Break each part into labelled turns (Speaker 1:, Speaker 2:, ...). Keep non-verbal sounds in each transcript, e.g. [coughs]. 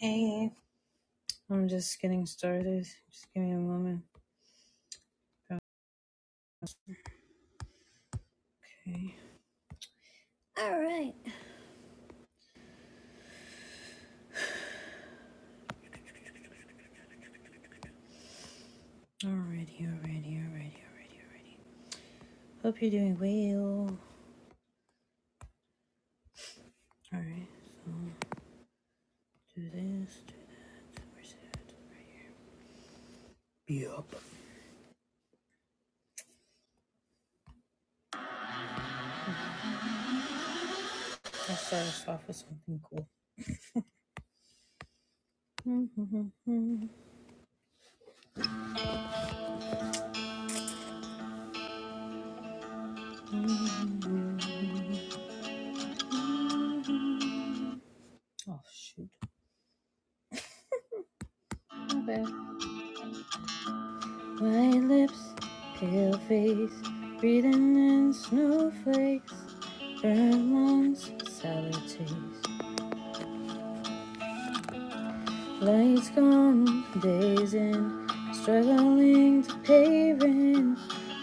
Speaker 1: Hey, I'm just getting started. Just give me a moment. Okay. All right. Alrighty, alrighty, alrighty, alrighty, alrighty. Hope you're doing well. Alright, do this, do that. Where's that? Be up. I'll start us off with something cool. [laughs] oh, shoot. My bad. White lips, pale face, breathing in snowflakes, burnt lungs, sour taste. Lights gone, days in, struggling to pay rent.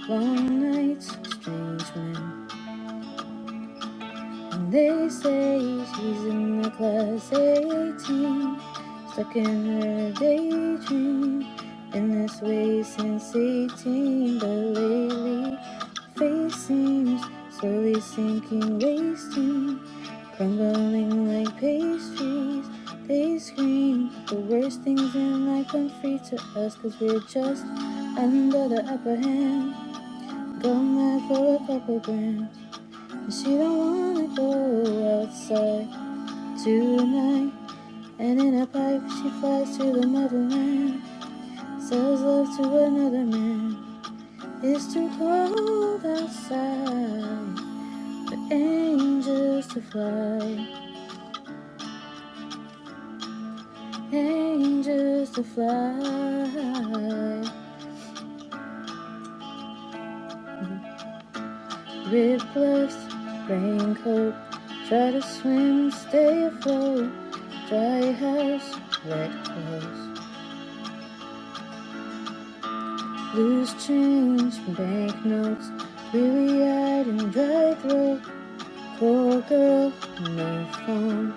Speaker 1: Long nights, strange men. And they say she's in the class 18, stuck in her daydream. in this way since 18, but lately face seems slowly sinking, wasting, crumbling like pastries. They scream the worst things in life come free to us, cause we're just under the upper hand. Gone mad for a couple grams. She don't wanna go outside tonight. And in a pipe, she flies to the motherland. Says love to another man. It's too cold outside for angels to fly. Angels to fly. Rib gloves, raincoat. Try to swim, stay afloat. Dry house, wet clothes. Loose change, banknotes, weary eyed and dry throat. Poor girl, no phone.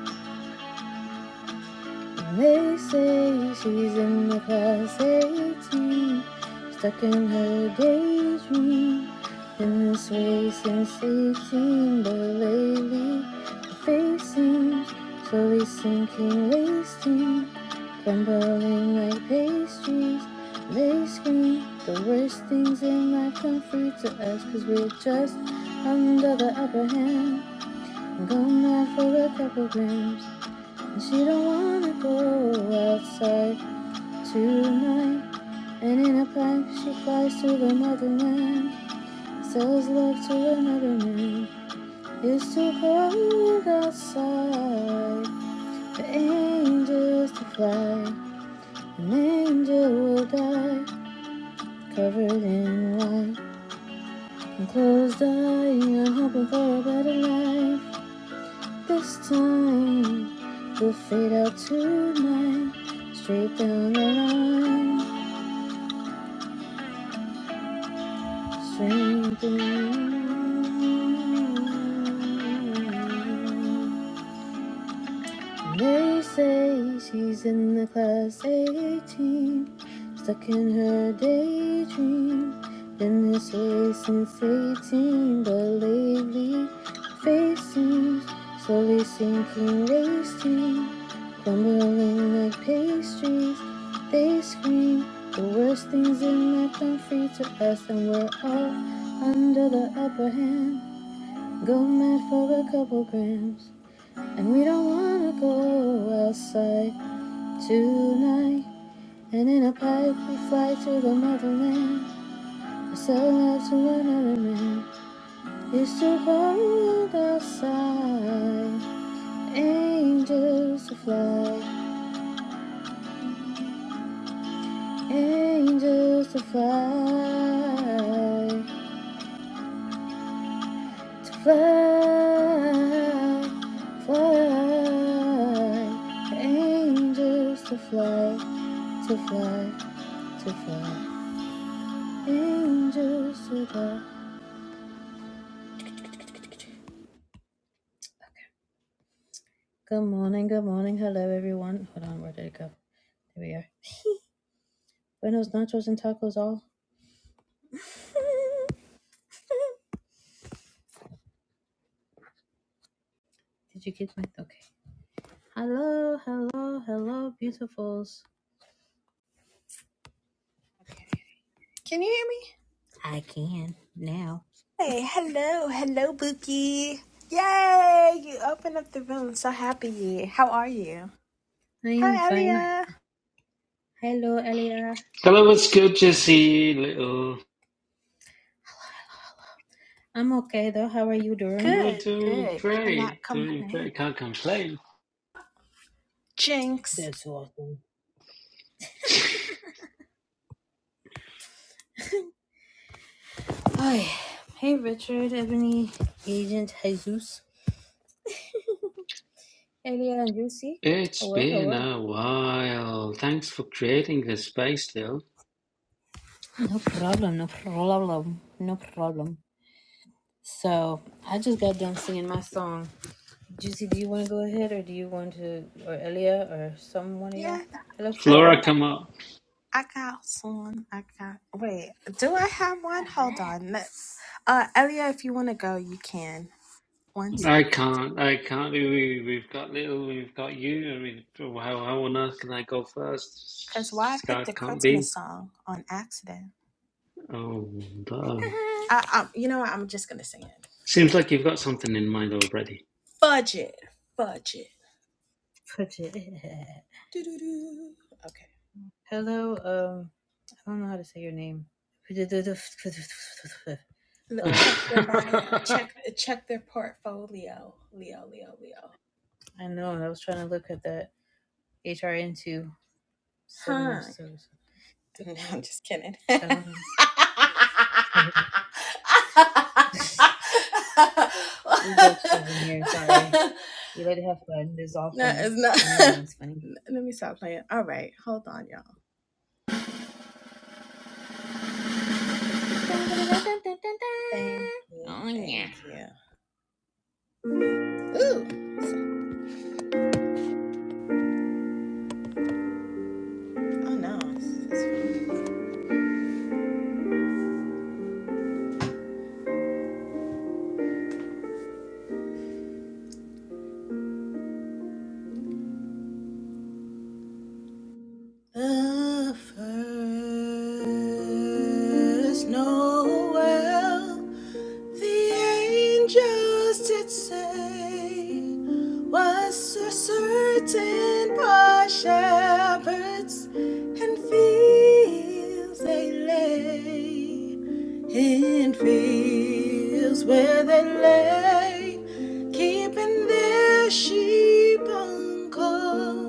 Speaker 1: And They say she's in the class 18, stuck in her daydream. Been this way since 18, but lately her face seems slowly sinking, wasting, crumbling like pastries. They scream the worst things in life come free to us, cause we're just under the upper hand. Gone mad for a couple grams. She don't wanna go outside tonight. And in a pack, she flies to the motherland. Sells love to another man. It's too cold outside for angels to fly. An angel will die, covered in white. And closed eye, I'm hoping for a better life. This time, we'll fade out tonight. Straight down the line. Sing to you. They say she's in the class 18, stuck in her daydream. Been this way since 18, but lately her face seems slowly sinking, wasting, crumbling like pastries. They scream the worst things in life come free to us, and we're all under the upper hand. Go mad for a couple grams. And we don't wanna go outside tonight. And in a pipe we fly to the motherland. We sell love to one another man. It's too cold outside. Angels to fly, angels to fly, to fly, fly. Angels to fly, to fly, to fly. Angels above. Good morning, good morning. Hello, everyone. Hold on, where did it go? There we are. Buenos nachos and tacos all. [laughs] Did you get my? Okay. Hello, hello, hello, beautifuls.
Speaker 2: Okay. Can you hear me?
Speaker 1: I can now.
Speaker 2: Hey, hello, hello, Bookie. Yay, you opened up the room. So happy. How are you?
Speaker 1: I am
Speaker 2: Hi,
Speaker 1: fine.
Speaker 2: Elia.
Speaker 1: Hello, Elia.
Speaker 3: Hello, what's good, Jesse? Little,
Speaker 1: I'm okay though. How are you doing?
Speaker 3: you're
Speaker 2: Good,
Speaker 3: doing
Speaker 2: good. Cannot
Speaker 3: great, doing
Speaker 2: complain.
Speaker 3: great. Can't complain.
Speaker 2: Jinx.
Speaker 1: That's awesome. Hi. Hey, Richard, Ebony, Agent Jesus, Elia, and Lucy.
Speaker 3: It's
Speaker 1: Hello,
Speaker 3: been
Speaker 1: hello.
Speaker 3: a while. Thanks for creating this space, Lil.
Speaker 1: No problem, no problem, no problem. So I just got done singing my song. Juicy, do you want to go ahead or do you want to, or Elia or some one of y'all?
Speaker 2: Yeah,
Speaker 1: Hello,
Speaker 2: I think
Speaker 3: Flora,
Speaker 1: Flora.
Speaker 3: come up.
Speaker 2: I got one. I got. Wait, do I have one? Hold on. Let- Uh, Elia, if you want to go, you can. One
Speaker 3: I
Speaker 2: second.
Speaker 3: can't. I can't. We, we- we've got Lil. We've got you. I mean, how, how on earth can I go
Speaker 2: Cause why
Speaker 3: first?
Speaker 2: I picked a
Speaker 3: Scott can't
Speaker 2: Christmas
Speaker 3: be.
Speaker 2: song on accident.
Speaker 3: Oh, duh.
Speaker 2: I, I you know, what? I'm just gonna sing it.
Speaker 3: Seems like you've got something in mind already.
Speaker 2: Budget, budget.
Speaker 1: Put it.
Speaker 2: Doo-doo-doo. Okay.
Speaker 1: [laughs] Hello, um, I don't know how to say your name. [laughs]
Speaker 2: L-
Speaker 1: Hello.
Speaker 2: Check their bio.
Speaker 3: [laughs]
Speaker 2: Check check their portfolio. Leo, Leo, Leo.
Speaker 1: I know, I was trying to look at that HRN2 7F,
Speaker 2: Her. [laughs]
Speaker 1: so so-
Speaker 2: No, I'm just kidding. [laughs] no,
Speaker 1: I don't know. [laughs] We're jokesters in here, sorry. We like to have fun. This is all fun.
Speaker 2: it's not.
Speaker 1: Fun and
Speaker 2: [laughs]
Speaker 1: games, fun and games.
Speaker 2: Let me stop playing. All right, hold on, y'all. Thank you,
Speaker 1: Oh yeah.
Speaker 2: thank you. Ooh, oh no. The first Noel. The angels did say was a certain poor shepherds and fields they lay in fields where they lay keeping their sheep on call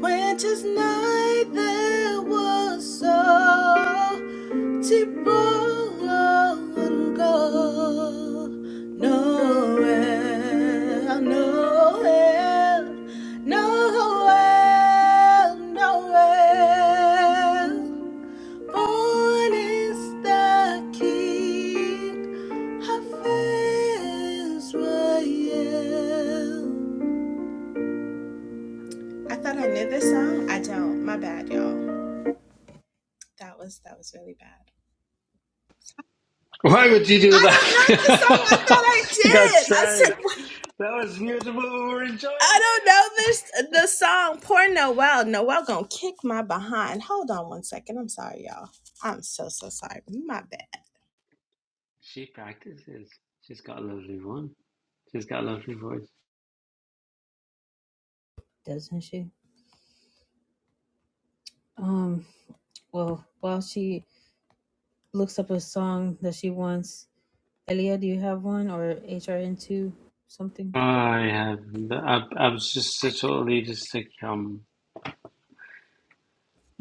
Speaker 2: when 'tis night there was so Tipple go nowhere, nowhere, nowhere, nowhere. Born is the King, Israel. I thought I knew this song. I don't. My bad, y'all. That was that was really bad.
Speaker 3: Why would you do
Speaker 2: I don't know this song. I thought I
Speaker 3: that? [laughs] For God's
Speaker 2: did. I said.
Speaker 3: sake. That was beautiful. We were enjoying
Speaker 2: I don't
Speaker 3: it.
Speaker 2: know this the song Poor Noel. Noel gonna kick my behind. Hold on one second. I'm sorry, y'all. I'm so so sorry. My bad.
Speaker 3: She practices. She's got a lovely one. She's got a lovely voice.
Speaker 1: Doesn't she? Um. Well, while she looks up a song that she wants, Elia, do you have one or HRN two something?
Speaker 3: I have. no, I, I was just so totally just like, um,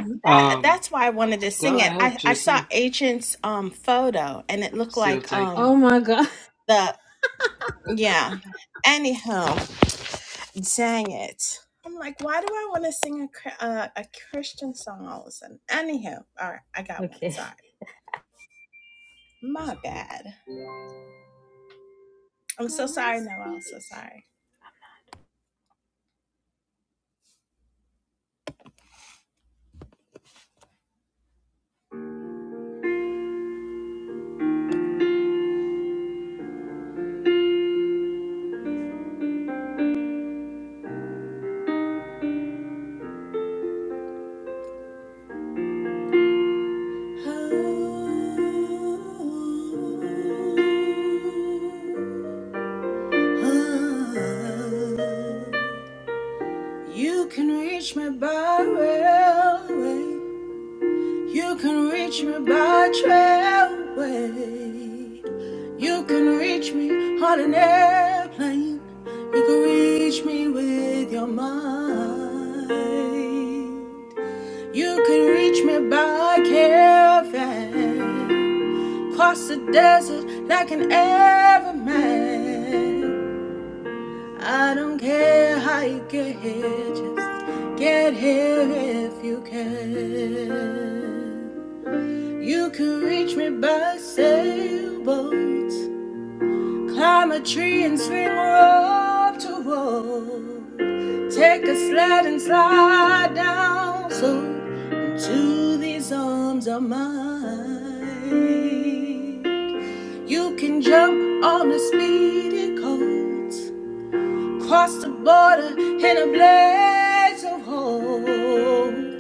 Speaker 1: Mhm.
Speaker 2: That,
Speaker 3: um,
Speaker 2: that's why I wanted to
Speaker 3: go
Speaker 2: sing it.
Speaker 3: ahead,
Speaker 2: I, I saw
Speaker 3: Juicy.
Speaker 2: Agent's um photo and it looked
Speaker 3: Still
Speaker 2: like um
Speaker 1: Oh
Speaker 3: taken.
Speaker 1: my god. [laughs]
Speaker 2: the yeah. Anyhow. Dang it. I'm like, why do I want to sing a, Chri- uh, a Christian song all of a sudden? Anyhow, all right, I got one.
Speaker 1: Okay.
Speaker 2: Sorry. My bad. I'm so sorry, Noel. I'm so sorry. You can reach me by railway. You can reach me by trailway. You can reach me on an airplane. You can reach me with your mind. You can reach me by caravan. Cross the desert like an everman. I don't care how you get here, just get here if you can. You can reach me by sailboat, climb a tree and swing rope to rope. Take a sled and slide down slow into these arms of mine. You can jump on a speedy coat, cross the border in a blaze of hope.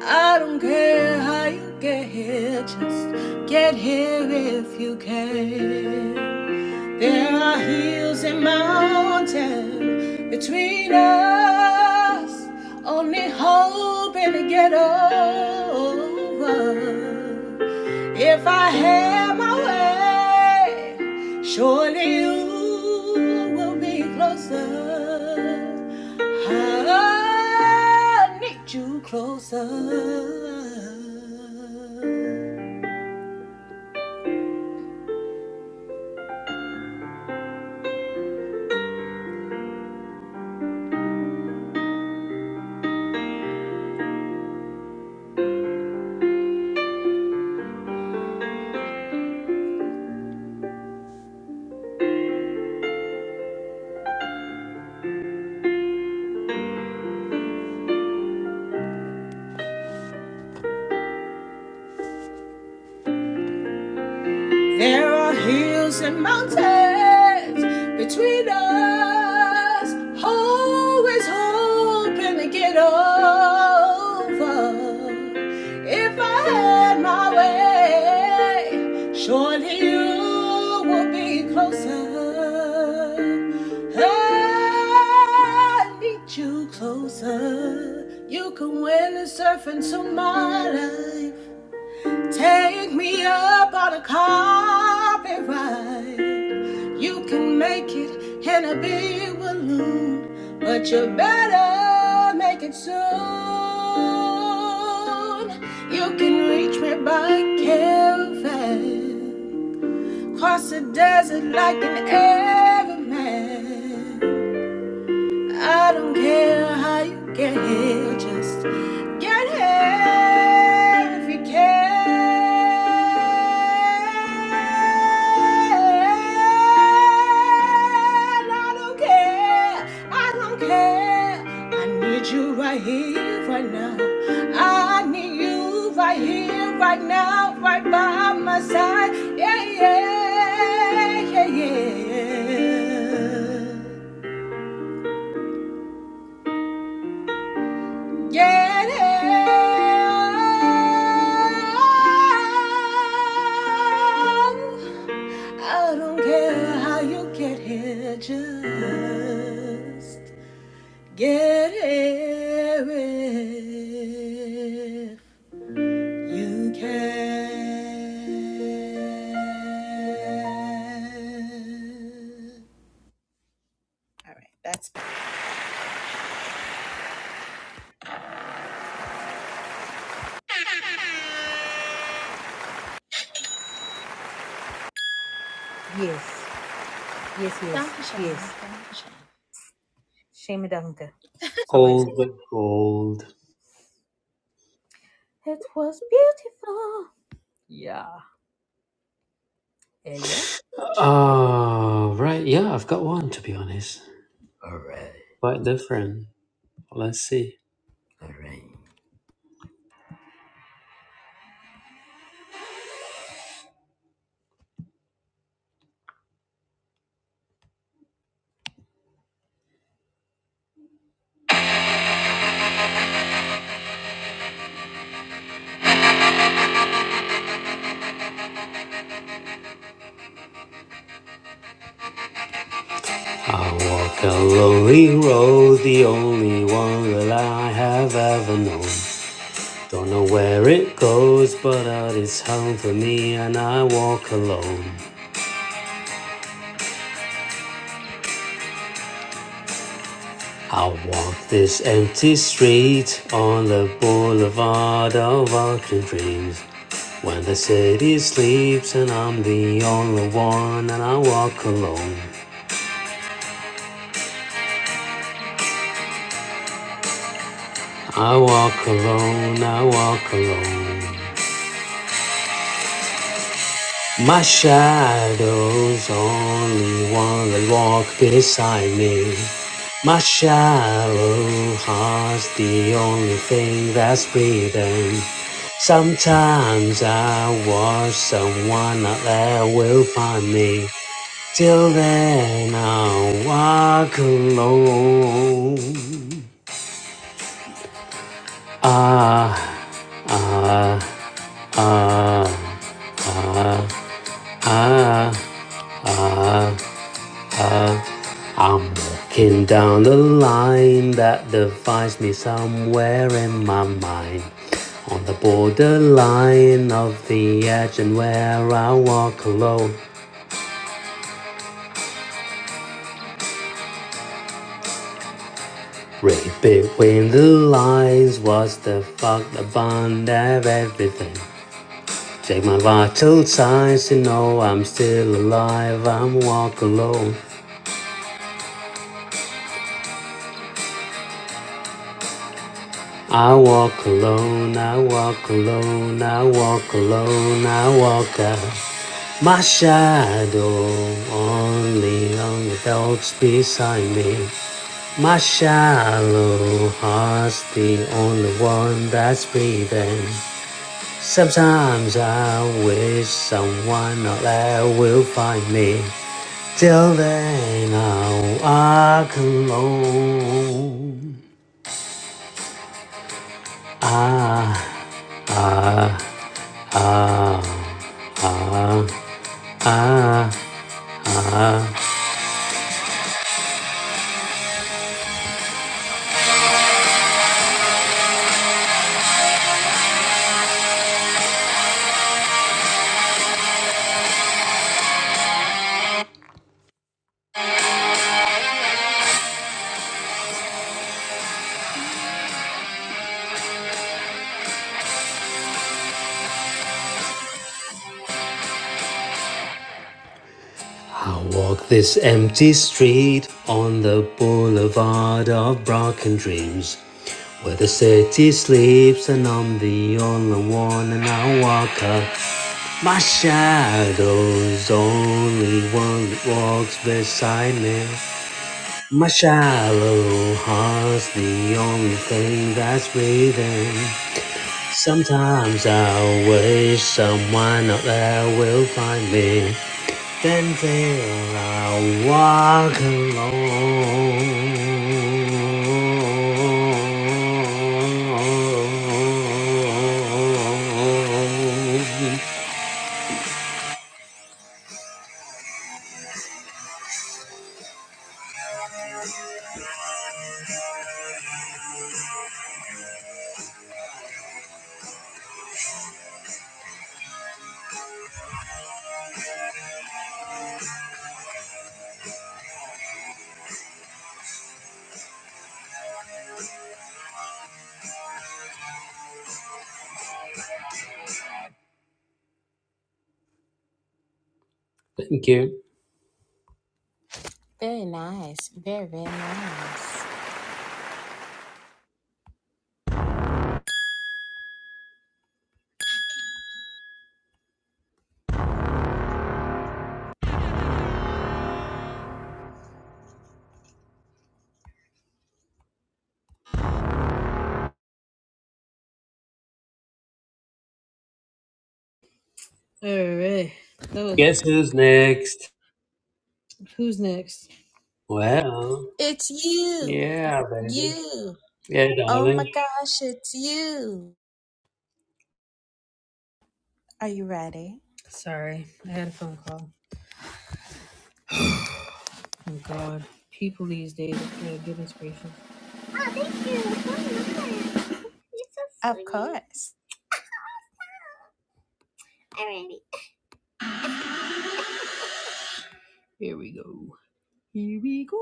Speaker 2: I don't care how you get here, just get here if you can. There are hills and mountains between us, only hoping to get over. If I have my way, surely you will be closer. I need you closer. There are hills and mountains between us, always hoping to get over. If I had my way, surely you would be closer. I need you closer. You can win the surfing to my life. Take me up on a carpet ride. You can make it in a big balloon, but you better make it soon. You can reach me by caravan, cross the desert like an airman. I don't care how you get here, just get here if you can. I don't care, I don't care. I need you right here, right now. I need you right here, right now, right by my side. Yeah, yeah, yeah, yeah. Get it. I don't care how you get here, just get here if you can. All right, that's better.
Speaker 1: Yes. Yes. Yes.
Speaker 2: Down to
Speaker 1: Yes.
Speaker 2: Shane, down to Shane.
Speaker 1: Shame Danke. Something like
Speaker 3: All
Speaker 1: that.
Speaker 3: the gold.
Speaker 1: It was beautiful. Yeah. Elia. All
Speaker 3: Oh, right. Yeah, I've got one, to be honest.
Speaker 1: right.
Speaker 3: Quite different. Let's see.
Speaker 1: All right.
Speaker 3: I walk a lonely road, the only one that I have ever known. Don't know where it goes, but out it's home for me, and I walk alone. I walk this empty street on the boulevard of arching dreams. When the city sleeps, and I'm the only one, and I walk alone. I walk alone, I walk alone. My shadow's only one that walk beside me. My shallow heart's the only thing that's breathing. Sometimes I wish someone out there will find me. Till then I'll walk alone. Ah, ah, ah, ah, ah. ah. I'm walking down the line that defines me somewhere in my mind. On the borderline of the edge and where I walk alone. Right between the lines was the fuck the bond of everything. Check my vital signs you know I'm still alive. I'm walk alone. I walk alone, I walk alone, I walk alone, I walk out. My shadow only on the dogs beside me. My shallow heart's the only one that's breathing. Sometimes I wish someone out there will find me. Till then I'll walk alone. Ah, ah, ah, ah, ah, ah. I walk this empty street on the boulevard of broken dreams, where the city sleeps and I'm the only one and I walk up. My shadow's only one that walks beside me. My shallow heart's the only thing that's breathing. Sometimes I wish someone out there will find me. Then there I walk alone. Thank you.
Speaker 2: Very nice. Very, very nice.
Speaker 1: All right. That was
Speaker 3: Guess who's next?
Speaker 1: who's next.
Speaker 3: Well,
Speaker 2: It's you.
Speaker 3: yeah, baby.
Speaker 2: You.
Speaker 3: Yeah,
Speaker 2: Oh my
Speaker 3: darling.
Speaker 2: gosh, it's you. Are you ready?
Speaker 1: Sorry, I had a phone call. Oh God, people these days. Oh goodness gracious.
Speaker 2: Of course.
Speaker 1: Here we go. Here we go.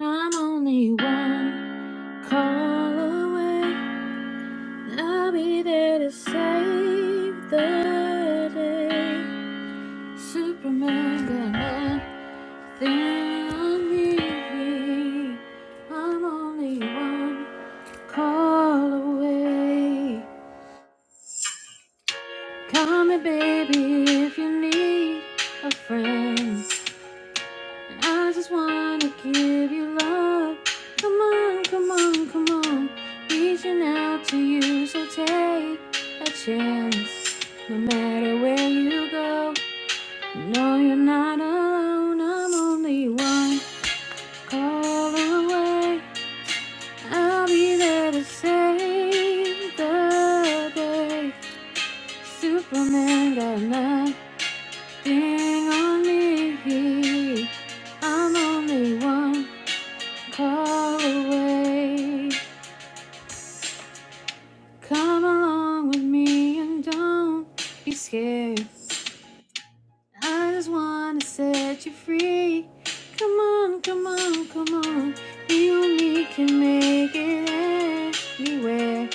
Speaker 1: I'm only one call away. I'll be there to save the day. Superman got nothing on me. I'm only one call away. Call me, baby, if you need a friend. I just wanna give you love. Come on, come on, come on. Reaching out to you, so take a chance. No matter where you go, no, you're not alone. I'm only one call away. I'll be there to save the day. Superman got nothing on me. I'm only one. far away. Come along with me and don't be scared. I just wanna set you free. Come on, come on, come on. You and me can make it anywhere.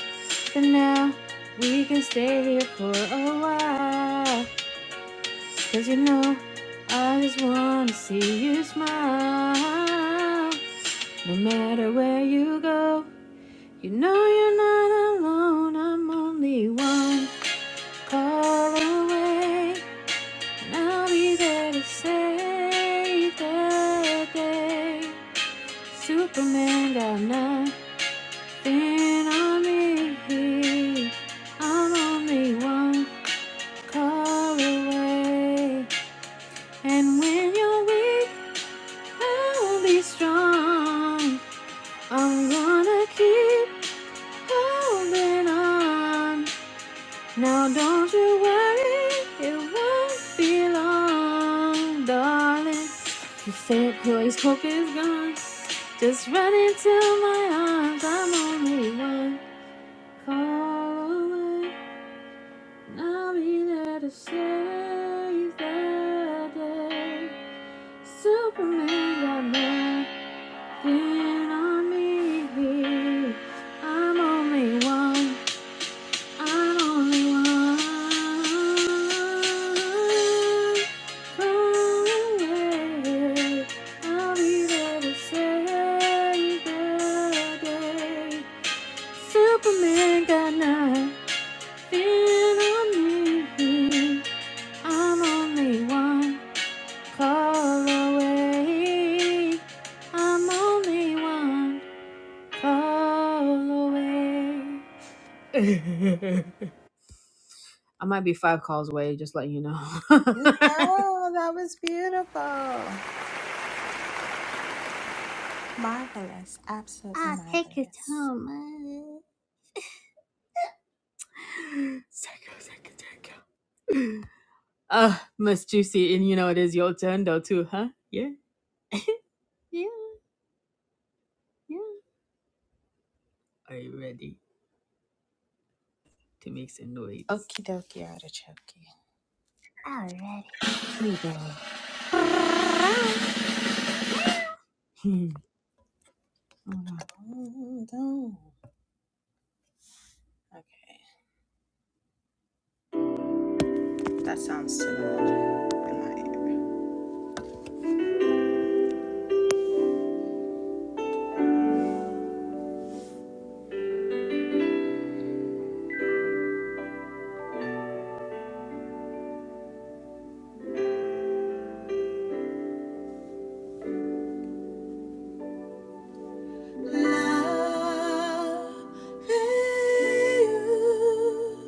Speaker 1: For now, we can stay here for a while. Cause you know, I just wanna see you smile. No matter where you go. You know you're not alone, I'm only one call away. And I'll be there to save the day. Superman got nothing on me. I'm only one call away. And when you're weak, I'll be strong. I'm gonna keep holding on. Now don't you worry, it won't be long, darling. You said boy's hope is gone. Just run into my arms, I'm only one call away. And I'll be there to save the day. Superman got nothing on me. I'm only one I only want from you. I'll be there to save the day. Superman got nothing on me. I'm only one call away. I'm only one call away. [laughs] I might be five calls away, just letting you know. [laughs]
Speaker 2: No, that was beautiful. Marvelous. Absolutely marvelous.
Speaker 1: Sicko, sicko, sicko. Ah, Miss Juicy, and you
Speaker 2: Okie dokie artichoke. Mm, mm. Okay. That sounds similar in my ear. Love you.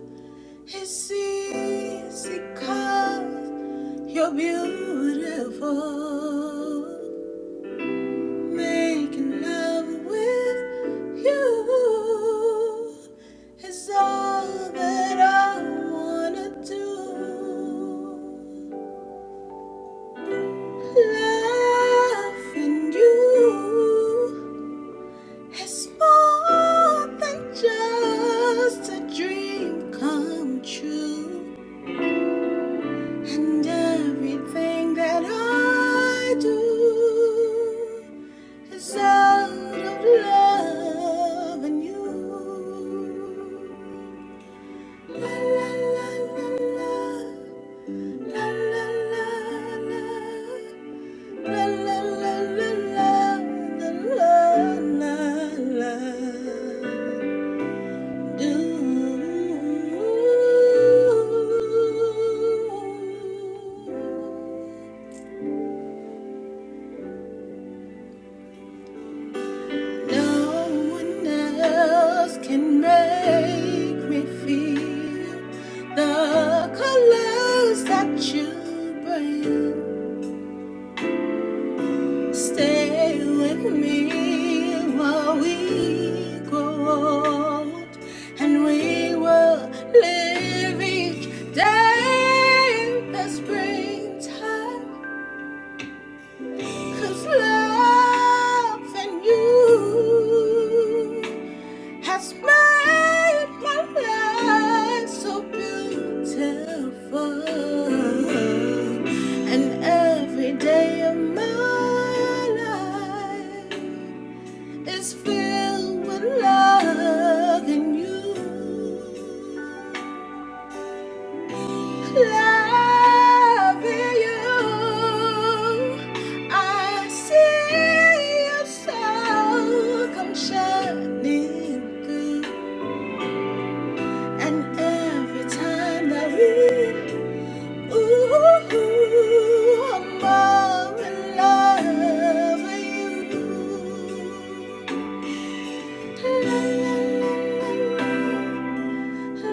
Speaker 2: It's easy 'cause you're beautiful. Making love with you is all that I wanna do. Loving you is more than just a dream come true. And everything that I do is out of love and you. La la la la la la la la la la la la la la la la. la. Do. No one else can make me feel the colors that you bring. Stay with me while we grow old, and we will live each day in the springtime. Cause love and you. has made my life so beautiful. And every day of my life is filled with love in you. Love in you. I see your soul come shining through. And every time that we, ooh, ooh, I'm more in love with you. La, la, la, la, la. No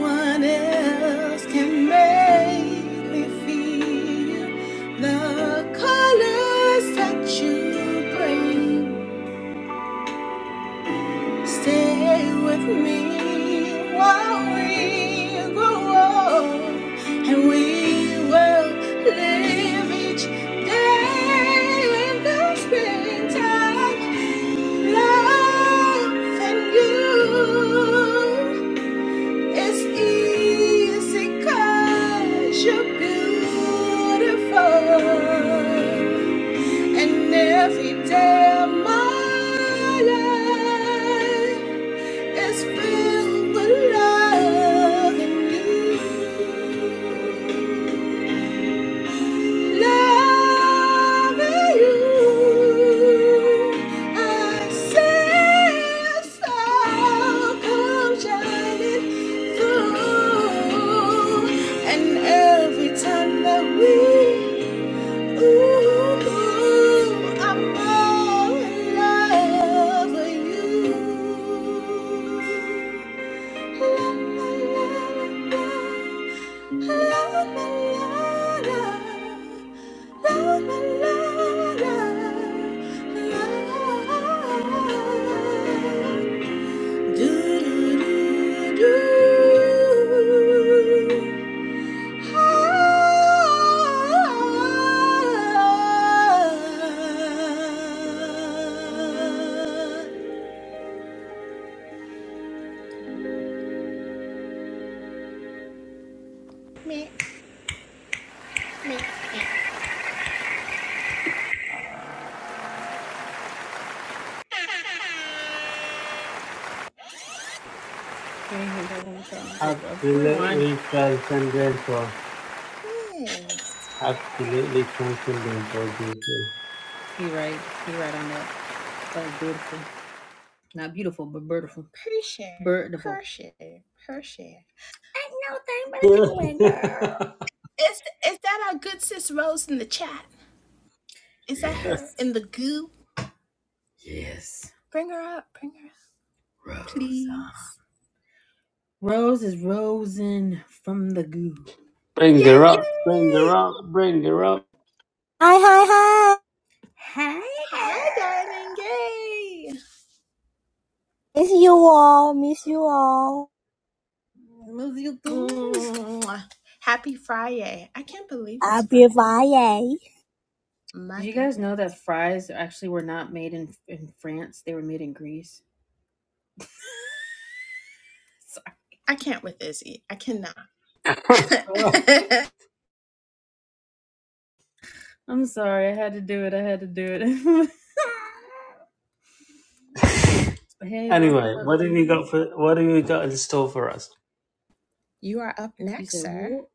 Speaker 2: one else can make me feel the colors that you bring. Stay with me while we grow old, and we will live each day in the springtime. Love and you, it's easy 'cause you're beautiful, and every day of my life. It's filled with love and you, love and you. I see a star come shining through, and every time that we, ooh, I'm all in love with you. Meh, meh.
Speaker 3: Absolutely transcendental.
Speaker 2: Thanks.
Speaker 3: Absolutely transcendental these days.
Speaker 2: Per share, per share, per share.
Speaker 3: [laughs]
Speaker 2: Is is that our good sis Rose in the chat? Is that her in the goo? Bring her up, bring her up, please.
Speaker 3: bring her up, bring her
Speaker 2: Yay!
Speaker 3: up, bring her up.
Speaker 4: Hi, hi, hi!
Speaker 2: Hi, darling. Yay!
Speaker 4: Miss you all, miss you all.
Speaker 2: Mwah. Happy Friday. I can't believe
Speaker 4: I'll
Speaker 2: it's
Speaker 4: be
Speaker 2: Friday.
Speaker 4: buying.
Speaker 2: My
Speaker 1: Jeez.
Speaker 2: goodness. I can't with Izzy. I cannot.
Speaker 3: [laughs]
Speaker 2: [laughs]
Speaker 1: I'm sorry, I had to do it. I had to do it. [laughs] hey, welcome
Speaker 3: Anyway,
Speaker 1: up,
Speaker 3: what have you
Speaker 1: Jenny.
Speaker 3: got for what have you got in store for us?
Speaker 2: you are up
Speaker 1: You
Speaker 2: next,
Speaker 1: said
Speaker 2: sir.
Speaker 1: what?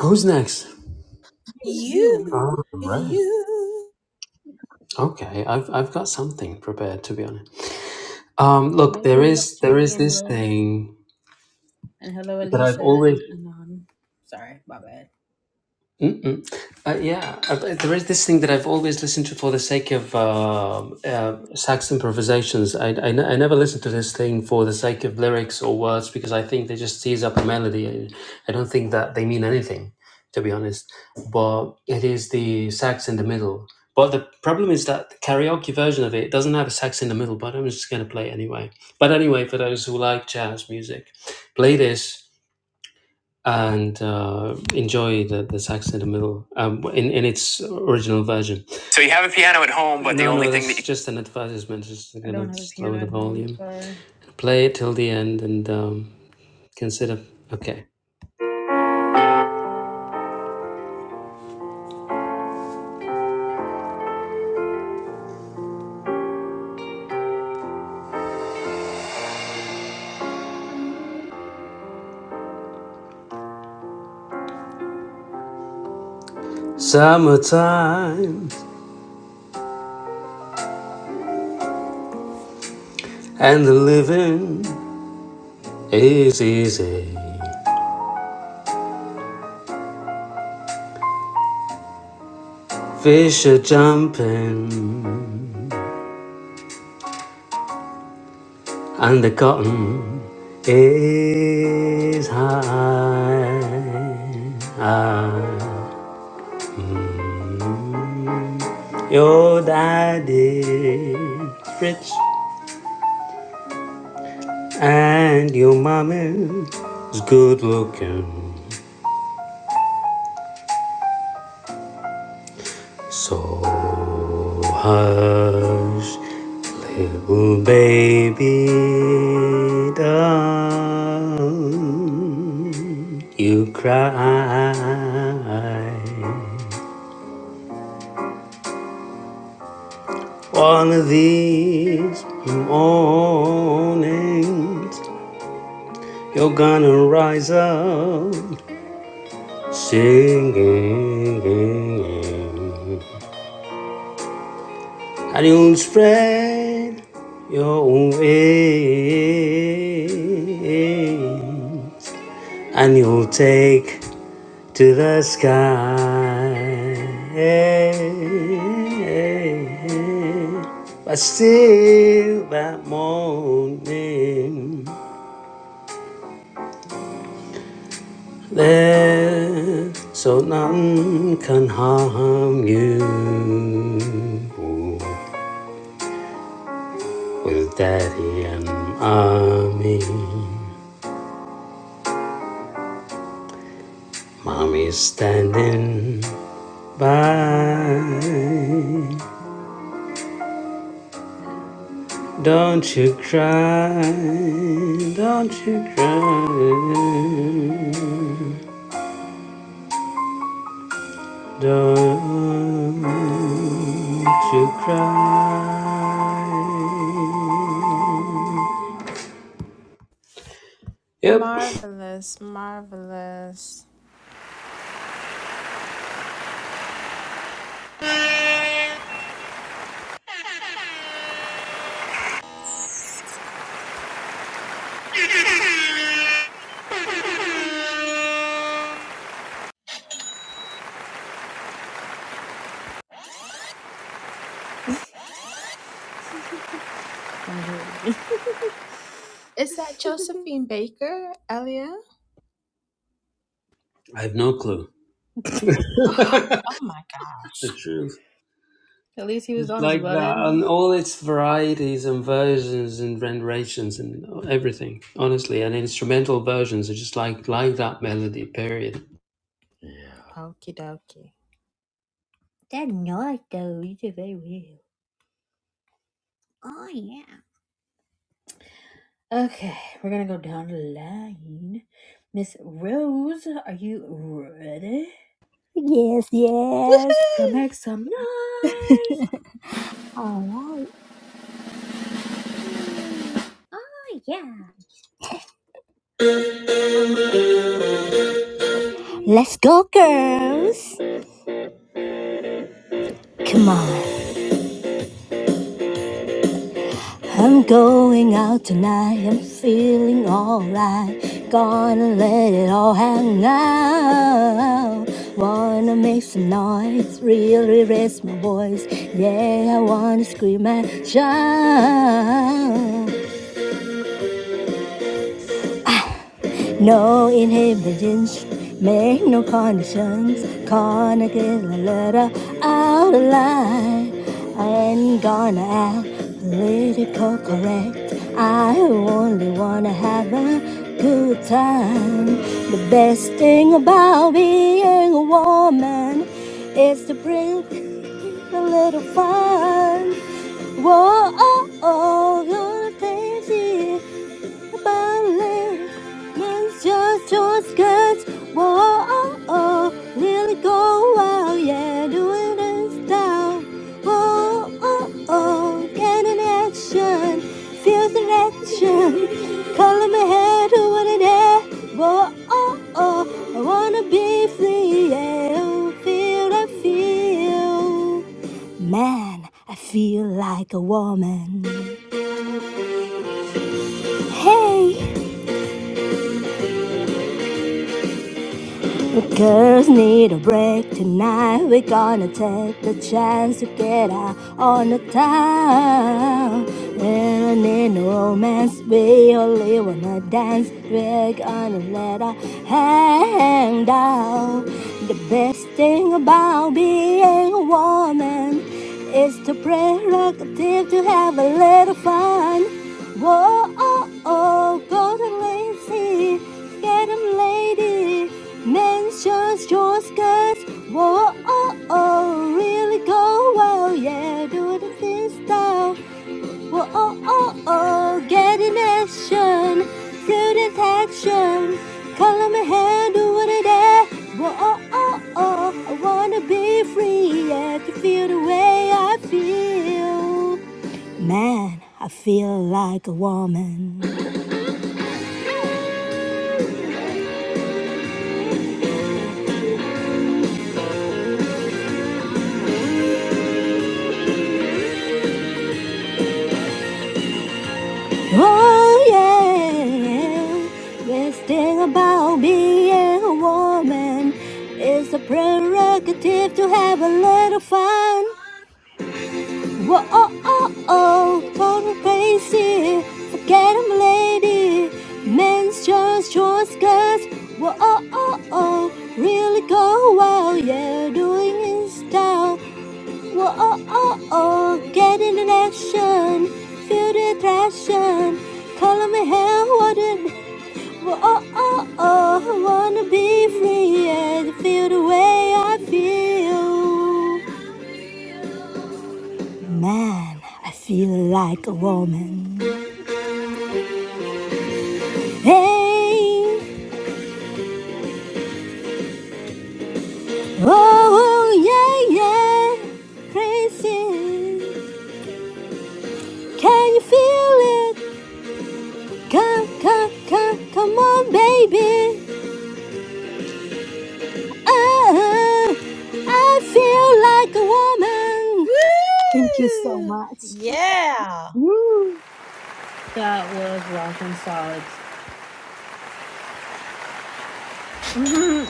Speaker 3: Who's next?
Speaker 1: You.
Speaker 2: You,
Speaker 3: Oh, right.
Speaker 2: you.
Speaker 3: Okay, I've I've got something prepared to be honest. Um, look, there
Speaker 1: Welcome up,
Speaker 3: is there
Speaker 1: Jenny
Speaker 3: is
Speaker 1: and
Speaker 3: this
Speaker 1: Rose,
Speaker 3: thing
Speaker 1: and hello,
Speaker 3: that I've
Speaker 1: Alicia
Speaker 3: always
Speaker 1: and Anon. Sorry, my bad.
Speaker 3: Mm-mm. Uh, yeah, uh, but there is this thing that I've always listened to for the sake of um uh, sax improvisations. I, I, ne- I never listen to this thing for the sake of lyrics or words because I think they just tease up a melody. I, I don't think that they mean anything, to be honest. But it is the sax in the middle. But the problem is that the karaoke version of it doesn't have a sax in the middle, but I'm just going to play it anyway. But anyway, for those who like jazz music, play this and uh, enjoy the, the sax in the middle um, in, in its original version. So you have a piano at home, but the No, only no, thing that's that you, just an advertisement. Just
Speaker 1: I
Speaker 3: gonna
Speaker 1: don't have a
Speaker 3: just lower
Speaker 1: piano
Speaker 3: the
Speaker 1: at home.
Speaker 3: volume,
Speaker 1: Sorry.
Speaker 3: play it till the end, and um, consider. Okay. Summertime and the living is easy. Fish are jumping and the cotton is high. Ah. Your daddy's rich and your mommy's good looking. So hush, little baby, don't you cry. One of these mornings, you're gonna rise up Singing, and you will spread your wings, and you'll take to the sky. But still, that morning, there, so none can harm you. With daddy and mommy, mommy's standing by. Don't you cry, don't you cry, don't you cry. Yep,
Speaker 2: Marvelous, marvelous. Is that Josephine Baker, Elia?
Speaker 3: I have no clue. [laughs]
Speaker 2: [gasps]
Speaker 3: the
Speaker 2: Oh, my gosh.
Speaker 3: truth.
Speaker 1: At least he was
Speaker 3: It's
Speaker 1: honest
Speaker 3: like
Speaker 1: about
Speaker 3: that,
Speaker 1: it.
Speaker 3: and all its varieties and versions and renditions and everything, honestly, and instrumental versions are just like like that melody. Period.
Speaker 2: Okie dokie.
Speaker 1: We're gonna go down the line. Miss Rose, are you ready
Speaker 4: Yes, yes.
Speaker 1: to
Speaker 2: Woohoo!
Speaker 1: make some noise?
Speaker 4: Alright. Let's go, girls! Come on. I'm going out tonight, I'm feeling alright. Gonna let it all hang out. Wanna make some noise, really raise my voice. Yeah, I wanna scream and shout. No inhibitions, make no conditions. Gonna get a letter out of line. I ain't gonna act political correct. I only wanna have a good time. The best thing about being a woman is to bring a little fun. Whoa, oh, oh, little things here. Berlin means just your skirts. Whoa, oh, oh, nearly go wild, yeah, doing this down. Whoa, oh, oh, get in action, feel the action. Color my hair do what it is. Whoa, oh, oh, I wanna be free, yeah, oh, feel, I feel. Man, I feel like a woman. Hey! The girls need a break tonight. We're gonna take the chance to get out on the town. We don't need no romance, we only wanna dance. We're gonna let our hang down. The best thing about being a woman is the prerogative to have a little fun. Whoa, oh, oh, go to lazy. Get 'em, lady. Mentions your skirts. Whoa, oh, oh. Really go well, yeah. Do it this style. Whoa, oh, oh, oh. Get in action. Feel detection. Color my hair, do what I dare. Whoa, oh, oh, oh. I wanna be free, yeah. To feel the way I feel. Man, I feel like a woman. Oh yeah, this thing about being a woman is a prerogative to have a little fun. Whoa, oh, oh, oh, call me crazy, forget I'm a lady. Men's just choice, cause, whoa, oh, oh, oh, really go wild, yeah, doing it style. Whoa, oh, oh, oh, get in an action, feel the attraction, color me hell, wanted. Whoa, oh, oh, oh, I wanna be free and feel the way I feel. Man, I feel like a woman. Hey, oh, oh, yeah, yeah, crazy. Can you feel it? Come, come, come, come on, baby. Ah, I feel like a woman. Thank you so
Speaker 2: Woo!
Speaker 4: much.
Speaker 2: Yeah.
Speaker 5: Woo!
Speaker 1: That was rockin' solid. [laughs] Mm-hmm.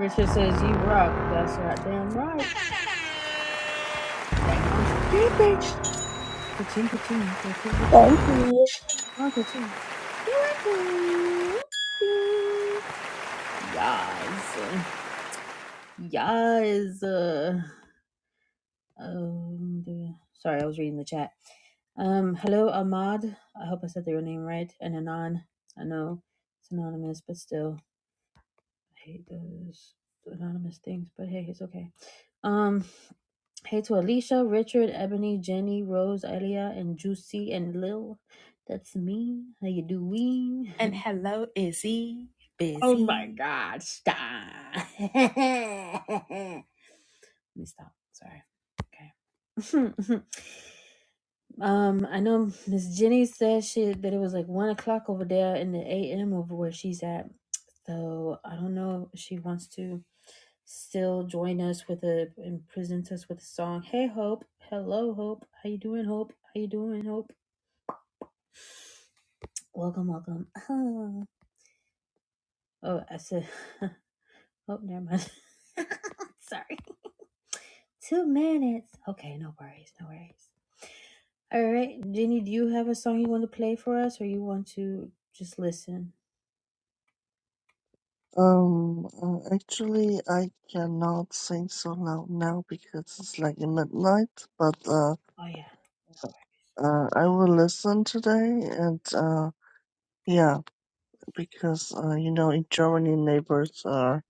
Speaker 1: Richard says, You rock. That's right. Damn right. Ka-ching, ka-ching, ka-ching,
Speaker 4: Thank
Speaker 1: ka-ching.
Speaker 4: you.
Speaker 1: Oh, ka-ching. Yas. Yas. Uh, um, sorry, I was reading the chat. Um, hello, Ahmad. I hope I said your name right. And Anon. I know it's anonymous, but still. hate those anonymous things, but hey, it's okay. Um, hey to Alicia, Richard, Ebony, Jenny, Rose, Elia, and Juicy and Lil. That's me. How you doing?
Speaker 2: And hello, Izzy.
Speaker 1: [laughs] oh my
Speaker 2: Busy.
Speaker 1: God! Stop. [laughs] Let me stop. Sorry. Okay. [laughs] Um, I know Miss Jenny said she that it was like one o'clock over there in the AM over where she's at. So I don't know if she wants to still join us with a and present us with a song. Hey Hope. Hello Hope. How you doing, Hope? How you doing, Hope? Welcome, welcome. [laughs] Ah. Oh, I said [laughs] Oh, never mind. [laughs] Sorry. Two minutes. Okay, no worries, no worries. All right, Jenny, do you have a song you want to play for us, or you want to just listen?
Speaker 5: Um, uh, actually, I cannot sing so loud now because it's like midnight, but uh,
Speaker 1: Oh yeah,
Speaker 5: uh, I will listen today and uh, yeah, because uh, you know, in Germany, neighbors are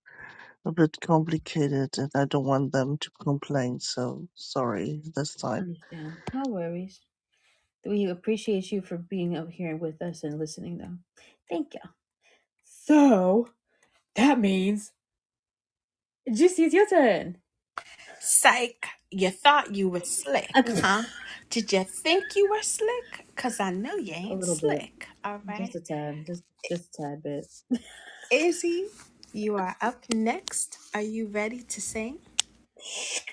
Speaker 5: a bit complicated and I don't want them to complain, so sorry this time.
Speaker 1: understand. No worries. We appreciate you for being up here with us and listening, though. Thank you. Juicy, it's your turn.
Speaker 2: Psych, you thought you were
Speaker 1: [laughs] a
Speaker 2: slick, huh? Did you think you were slick? Because I know you ain't
Speaker 1: little bit,
Speaker 2: slick, all
Speaker 1: just
Speaker 2: right?
Speaker 1: a tad, just just a tad bit.
Speaker 2: Izzy, you are up next. Are you ready to sing?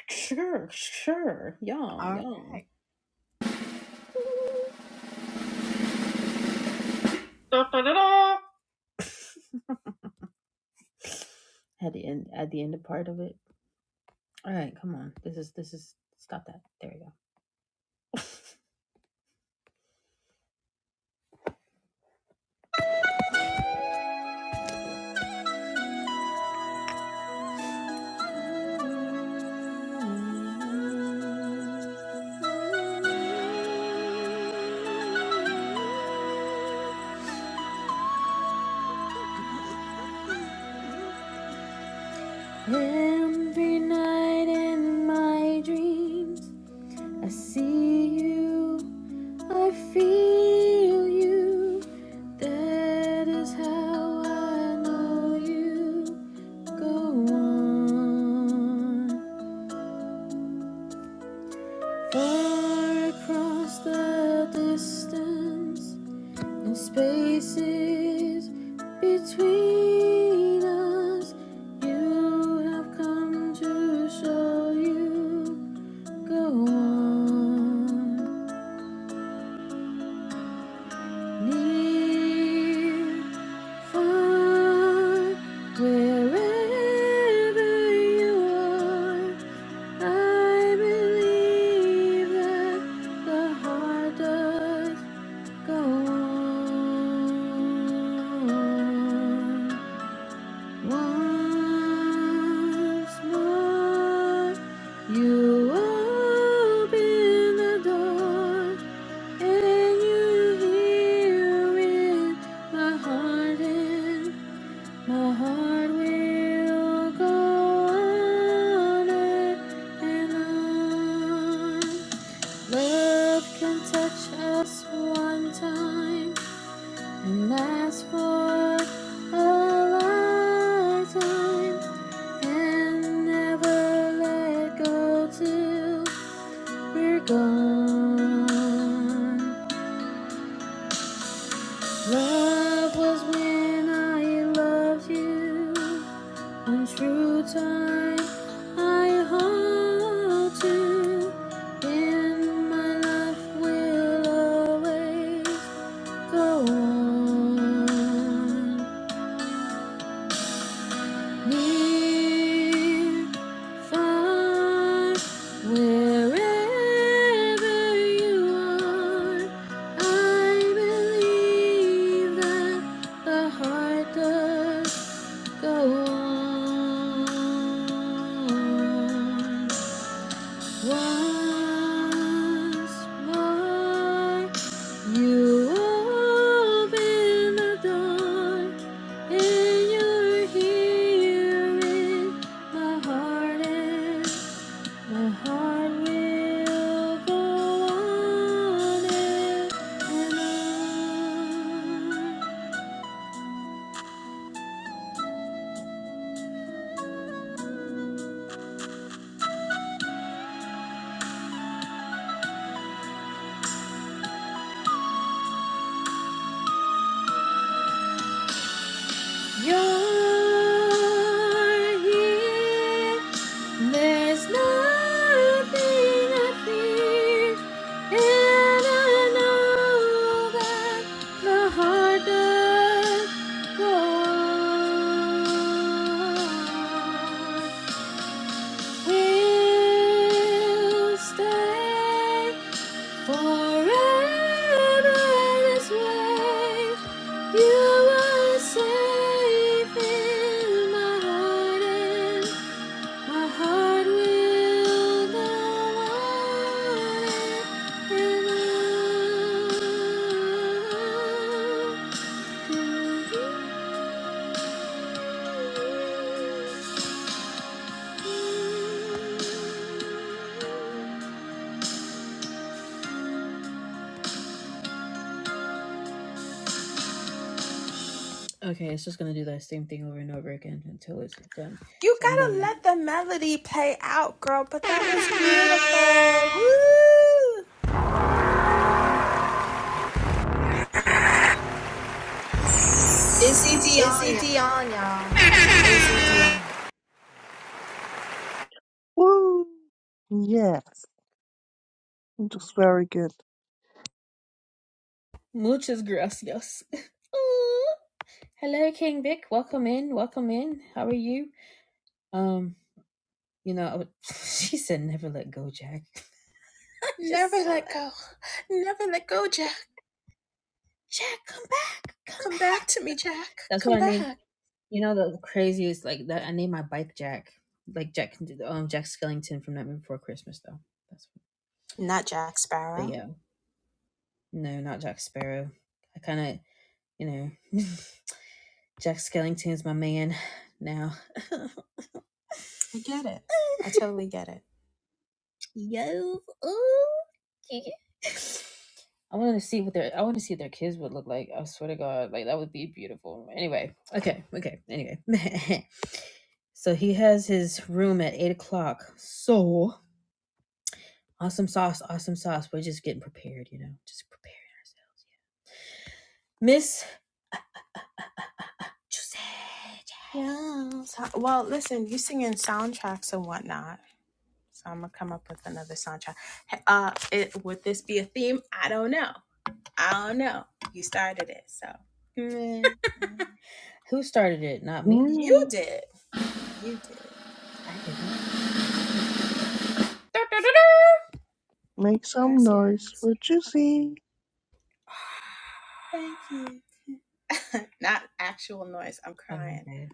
Speaker 1: Sure, sure. Yeah,
Speaker 2: All
Speaker 1: yeah.
Speaker 2: right.
Speaker 1: Had to end at the end of part of it. All right, come on. This is this is stop that. There we go. [laughs] Every night in my dreams, I see you, I feel you. That is how I know you. Go on, far across the distance. and spaces between us. You have come to show you go on near far wherever you are. I believe that the heart does go on. Once more, you open the door and you hear it. My heart and my heart will go on and on. Love can touch us one time and last for a lifetime and never let go till we're gone. Love was when I loved you. On true time, I hold to. And my love will always go on. Near, far, wherever you are, I believe that the heart does go on. Once more, you open the door, and you're here in my heart, and my heart will go on and, on. You're here. There's nothing I fear, and I know that the heart does go on. We'll stay. Forever this way, you are safe in my heart, and my heart will go on and on. to You. Okay, it's just gonna do that same thing over and over again until it's done.
Speaker 2: You
Speaker 1: So I'm done
Speaker 2: gotta
Speaker 1: now.
Speaker 2: let the melody play out, girl. But that was [laughs] beautiful. Woo!
Speaker 4: This is
Speaker 2: Izzy
Speaker 4: Diana.
Speaker 2: Dion, y'all. Izzy Dion.
Speaker 5: Woo! Yes, it was very good.
Speaker 1: Muchas gracias. [laughs] Ooh. Hello, King Vic. Welcome in. Welcome in. How are you? Um, you know, I would, [laughs] she said, "Never let go, Jack." [laughs] I just
Speaker 2: Never
Speaker 1: saw
Speaker 2: let
Speaker 1: that.
Speaker 2: go. Never let go, Jack.
Speaker 1: Jack, come back, come
Speaker 2: Come
Speaker 1: back.
Speaker 2: back to me, Jack.
Speaker 1: That's what
Speaker 2: Come
Speaker 1: I named.
Speaker 2: back.
Speaker 1: You know, the craziest like that. I named my bike Jack, like Jack, um, Jack Skellington from Nightmare Before Christmas, though. That's.
Speaker 2: Not Jack
Speaker 1: But
Speaker 2: Sparrow.
Speaker 1: yeah, no, not Jack Sparrow. I kind of, you know. [laughs] Jack Skellington's my man now. [laughs]
Speaker 2: I get it. I totally get it.
Speaker 1: Yo, ooh, yeah. I wanted to see what their I want to see what their kids would look like. I swear to God, like that would be beautiful. Anyway, okay, okay. Anyway, [laughs] so he has his room at eight o'clock. So awesome sauce, awesome sauce. We're just getting prepared, you know, just preparing ourselves. Yeah. Miss Giuseppe,
Speaker 2: Yeah. So- well, listen, you singing soundtracks and whatnot. So I'm gonna come up with another soundtrack. Hey, Uh, it, would this be a theme? I don't know. I don't know. You started it, so Mm, mm.
Speaker 1: who started it? Not me.
Speaker 2: you
Speaker 5: Yeah,
Speaker 2: did. You did.
Speaker 1: I didn't. [laughs]
Speaker 5: make some noise
Speaker 2: Gracias.
Speaker 5: for Juicy.
Speaker 2: Thank you. [laughs] Not actual noise. I'm
Speaker 1: Oh,
Speaker 2: crying.
Speaker 1: okay.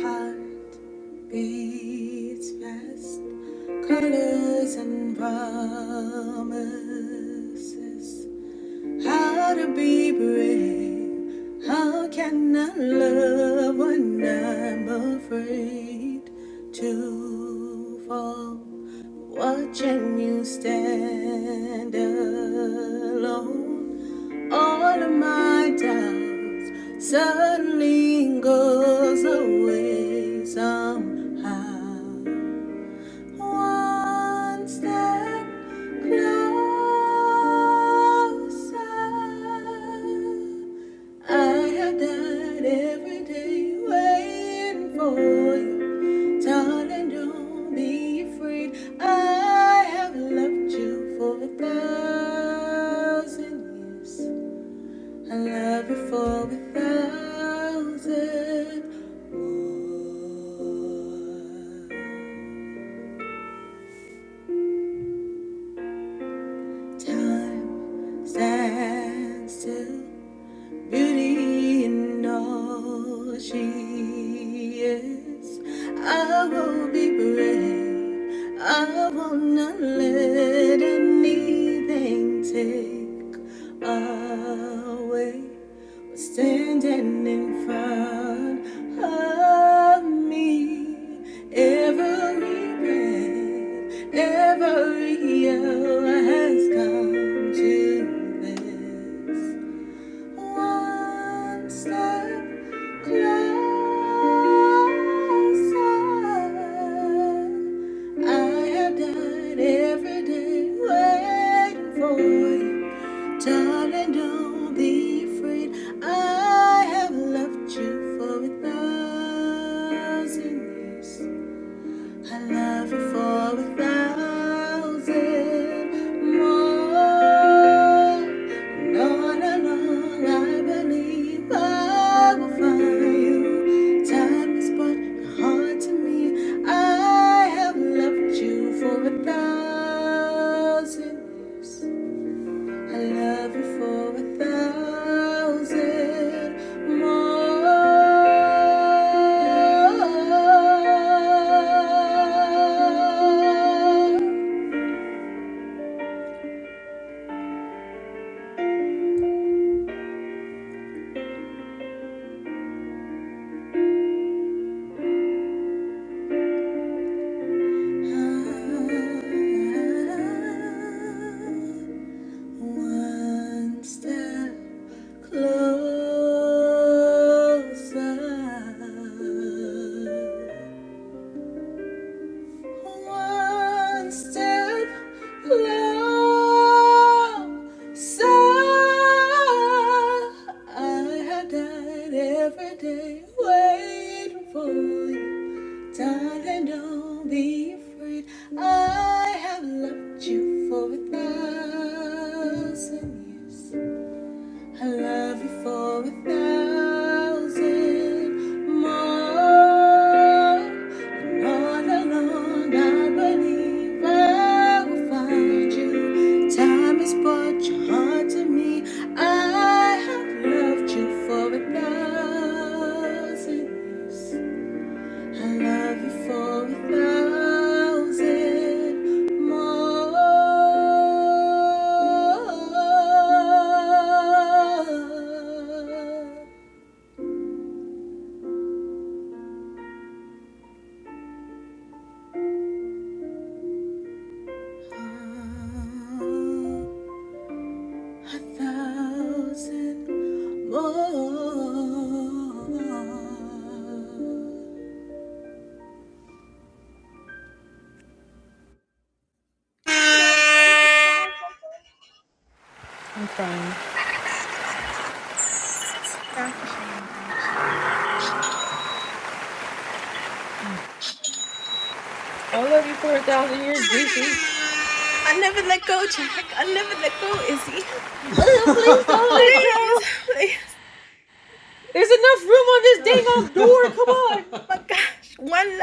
Speaker 2: Heart beats fast. Colors and promises. How to be brave. How can I love when I'm afraid to fall? Watching you stand alone, all of my doubts suddenly goes away somehow. One step closer, I have died every day waiting for you. Darling, don't be afraid. I have loved you for a thousand years. I love you for a thousand more. Time stands still Beauty in all she is. I will be brave. I will not let anything take away. Standing in front of me, every breath, every hour has come to this. One step closer. I have died every day waiting for you. Darling, don't be afraid. I have loved you for a thousand years. I love you for a thousand more. And on and on, I believe I will find you. Time is but a heart to me. I have loved you for a thousand years. I love you for a thousand more. Ah, ah, ah, ah. One step closer. One step closer. I have died every day waiting for you. Darling, don't be afraid. I have loved you for a thousand years. I love you for a thousand more. And all along, I believe I will find you. Time has brought your heart to me. I have loved you for a thousand years. I love you for a thousand more. A thousand more.
Speaker 1: I'm crying.
Speaker 2: Danke schön, danke schön.
Speaker 1: Please,
Speaker 2: I never let go, Jack. I never let go, Izzy.
Speaker 1: Ugh, please don't let
Speaker 2: Please,
Speaker 1: go.
Speaker 2: please.
Speaker 1: There's enough room on this dang on door. Come on.
Speaker 2: Oh my gosh, one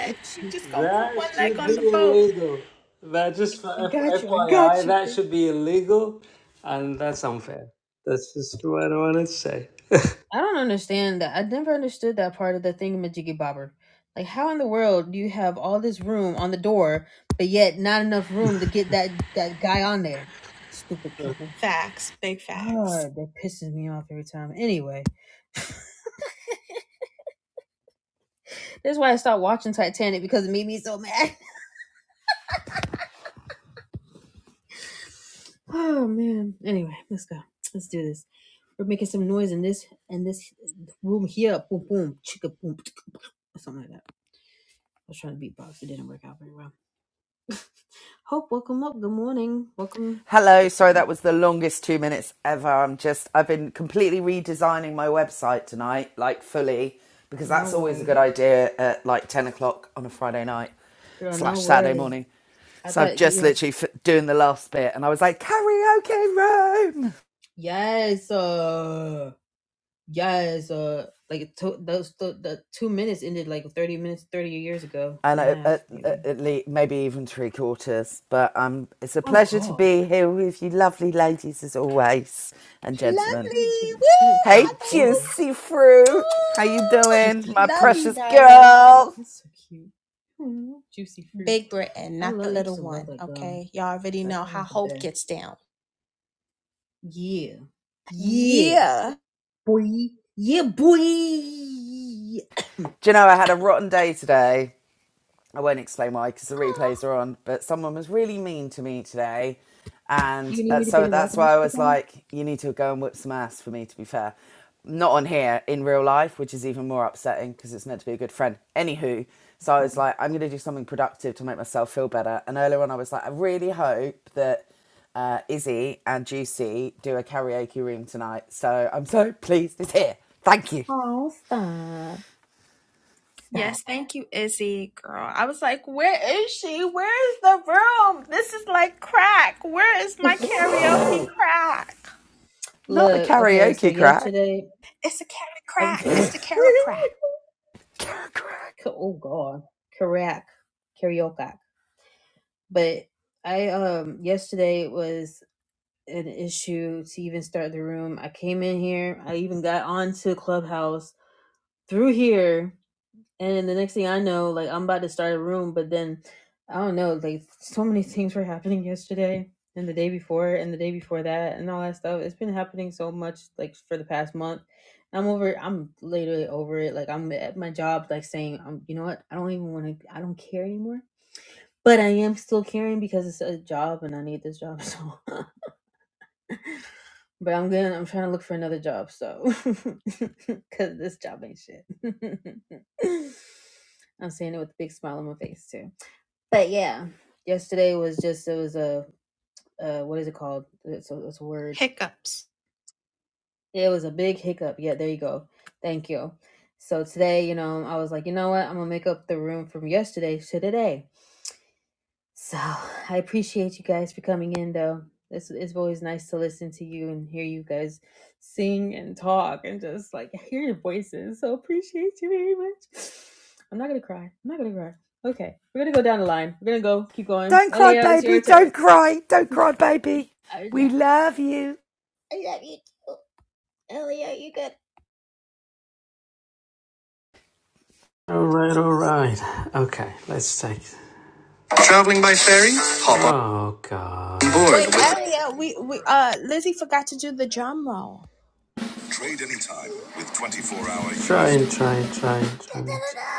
Speaker 2: leg.
Speaker 1: Bitchy.
Speaker 3: That should
Speaker 1: I
Speaker 3: be illegal. That just for
Speaker 1: I got
Speaker 3: F-
Speaker 1: you. I
Speaker 3: FYI,
Speaker 1: got you,
Speaker 3: that
Speaker 1: girl.
Speaker 3: should be illegal, and that's unfair. That's just what I wanted to say. [laughs]
Speaker 1: I don't understand that. I never understood that part of the thingamajiggy bobber. Like, how in the world do you have all this room on the door, but yet not enough room to get that that guy on there? Stupid people.
Speaker 2: Facts, big facts.
Speaker 1: God, that pisses me off every time. Anyway, [laughs] that's why I stopped watching Titanic because it made me so mad. [laughs] Oh man. Anyway, let's go. Let's do this. We're making some noise in this in this room here. Boom, boom, chicka, boom, [tsk] or something like that. I was trying to beatbox. It didn't work out very well. [laughs] Hope, welcome up. Good morning. Welcome.
Speaker 6: Hello, sorry
Speaker 1: Welcome.
Speaker 6: that was the longest two minutes ever. I'm just, I've been completely redesigning my website tonight, like fully, because
Speaker 1: No
Speaker 6: that's always a good
Speaker 1: worry.
Speaker 6: idea at like 10 o'clock on a Friday night
Speaker 1: Girl, no
Speaker 6: slash Saturday
Speaker 1: worry.
Speaker 6: morning.
Speaker 1: I
Speaker 6: So I've
Speaker 1: thought, you
Speaker 6: just
Speaker 1: know,
Speaker 6: literally f- doing the last bit and I was like, karaoke room!
Speaker 1: yes, uh, yes, uh, like it to, those, the, the two minutes ended like 30 minutes, 30 years ago
Speaker 6: And
Speaker 1: and a
Speaker 6: I,
Speaker 1: half,
Speaker 6: at, at,
Speaker 1: maybe.
Speaker 6: at least, maybe even three quarters. But um, it's a
Speaker 1: Oh,
Speaker 6: pleasure to
Speaker 1: God.
Speaker 6: be here with you lovely ladies as always and
Speaker 1: She,
Speaker 6: gentlemen.
Speaker 1: she went to the, she went towards
Speaker 6: Hey,
Speaker 1: the borders.
Speaker 6: juicy fruit. How you doing,
Speaker 1: Juicy
Speaker 6: my
Speaker 2: Love
Speaker 1: fruit.
Speaker 2: you,
Speaker 6: precious
Speaker 2: darling.
Speaker 6: girl?
Speaker 1: That's so cute. Juicy fruit.
Speaker 2: Big Britain,
Speaker 1: I
Speaker 2: not the
Speaker 1: love, I used
Speaker 2: little
Speaker 1: to love
Speaker 2: one,
Speaker 1: that gum.
Speaker 2: okay? Y'all already
Speaker 1: That
Speaker 2: know
Speaker 1: gum
Speaker 2: how
Speaker 1: was the
Speaker 2: hope
Speaker 1: best.
Speaker 2: gets down.
Speaker 1: Yeah. Yeah.
Speaker 2: Yeah.
Speaker 1: Boy. Yeah, boy.
Speaker 6: Do you know I had a rotten day today? I won't explain why because the replays are on, but someone was really mean to me today. And
Speaker 1: You need
Speaker 6: uh,
Speaker 1: me to get
Speaker 6: so
Speaker 1: a white
Speaker 6: that's why
Speaker 1: bitch
Speaker 6: I
Speaker 1: to
Speaker 6: was
Speaker 1: come?
Speaker 6: like, you need to go and whip some ass for me, to be fair. Not on here, in real life, which is even more upsetting because it's meant to be a good friend. Anywho, so I
Speaker 1: Oh.
Speaker 6: was like, I'm going to do something productive to make myself feel better. And earlier on, I was like, I really hope that uh, Izzy and Juicy do a karaoke room tonight. So I'm so [laughs] pleased it's here. Thank you.
Speaker 1: Oh, stop. Stop.
Speaker 2: Yes, thank you, Izzy, girl. I was like, where is she? Where is the room? This is like crack. Where is my karaoke
Speaker 1: [laughs]
Speaker 2: crack?
Speaker 6: Not the
Speaker 1: Look, okay, so
Speaker 6: karaoke crack.
Speaker 1: yesterday,
Speaker 2: It's a carrot
Speaker 1: i
Speaker 2: crack. It's
Speaker 1: [laughs]
Speaker 2: the carrot crack.
Speaker 6: [laughs]
Speaker 1: oh God, Karak, karaoke. But I, um, yesterday was an issue to even start the room. I came in here, I even got onto Clubhouse through here And then the next thing I know, like I'm about to start a room, but then I don't know, like so many things were happening yesterday and the day before and the day before that and all that stuff. It's been happening so much like for the past month. I'm over I'm literally over it. Like I'm at my job like saying, um, you know what? I don't even want to I don't care anymore. But I am still caring because it's a job and I need this job. [laughs] So but I'm going to I'm trying to look for another job, so [laughs] because this job ain't shit. [laughs] I'm saying it with a big smile on my face too. But yeah, yesterday was just it was a uh, what is it called? It's a, it's a word. It was a big hiccup. Yeah, there you go. Thank you. So today, you know, I was like, you know what? I'm gonna make up the room from yesterday to today. So I appreciate you guys for coming in, though. It's, it's always nice to listen to you and hear you guys sing and talk and just like hear your voices. So appreciate you very much. I'm not gonna cry. I'm not gonna cry. Okay, we're gonna go down the line. We're gonna go. Keep going.
Speaker 6: Don't cry,
Speaker 1: Elia, it's
Speaker 6: baby.
Speaker 1: your turn.
Speaker 6: Don't cry. Don't cry, baby.
Speaker 1: I heard
Speaker 6: We
Speaker 1: that.
Speaker 6: love you.
Speaker 3: all right, all right. Okay, let's take. Traveling by ferry? Hop Oh God. on board with
Speaker 2: Wait, Elliot, we, we uh Lizzie forgot to do the drum roll.
Speaker 3: Trade anytime with 24 hour Try and try and try and try and try.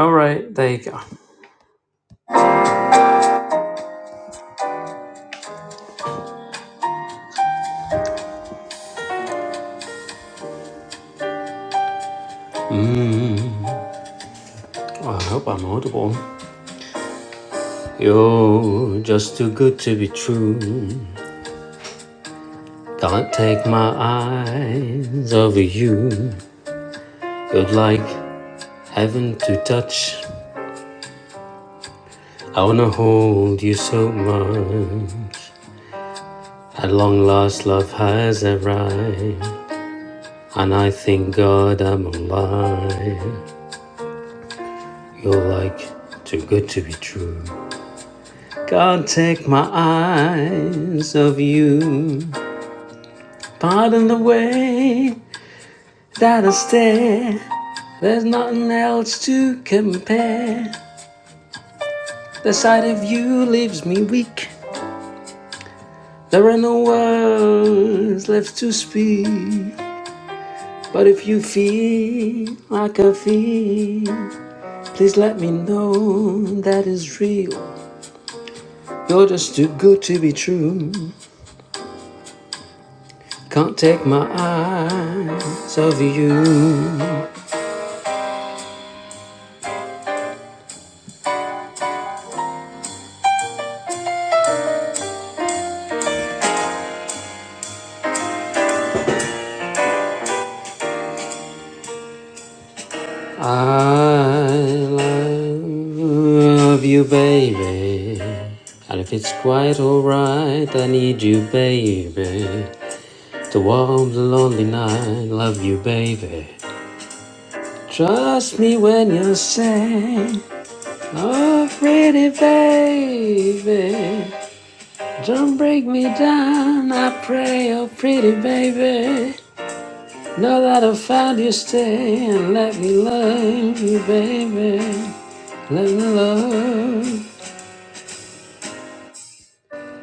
Speaker 3: All right, there you go. Mm, well, I hope I'm audible. You're just too good to be true. Can't take my eyes over you. You're like heaven to touch. I wanna hold you so much. At long last, love has arrived, and I thank God I'm alive. You're like too good to be true. Can't take my eyes off you. Pardon the way that I stare. There's nothing else to compare. The sight of you leaves me weak. There are no words left to speak. But if you feel like I feel, please let me know that is real. You're just too good to be true. Can't take my eyes off you. I love you, baby. And if it's quite alright, I need you, baby. To warm the lonely night, love you, baby. Trust me when you say, Oh, pretty baby. Don't break me down, I pray, oh, pretty baby. Know that I found you, stay and let me love you, baby. La, la, la.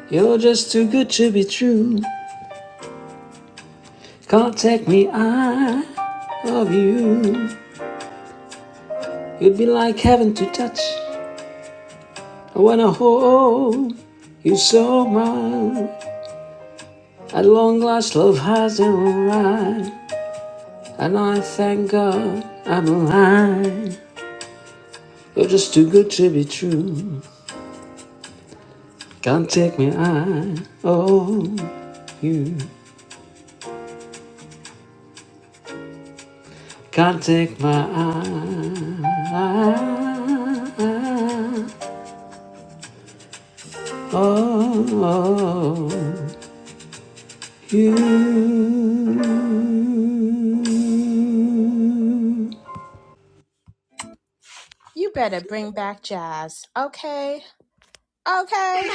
Speaker 3: You're just too good to be true. Can't take me out of you. You'd be like heaven to touch. I wanna hold you so much. At long last, love has arrived, and I thank God I'm alive. You're just too good to be true. Can't take me out of you. Can't take my eye. Oh, you.
Speaker 2: You better bring back jazz. Okay. Okay.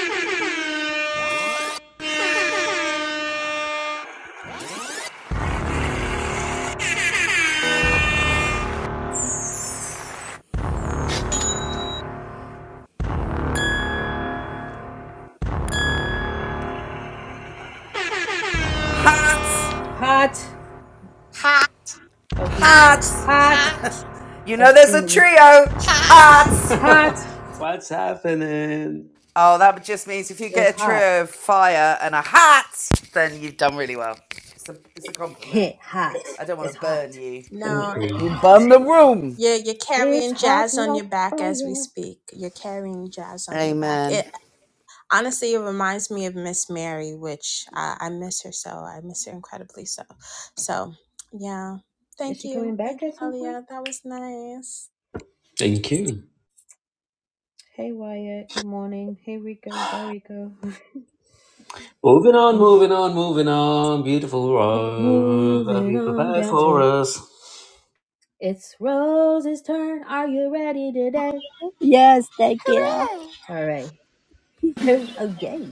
Speaker 6: Hearts,
Speaker 1: Hot. I was doing it.
Speaker 2: Hot,
Speaker 6: hearts.
Speaker 1: Hot.
Speaker 2: hot,
Speaker 6: You
Speaker 1: I
Speaker 6: know
Speaker 1: was
Speaker 6: there's a
Speaker 1: doing it with
Speaker 6: trio.
Speaker 2: hot.
Speaker 6: Hearts.
Speaker 1: hot.
Speaker 3: [laughs] What's happening?
Speaker 6: Oh, that just means if you
Speaker 1: It was
Speaker 6: get a
Speaker 1: hot.
Speaker 6: trio of fire and a heart, then you've done really well. It's a, it's a compliment.
Speaker 1: [laughs] hot.
Speaker 6: I don't want to
Speaker 1: It's
Speaker 6: burn
Speaker 1: hot.
Speaker 6: you.
Speaker 3: Thank
Speaker 2: No,
Speaker 3: you.
Speaker 6: You
Speaker 1: Hot.
Speaker 6: burn the room.
Speaker 2: You're you're
Speaker 1: It's
Speaker 2: carrying
Speaker 1: hot
Speaker 2: jazz on
Speaker 1: like
Speaker 2: your back as we
Speaker 1: fire.
Speaker 2: speak. You're carrying jazz on your back.
Speaker 6: Amen.
Speaker 2: It honestly it reminds me of Miss Mary, which uh, I miss her so. I miss her incredibly so. So yeah,
Speaker 1: Is
Speaker 2: thank
Speaker 1: she coming
Speaker 2: you, thank
Speaker 1: back
Speaker 2: you,
Speaker 1: at some point?
Speaker 2: Elia. That was nice.
Speaker 3: Thank you.
Speaker 1: Hey Wyatt, good morning. Hey Rico, bye Rico.
Speaker 3: Moving on,
Speaker 1: [laughs]
Speaker 3: moving on, moving on. Beautiful road. Gotta
Speaker 1: Moving
Speaker 3: be
Speaker 1: on
Speaker 3: prepared
Speaker 1: down
Speaker 3: for
Speaker 1: to
Speaker 3: us.
Speaker 1: it's Rose's turn. Are you ready today?
Speaker 4: Yes, thank you.
Speaker 1: All right. [laughs] oh yay!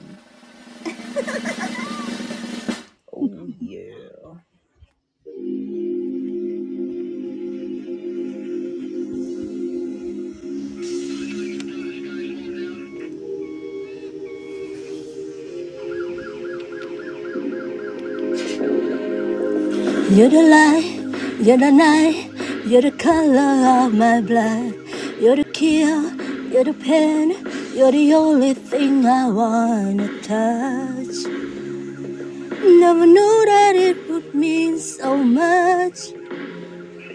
Speaker 1: Oh yeah.
Speaker 4: You're the light, you're the night, you're the color of my blood. You're the kill, you're the pain, you're the only thing I wanna touch. Never knew that it would mean so much,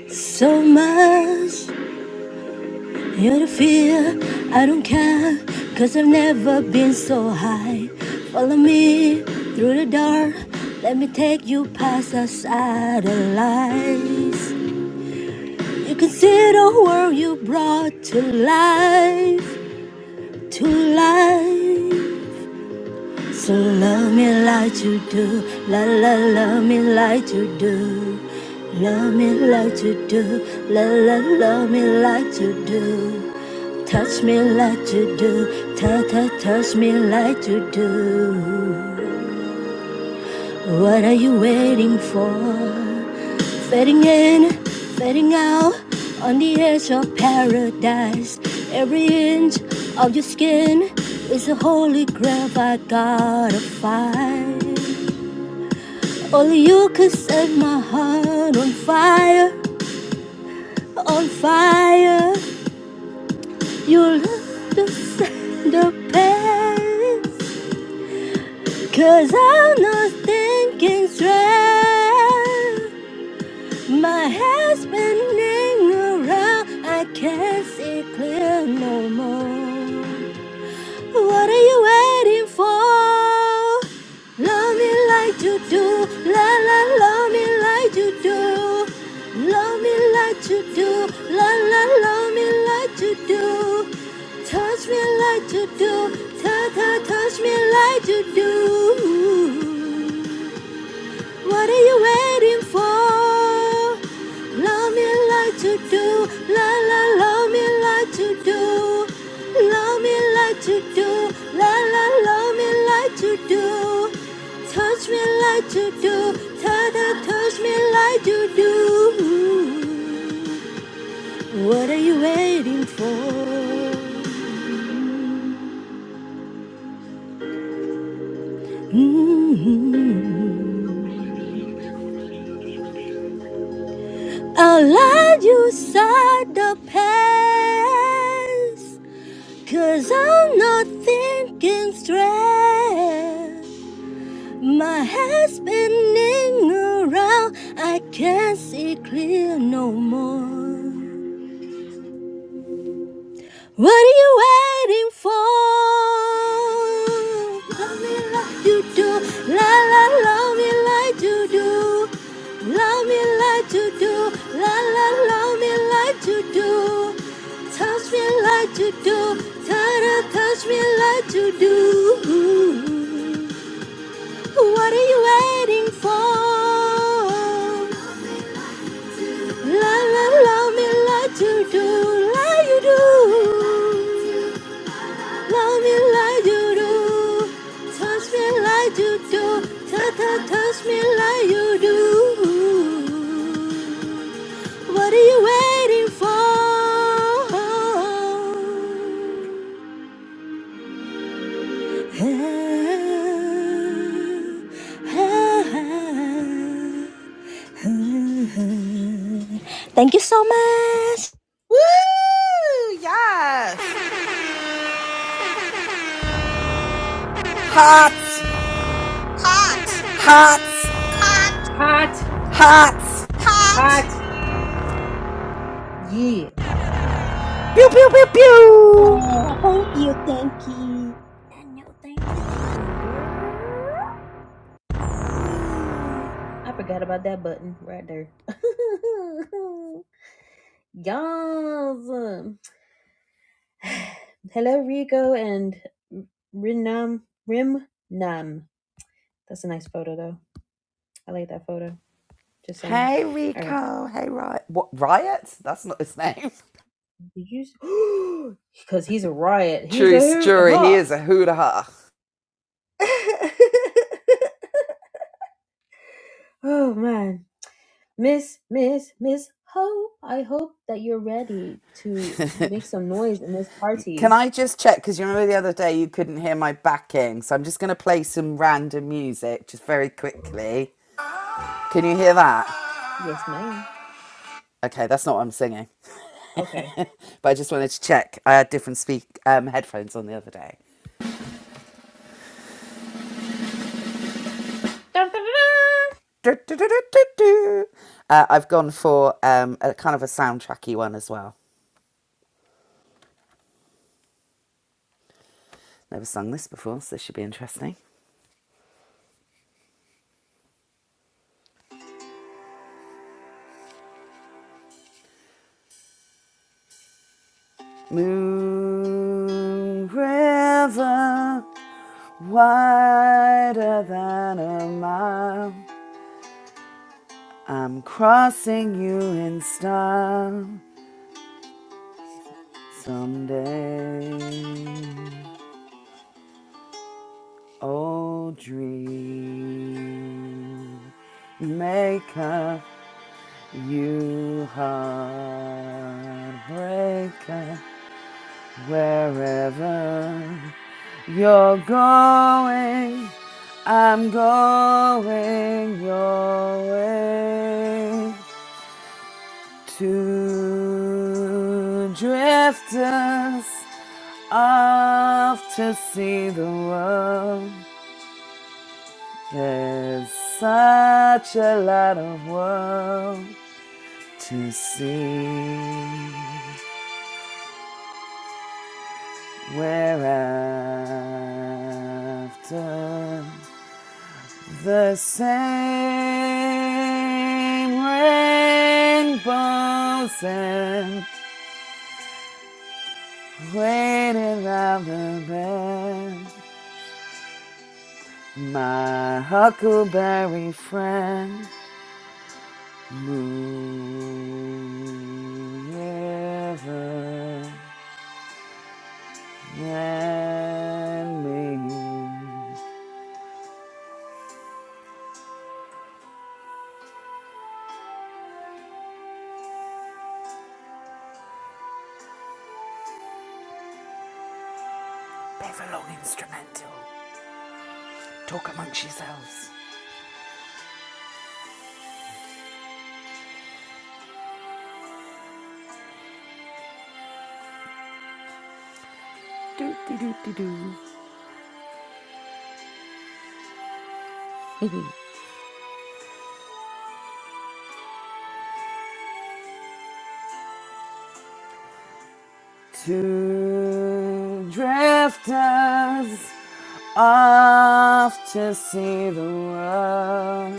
Speaker 4: so much. You're the fear, I don't care, cause I've never been so high. Follow me through the dark. let me take you past the satellites. You can see the world you brought to life, to life. So love me like you do, la la love me like you do, love me like you do, la la love me like you do, touch me like you do, ta ta touch me like you do. What are you waiting for? Fading in, fading out, on the edge of paradise. Every inch of your skin is a holy grail I gotta find. Only you could set my heart on fire, on fire. You look the same, the past, i I'm not thinking straight. My head's spinning around, I can't see clear no more. What are you waiting for? Love me like you do, la la, love me like you do. Love me like you do, la la, love me like you do. Touch me like you do, ta ta, touch me like you do. What are you waiting for? Love me like to do, la la, love me like to do. Love me like to do, la la, love me like to do. Touch me like to do, ta ta, touch me like to do. What are you waiting for? Mm-hmm. I'll let you side the past Cause I'm not thinking straight My head's spinning around I can't see clear no more What are you waiting for? Love me like you do. La la, love me like you do. Love me like you do. La la, love me like you do. Touch me like you do. Ta-da, touch me like you do. What are you waiting for? La la, love me like you do. Like you do. Love me like you do, touch me like you do, ta ta touch me like you do. What are you waiting for? Thank you so much.
Speaker 6: Hearts, hearts,
Speaker 1: Hot,
Speaker 6: hearts.
Speaker 1: hot, yeah.
Speaker 6: Pew pew pew pew.
Speaker 4: I hope you thank you.
Speaker 1: I forgot about that button right there. [laughs] Yas. [sighs] Hello Rico and Rinam Rim Nam. That's a nice photo though. I like that photo. Just saying.
Speaker 6: Hey
Speaker 1: All right.
Speaker 6: Rico. Hey Riot. What Riot? That's not his name.
Speaker 1: Did you? Because [gasps] he's a riot. He's a
Speaker 6: True
Speaker 1: hoot
Speaker 6: story. He
Speaker 1: hop.
Speaker 6: is a hoo ha.
Speaker 1: [laughs] oh man, Miss Miss Miss Ho. I hope that you're ready to make some noise in this
Speaker 6: Can
Speaker 1: party.
Speaker 6: I just check? Because you remember the other day you couldn't hear my backing. So I'm just going to play some random music just very quickly. Can you hear that?
Speaker 1: Yes, ma'am.
Speaker 6: Okay, that's not what I'm singing.
Speaker 1: Okay.
Speaker 6: But I just wanted to check. I had different speak um, headphones on the other day.
Speaker 1: Dun, dun, dun,
Speaker 6: Du- du- du- du- du- Uh, I've gone for um, a kind of a soundtracky one as well. Never sung this before, so this should be interesting. Moon River. Wider than a mile, I'm crossing you in style someday. Oh, dream maker, you heartbreaker, wherever you're going, I'm going your way. Two drifters off to see the world. There's such a lot of world to see. We're after the same rainbows and waiting round the bend. My huckleberry friend, moon river and me. Play a long instrumental. Talk amongst yourselves. Do do do do do. Two drifters off to see the world.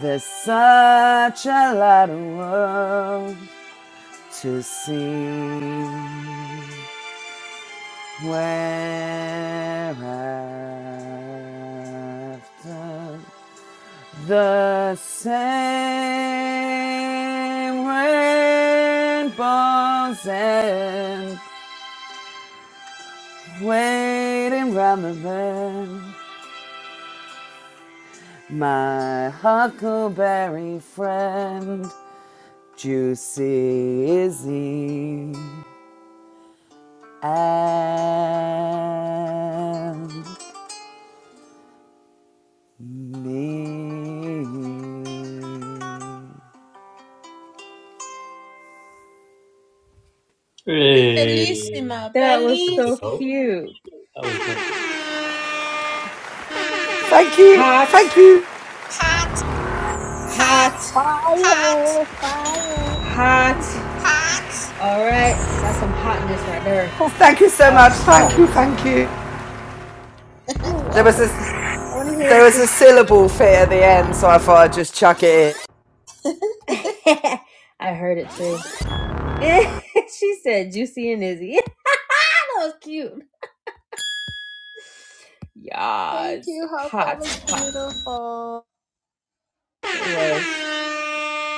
Speaker 6: There's such a lot of world to see where I've done the same rainbows and waiting rather than my huckleberry friend, Juicy Izzy. And me.
Speaker 3: Hey.
Speaker 1: That was so
Speaker 3: Oh,
Speaker 1: cute.
Speaker 3: That was like
Speaker 6: Thank you,
Speaker 1: Hot,
Speaker 6: thank you,
Speaker 2: Hot,
Speaker 1: hot,
Speaker 2: hot, hot,
Speaker 1: hot.
Speaker 2: hot.
Speaker 1: All right, that's some hotness right there.
Speaker 6: thank you so
Speaker 1: That was
Speaker 6: much,
Speaker 1: hot.
Speaker 6: thank you, thank you.
Speaker 1: You're
Speaker 6: There was
Speaker 1: welcome.
Speaker 6: a
Speaker 1: I want to hear
Speaker 6: there
Speaker 1: it
Speaker 6: was
Speaker 1: again.
Speaker 6: a syllable fit at the end, so I thought I'd just chuck it
Speaker 1: [laughs] I heard it too. [laughs] she said Juicy and Izzy. [laughs] Yeah, that was cute.
Speaker 2: Thank
Speaker 1: Yes.
Speaker 2: you, Hope. That
Speaker 1: Hot.
Speaker 2: was
Speaker 1: Hot.
Speaker 2: beautiful.
Speaker 1: It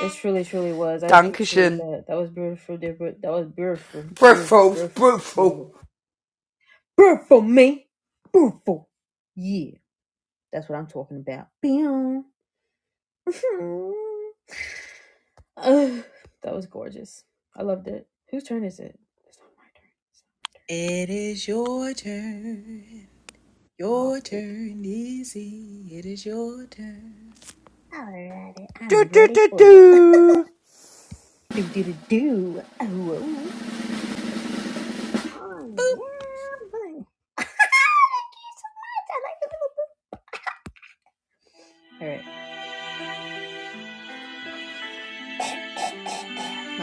Speaker 1: was. It truly, truly was. I
Speaker 6: in.
Speaker 1: appreciate
Speaker 6: Dankeschön.
Speaker 1: that. That was beautiful, That was beautiful. Beautiful.
Speaker 6: Brutal, brutal.
Speaker 1: Beautiful. Beautiful, me. Beautiful. Yeah. That's what I'm talking about. [laughs] Boom. that was gorgeous. I loved it. Whose turn is it? It's not my
Speaker 2: It is your turn.
Speaker 1: turn. Ah,
Speaker 2: Your
Speaker 1: poop.
Speaker 2: turn, easy. It is your turn.
Speaker 1: Alrighty,
Speaker 6: Do
Speaker 1: I'm
Speaker 6: do
Speaker 1: ready
Speaker 6: do
Speaker 1: for you.
Speaker 6: do.
Speaker 1: [laughs] Do do do do. Oh, oh
Speaker 2: Boop.
Speaker 1: yeah, boy. I like the little. All right,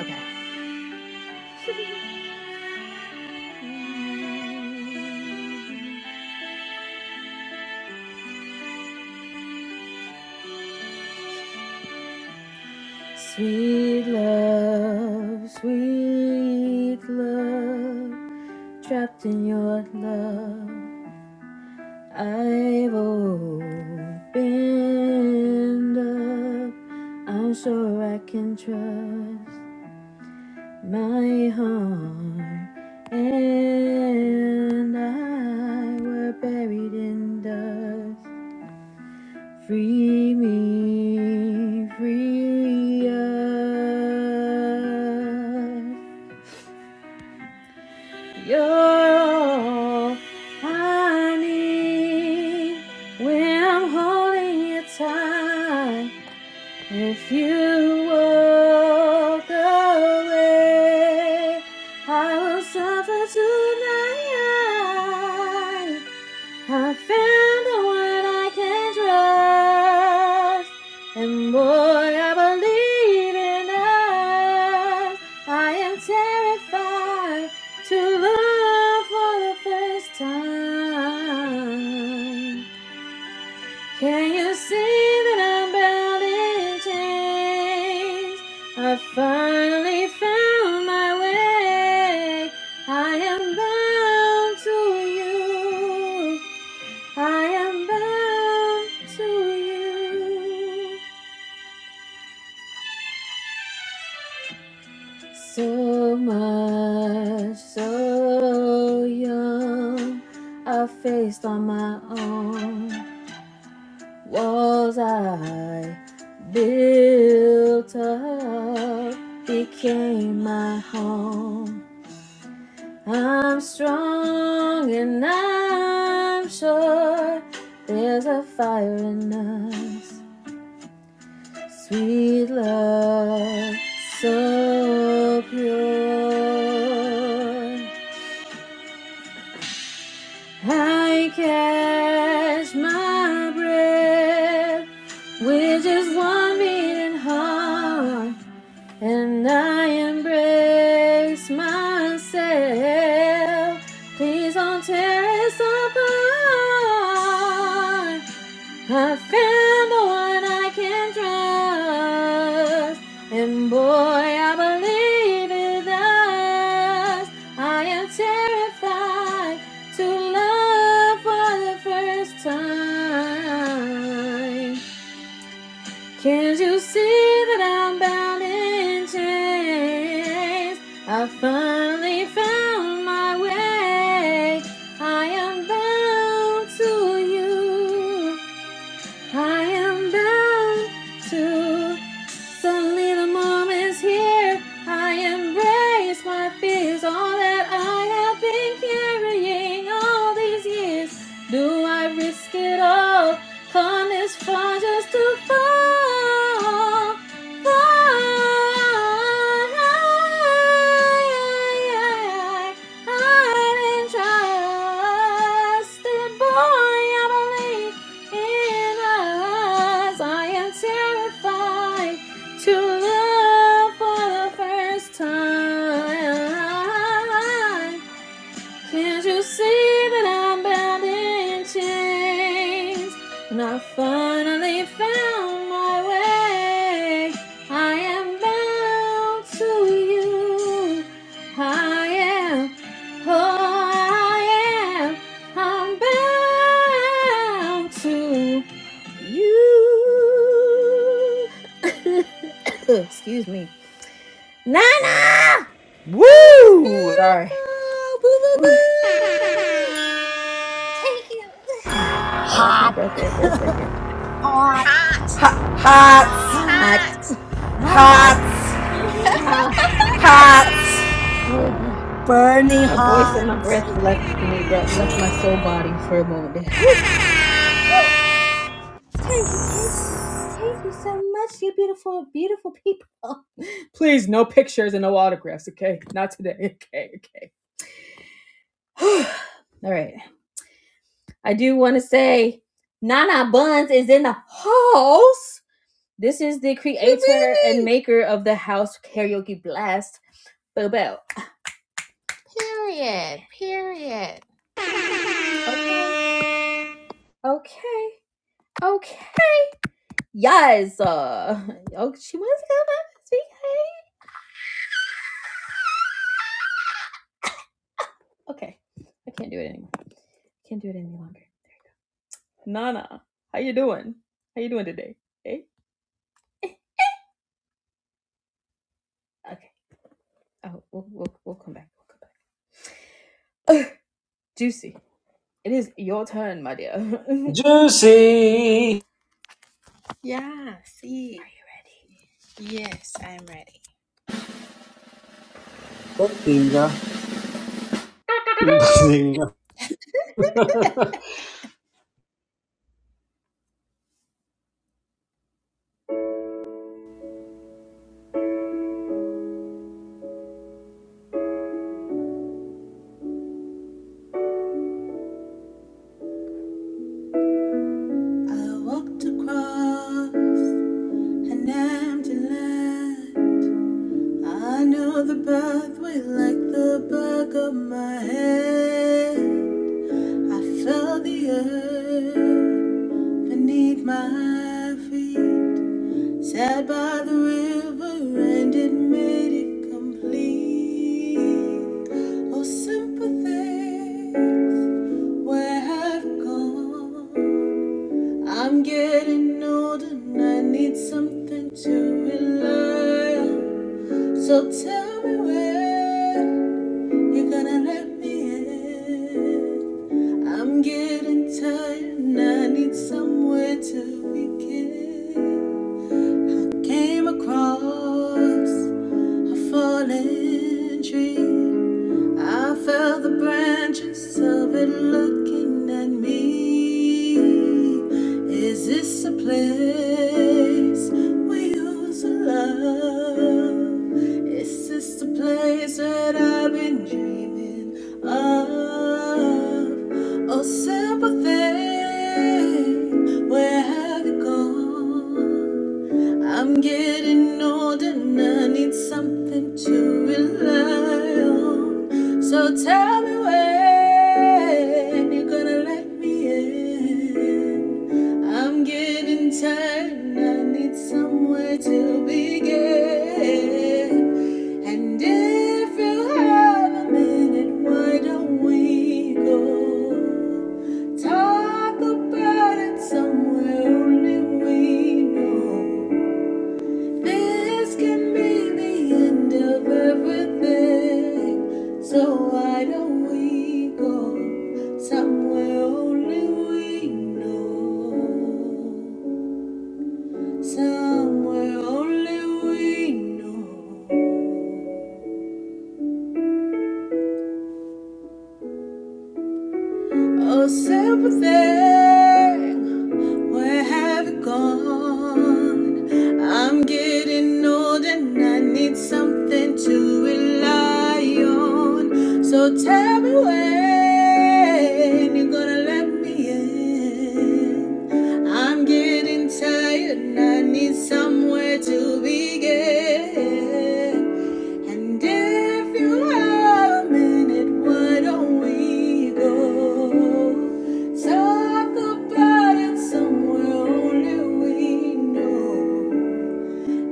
Speaker 1: okay. Sweet love, sweet love, trapped in your love. I've opened up. I'm sure I can trust. my heart and I were buried in dust. Free me, free us. You're all I need when I'm holding you tight. If you walk away, I will suffer tonight. I found the one I can trust, and boy, I believe in us. I am terrified to love for the first time. Can you see that I'm bound in chains? I finally found my way. I am bound to you. I am bound to you. So much, so young, I faced on my own. Walls I built up became my home. I'm strong and I'm sure there's a fire in us. Sweet love, so pure. I catch my breath, which just one beating heart. And I embrace myself. Please don't tear us apart. I found the one I can trust. And boy, I believe it does. I am terrified to love for the first time. Can't you see that I'm bound in chains? I finally found my way. I am bound to you. I am bound to. Suddenly the moment's here. I embrace my fears, all that I have been carrying all these years. Do I risk it all? Come this far just to fall. Fall. I'm trusted, boy, I believe. In eyes, I am terrified to love for the first time. Can't you see that I'm bound in chains? And I finally found my way, I am bound to you. I am, oh, I am, I'm bound to. You. [coughs] Excuse me. Nana!
Speaker 2: That was
Speaker 6: Woo!
Speaker 1: Sorry.
Speaker 2: beautiful. Boo boo
Speaker 1: Ooh, Take
Speaker 2: boo.
Speaker 1: it. [sighs] I lost my breath there for a second.
Speaker 6: Ha- hats,
Speaker 1: Hot, hot,
Speaker 6: hats,
Speaker 1: hot.
Speaker 6: hats,
Speaker 1: Holy crap.
Speaker 4: Burning
Speaker 1: My voice and my
Speaker 4: heart,
Speaker 1: breath left me, left my soul body for a moment there. Whew. Thank you, thank you. Thank you so much, you beautiful, beautiful people. Please, no pictures and no autographs, okay? Not today, okay, okay. [sighs] All right. I do want to say Nana Buns is in the house. This is the creator and maker of the house karaoke blast. Boo boo. Okay. Okay. Okay. Yes. Uh, oh, she wants to come up and speak. Hey. Okay. I can't do it anymore. Can't do it any longer. Nana, how you doing? How you doing today? Hey. Okay. Oh, we'll we'll, we'll come back. We'll come back. Uh, Juicy. It is your turn, my dear. [laughs] Ready.
Speaker 3: juicy.
Speaker 2: Yeah, see. Yes, I'm ready.
Speaker 3: Bazinga. Bazinga. [laughs] That
Speaker 2: I walked across an empty land. I know the pathway like the back of my hand. I felt the earth beneath my feet. Sat by the river and it made it complete. Oh, sympathies, where have gone? I'm getting older and I need something to rely on. So tell me where you're gonna let me in. I'm getting tired and I need somewhere to begin. Came across a fallen tree. I felt the branches of it looking at me. Is this a place we used to love? Is this the place that I've been dreaming of? Oh, simple thing, where have you gone? I'm getting old and I need something to rely on. So tell me when you're gonna let me in. I'm getting tired, I need somewhere to begin. And if you have a minute, why don't we go? Talk about it somewhere only we know. This can be the end of everything. So why don't we go somewhere only we know? Somewhere only we know. Oh, simple thing. Where have you gone? I'm getting old and I need something to rely on. So tell me when you're gonna let me in. I'm getting tired and I need somewhere to begin. And if you have a minute, why don't we go? Talk about it somewhere only we know.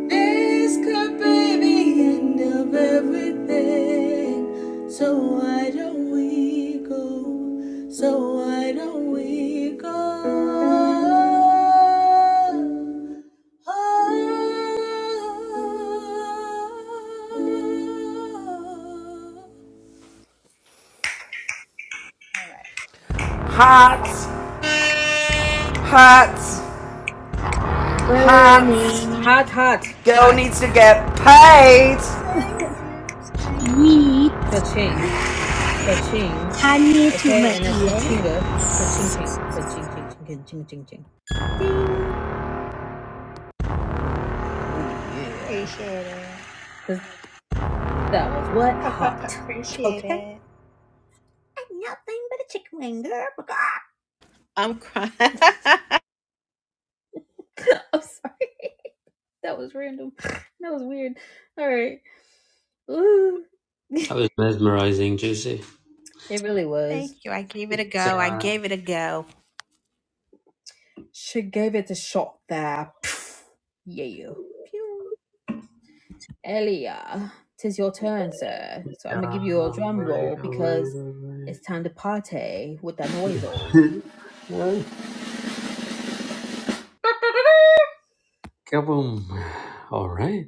Speaker 2: This could be the end of everything. So why don't we go? So why don't we go? Oh.
Speaker 6: hats, hats, hats.
Speaker 4: burning.
Speaker 1: Hot, hot,
Speaker 6: Girl needs
Speaker 1: hot.
Speaker 6: to get paid.
Speaker 4: Yeet,
Speaker 1: Ka-ching, ka-ching.
Speaker 4: honey to my
Speaker 1: Okay, and then
Speaker 4: ear.
Speaker 1: ka-chinga, ka-ching, ching, ka-ching, ching, ching, ka ching ching ka ching ching, ching. That was what? Hot. Okay.
Speaker 2: I'm
Speaker 1: [laughs] I'm sorry. That was random. That was weird. All right. Ooh. [laughs]
Speaker 3: was mesmerizing, juicy.
Speaker 1: It
Speaker 2: ready
Speaker 1: was.
Speaker 2: to
Speaker 3: Say,
Speaker 2: go. I
Speaker 3: uh,
Speaker 2: go.
Speaker 1: She gave it a shot there. Pff, Yeah. Pew. Elia, tis your turn, sir. So I'm gonna give you a
Speaker 3: all
Speaker 1: drum
Speaker 3: right,
Speaker 1: roll
Speaker 3: all
Speaker 1: because
Speaker 3: right,
Speaker 1: it's time to party with that noise. All
Speaker 3: all right. [laughs] Kaboom. All right.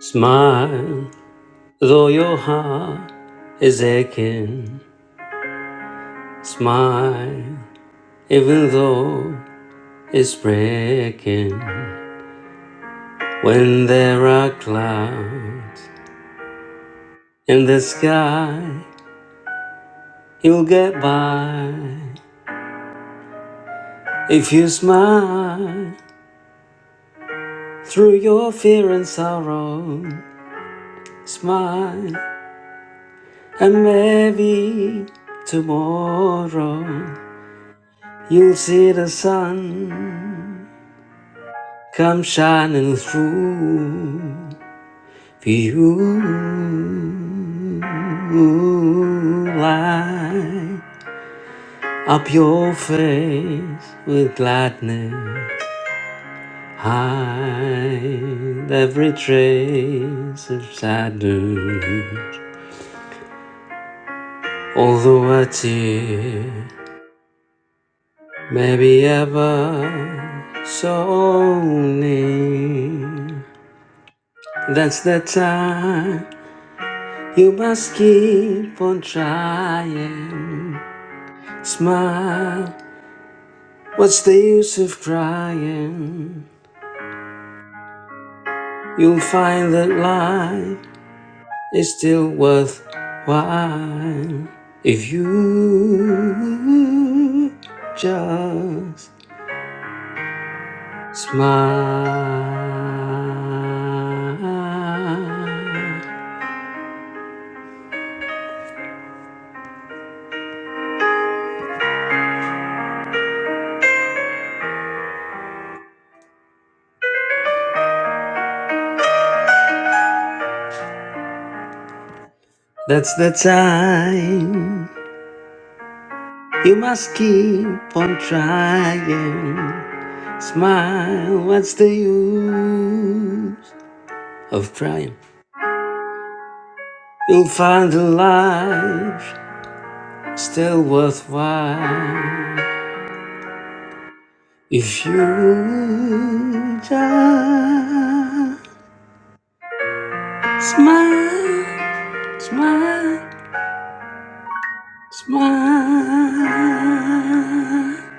Speaker 3: Smile, though your heart is aching. Smile, even though it's breaking. When there are clouds in the sky, you'll get by. If you smile through your fear and sorrow, smile, and maybe tomorrow you'll see the sun come shining through. You light up your face with gladness, hide every trace of sadness. Although a tear may be ever so near, that's the time you must keep on trying. Smile What's the use of crying? You'll find that life is still worthwhile if you just smile. That's the time you must keep on trying. Smile, what's the use of crying? You'll find a life still worthwhile if you just smile, smile, smile. [laughs]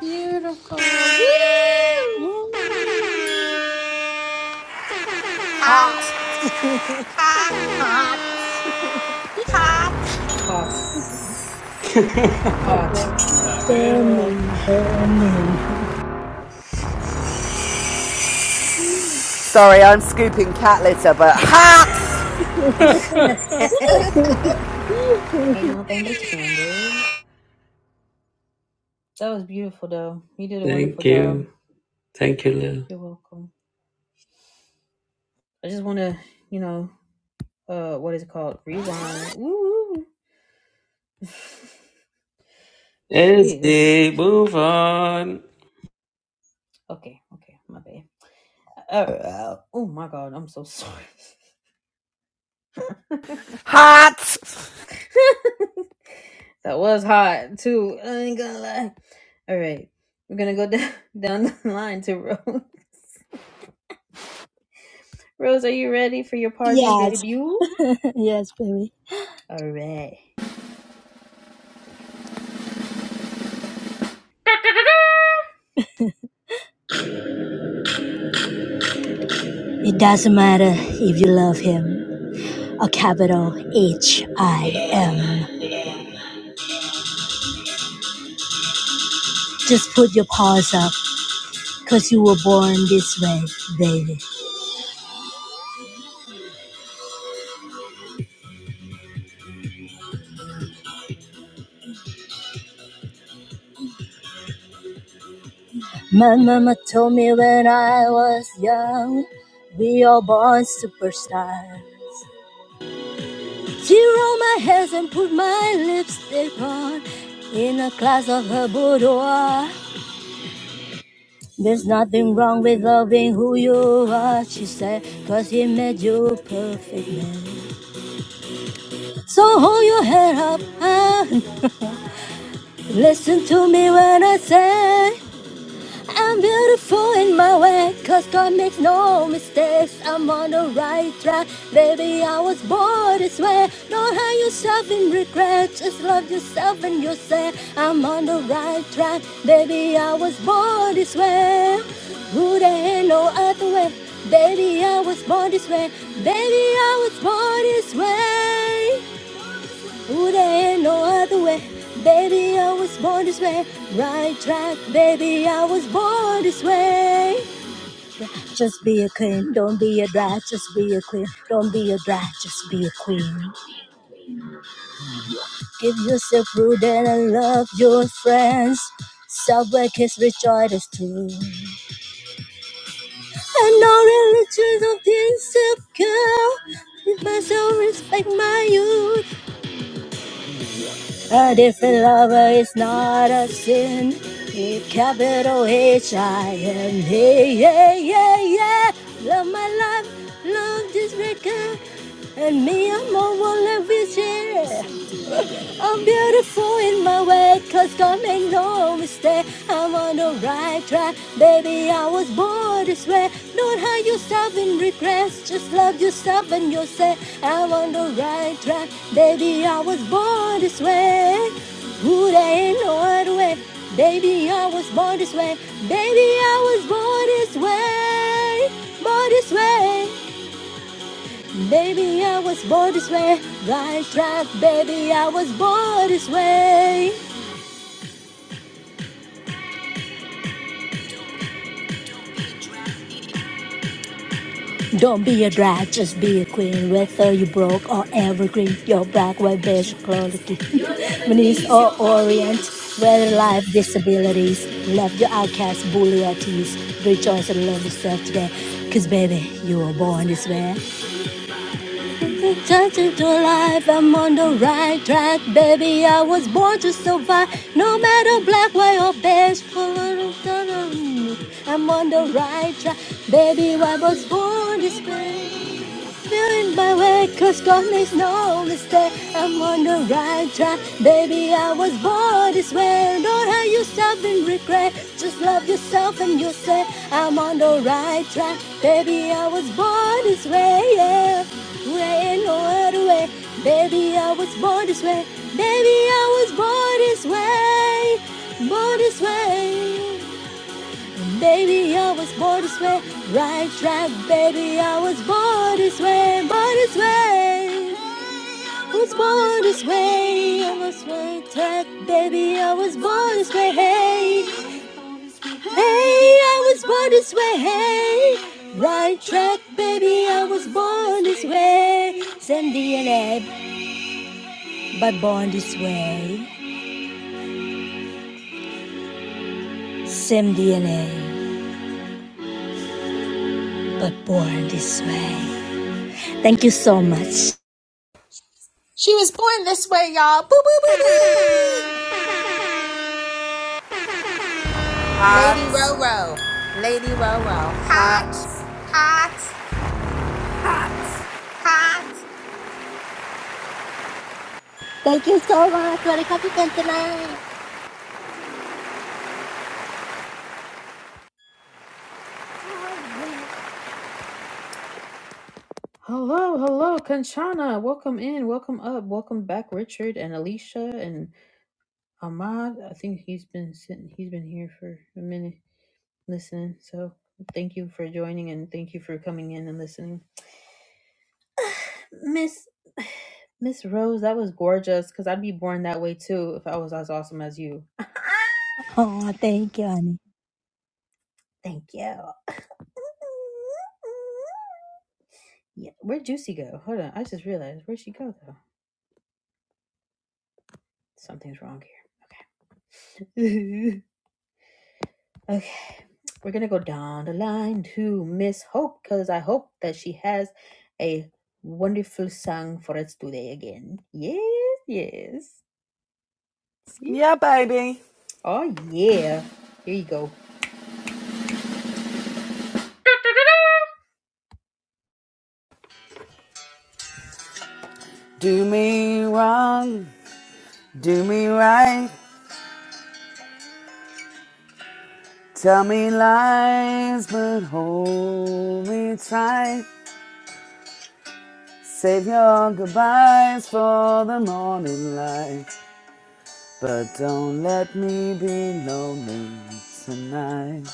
Speaker 2: Beautiful. Woo!
Speaker 4: Mm,
Speaker 2: Hot, hot,
Speaker 4: Hot,
Speaker 2: hot.
Speaker 1: Hot,
Speaker 3: What
Speaker 1: hot.
Speaker 3: the hell?
Speaker 4: burning, burning.
Speaker 6: Sorry, I'm scooping cat litter, but hats!
Speaker 4: [laughs]
Speaker 1: [laughs] Ain't no That was beautiful. You did a
Speaker 3: Thank
Speaker 1: wonderful
Speaker 3: you.
Speaker 1: job.
Speaker 3: Thank you, Lil.
Speaker 1: You're welcome. I just want to, you know, uh, rewind. Ooh,
Speaker 3: As
Speaker 1: jeez.
Speaker 3: they
Speaker 1: Can't-
Speaker 3: move on.
Speaker 1: Okay, okay, my bad. Uh, uh, oh my god, I'm so sorry.
Speaker 6: Hats!
Speaker 1: [laughs] that was hot too. I ain't gonna lie. All right, we're gonna go down [laughs] down the line to Rose. [laughs] Rose, are you ready for your party
Speaker 4: yes,
Speaker 1: debut?
Speaker 4: [laughs] yes, baby.
Speaker 1: All right.
Speaker 4: It doesn't matter if you love him. A capital H I M. Just put your paws up, cause you were born this way, baby. My mama told me when I was young, we all born superstars. She rolled my hair and put my lipstick on in a class of her boudoir. There's nothing wrong with loving who you are, she said, cause he made you perfect man. So hold your head up and listen to me when I say I'm beautiful in my way, 'cause God makes no mistakes. I'm on the right track, baby. I was born this way. Don't hurt yourself in regret, just love yourself and you say, I'm on the right track, baby. I was born this way. Who there ain't no other way, baby. I was born this way, baby. I was born this way. Ooh, there ain't no other way. Baby, I was born this way. Right track, baby, I was born this way. Just be a queen, don't be a drag, just be a queen. Don't be a drag, just be a queen. Give yourself root and love your friends. Subway kiss rejoice us too. And no religions of this girl. Give myself respect my youth. A different lover is not a sin. With capital H I M. Hey, yeah, yeah, yeah. Love my life, love this record. And me, I'm a one of each year. I'm beautiful in my way, cause God made no mistake. I'm on the right track, baby. I was born this way. Don't hide yourself in regrets, just love yourself and yourself. I'm on the right track, baby. I was born this way. Ooh, there ain't no other way. Baby, I was born this way. Baby, I was born this way. Born this way. Baby, I was born this way. Right track, baby, I was born this way. Don't be a drag, just be a queen. Whether you broke or evergreen, your black, white, beige, quality. [laughs] Venice or Orient, whether life, disabilities, left your outcast, bully or tease. Rejoice and love yourself today. Cause baby, you were born this way. Touching to life, I'm on the right track, baby. I was born to survive, no matter black, white, or beige. color, color. I'm on the right track, baby. I was born this way. Feeling my way, cause God makes no mistake. I'm on the right track, baby. I was born this way. Don't hurt yourself in regret. Just love yourself and you'll say, I'm on the right track, baby. I was born this way, yeah. There ain't no other way, baby. I was born this way, baby. I was born this way, born this way. Baby, I was born this way. Right track, baby, I was born this way. Born this way. I Was born this way. I was right track, baby, I was born this way. Hey, hey, I was born this way. Hey, right track, baby, I was born this way. Same DNA, but born this way. Same DNA, but born this way. Thank you so much.
Speaker 2: She was born this way, y'all. Boo, boo, boo, boo. Lady
Speaker 6: Hats!
Speaker 2: Roro. Lady Roro. Hot,
Speaker 6: Hats!
Speaker 2: hot,
Speaker 6: Hats!
Speaker 2: hot.
Speaker 4: Thank you so much for the coffee tonight.
Speaker 1: Hello, hello, Kanchana. Welcome in, welcome up, welcome back, Richard and Alicia and. Ahmad, I think he's been sitting, he's been here for a minute listening. So thank you for joining and thank you for coming in and listening. Miss [sighs] Miss Rose, that was gorgeous because I'd be born that way too if I was as awesome as you. [laughs]
Speaker 4: Oh, thank you, honey.
Speaker 1: Thank you. Yeah, where'd Juicy go? Hold on, I just realized where'd she go though? Something's wrong here. Okay. [laughs] Okay, we're gonna go down the line to Miss Hope because I hope that she has a wonderful song for us today again. Yes, yes. See?
Speaker 6: Yeah, baby.
Speaker 1: Oh yeah. Here you go.
Speaker 6: Do me wrong, do me right. Tell me lies, but hold me tight. Save your goodbyes for the morning light. But don't let me be lonely tonight.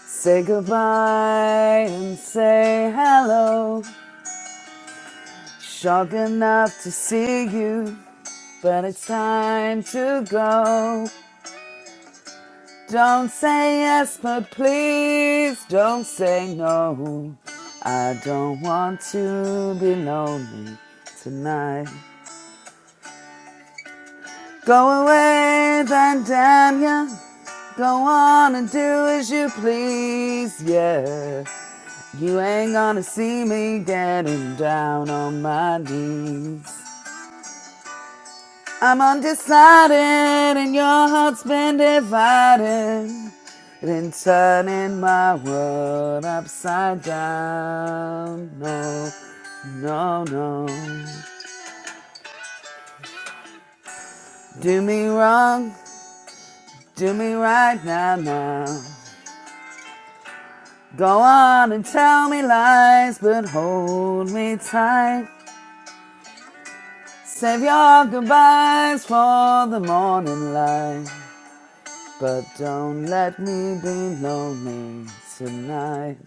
Speaker 6: Say goodbye and say hello. Shocked enough to see you, but it's time to go. Don't say yes, but please don't say no. I don't want to be lonely tonight. Go away, then damn ya. Go on and do as you please, yeah. You ain't gonna see me getting down on my knees. I'm undecided and your heart's been divided and turning my world upside down. No, no, no. Do me wrong, do me right now, now. Go on and tell me lies, but hold me tight. Save your goodbyes for the morning light, but don't let me be lonely tonight.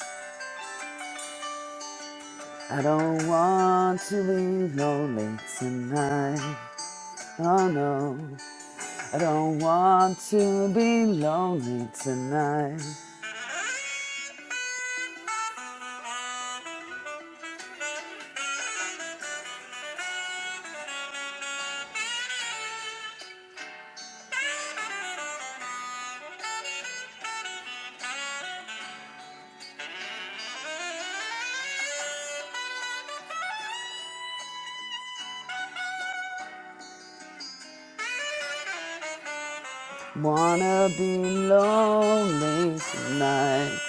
Speaker 6: I don't want to be lonely tonight. Oh no, I don't want to be lonely tonight. Wanna be lonely tonight.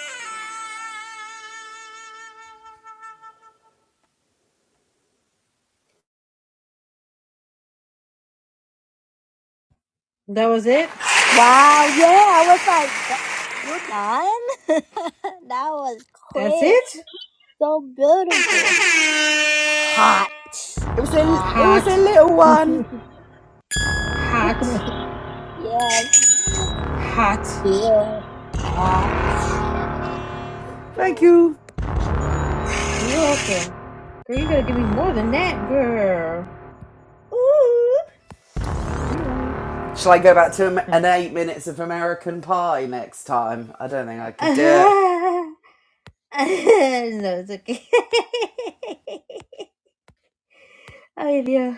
Speaker 1: That was it.
Speaker 4: Wow, yeah, I was like, you're done? [laughs] that was
Speaker 1: That's
Speaker 4: quick.
Speaker 1: it.
Speaker 4: So beautiful. Hot.
Speaker 6: It was a, it was
Speaker 1: Hot,
Speaker 6: a little one.
Speaker 1: hot,
Speaker 4: Yes.
Speaker 1: hot.
Speaker 4: Yeah.
Speaker 6: Thank you.
Speaker 1: Welcome. Girl, you gotta give me more than that, girl. Ooh.
Speaker 6: Shall I go back to am- an
Speaker 1: [laughs]
Speaker 6: eight minutes of American Pie next time? I don't think I could do it.
Speaker 1: no, it's okay. [laughs] Ay, Dios.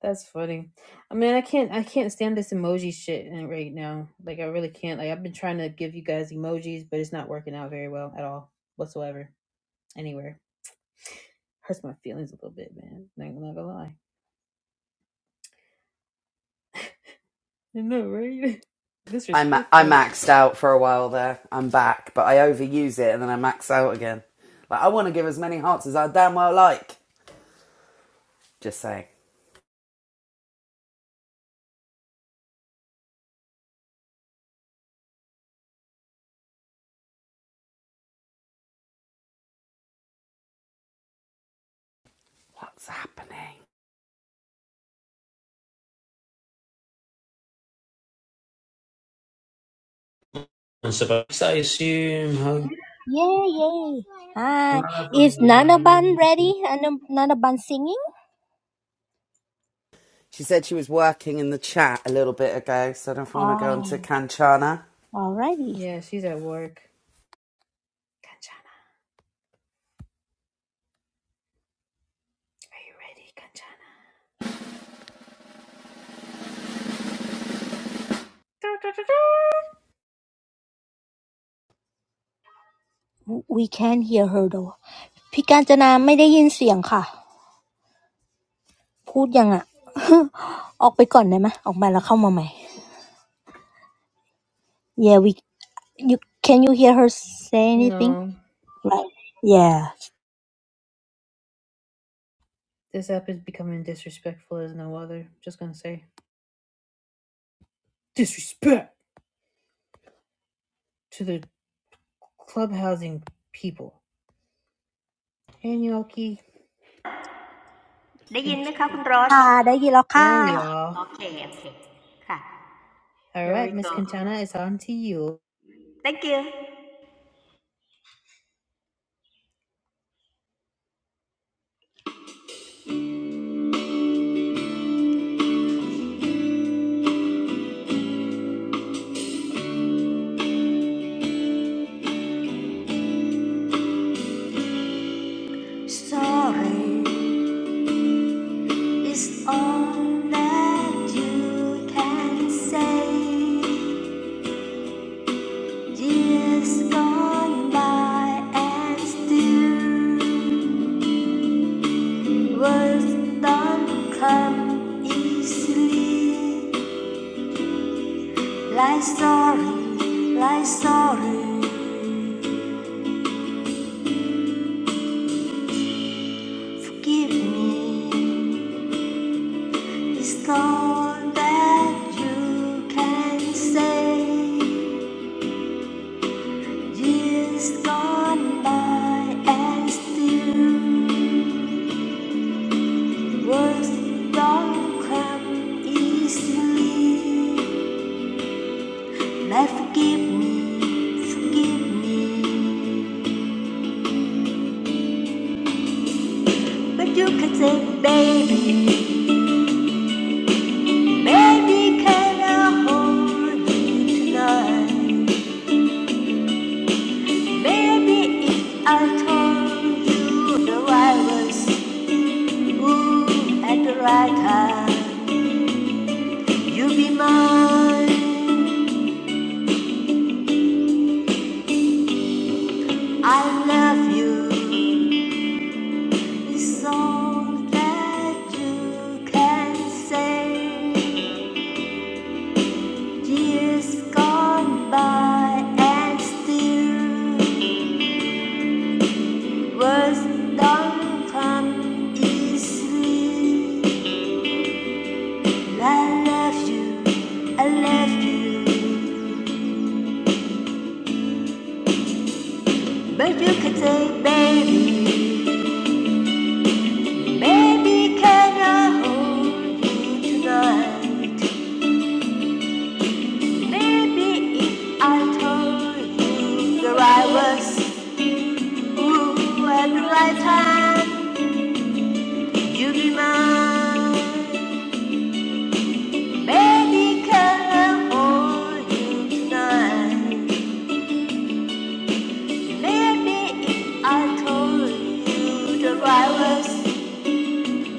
Speaker 1: That's funny. I mean, I can't I can't stand this emoji shit in- right now. Like I really can't. Like I've been trying to give you guys emojis, but it's not working out very well at all whatsoever. Anywhere. Hurts my feelings a little bit, man. Not, gonna not gonna lie. I know, right? [laughs]
Speaker 6: I, ma- I
Speaker 1: disrespectful.
Speaker 6: maxed out for a while there. I'm back, but I overuse it and then I max out again. Like I want to give as many hearts as I damn well like. Just saying, what's happening?
Speaker 3: I'm surprised I assume how.
Speaker 4: Yeah, yeah. Hi. Is Nanaban ready? Nan- Nanaban singing?
Speaker 6: She said she was working in the chat a little bit ago, so I don't know if we want to go on to
Speaker 4: Oh,
Speaker 6: Kanchana.
Speaker 4: alrighty.
Speaker 1: Yeah, she's at work. Ready, Kanchan.
Speaker 4: W- We can hear her though. พี่กาญจนาไม่ได้ยินเสียงค่ะพูดยังอะ [laughs] ออกไปก่อนได้ไหมออกมาแล้วเข้ามาใหม่ Yeah, we You can you hear her say anything? Right? yeah.
Speaker 1: This app is becoming disrespectful as no other. Just gonna say. Disrespect to the clubhousing people. Hey Gnocchi. Conch-
Speaker 7: ได้ยินไหมคะคุณรสโอเค
Speaker 1: there we
Speaker 4: ค่ะได้ยินแล้วค่ะ
Speaker 1: are.
Speaker 7: โอเคค่ะ here we
Speaker 1: Alright, Miss
Speaker 7: go
Speaker 1: Kanchana, it's on to you.
Speaker 7: thank you sorry is all that you can say years gone by and still Words don't come easily. Like sorry, like sorry, forgive me. It's not that you can say years gone by and still words don't come easily. Now forgive me, forgive me, but you can say, baby, baby, can I hold you tonight? Baby, if I told you that I was Ooh, at the right time, you will be mine. I love you. It's all that you can say. Years gone by and still words don't come easily. I love you, I love you, but you can say, baby. Baby, can I hold you tonight? Maybe if I told you that I was ooh, at the right time, you'd be mine. Baby, can I hold you tonight? Maybe if I told you that I was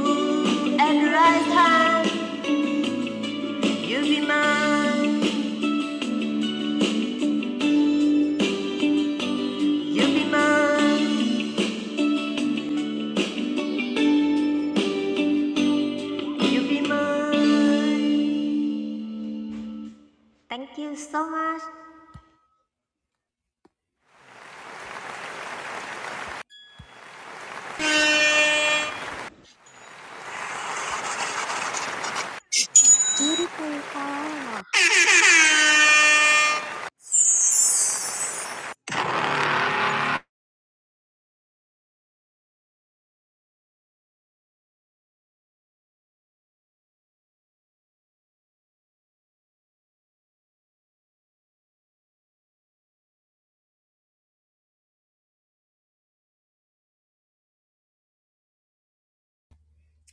Speaker 7: ooh, at the right time, you'd be mine. You'd be mine. You'd be mine. Thank you so much.
Speaker 4: beautiful ค่ะ [laughs]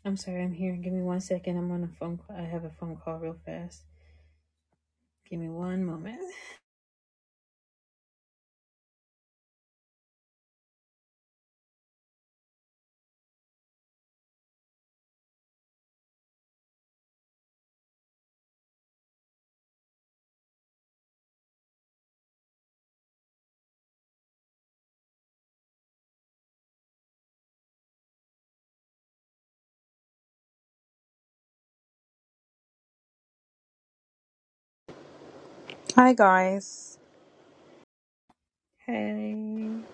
Speaker 1: I'm sorry, I'm here. Give me one second. I'm on a phone call. I have a phone call real fast. Give me one moment.
Speaker 8: Hi guys.
Speaker 1: Hey.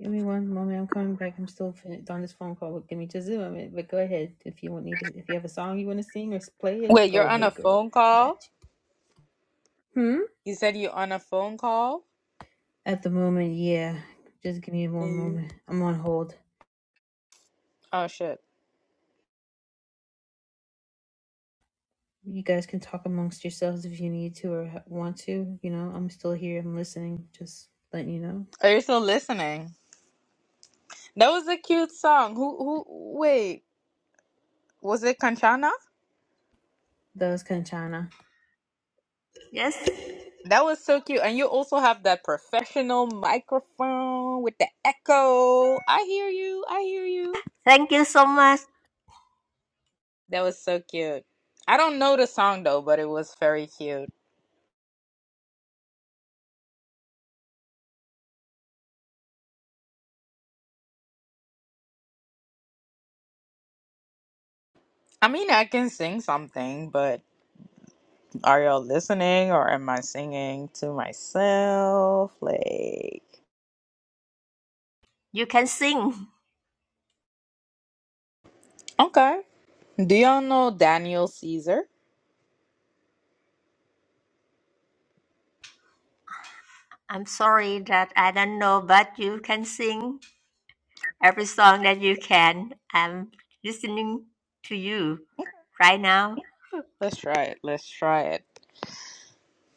Speaker 1: Give me one moment. I'm coming back. I'm still fin- on this phone call. Give me just a moment. But go ahead. If you want need to, if you have a song you want to sing or s- play it,
Speaker 8: Wait, you're
Speaker 1: go
Speaker 8: on a
Speaker 1: ahead, girl.
Speaker 8: phone
Speaker 1: I got
Speaker 8: call?
Speaker 1: you. Hmm?
Speaker 8: You said you're on a phone call?
Speaker 1: At the moment, yeah. Just give me one
Speaker 8: Hey.
Speaker 1: moment. I'm on hold.
Speaker 8: Oh shit.
Speaker 1: You guys can talk amongst yourselves if you need to or ha- want to. You know, I'm still here. I'm listening. Just letting you know.
Speaker 8: Are you still listening? That was a cute song. Who who wait, was it Kanchana?
Speaker 1: That was Kanchana.
Speaker 7: Yes,
Speaker 8: That was so cute. And you also have that professional microphone with the echo. I hear you. I hear you.
Speaker 7: thank you so much.
Speaker 8: That was so cute. I don't know the song though, but it was very cute. I mean, I can sing something, but Are y'all listening or am I singing to myself? Like, okay. Do y'all know Daniel Caesar?
Speaker 7: I'm sorry that I don't know, but you can sing every song that you can. I'm listening to you right now.
Speaker 8: Let's try it. Let's try it.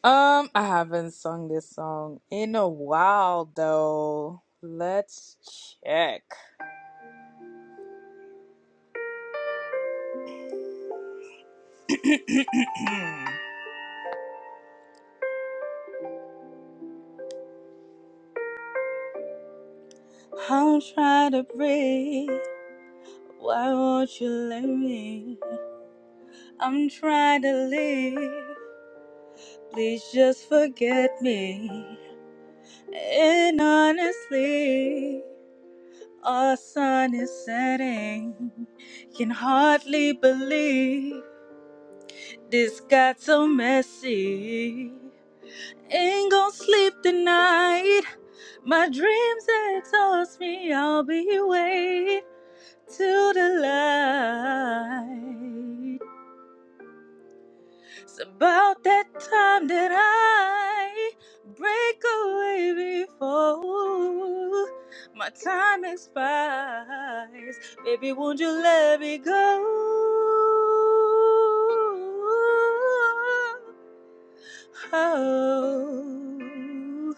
Speaker 8: Um, I haven't sung this song in a while though. Let's check. [clears throat] I'm trying to breathe. Why won't you let me? I'm trying to leave. Please just forget me. And honestly, Our sun is setting. Can hardly believe this got so messy. Ain't gonna sleep tonight. My dreams exhaust me. I'll be waiting till the light. It's about that time that I break away before my time expires. Baby, won't you let me go? Oh,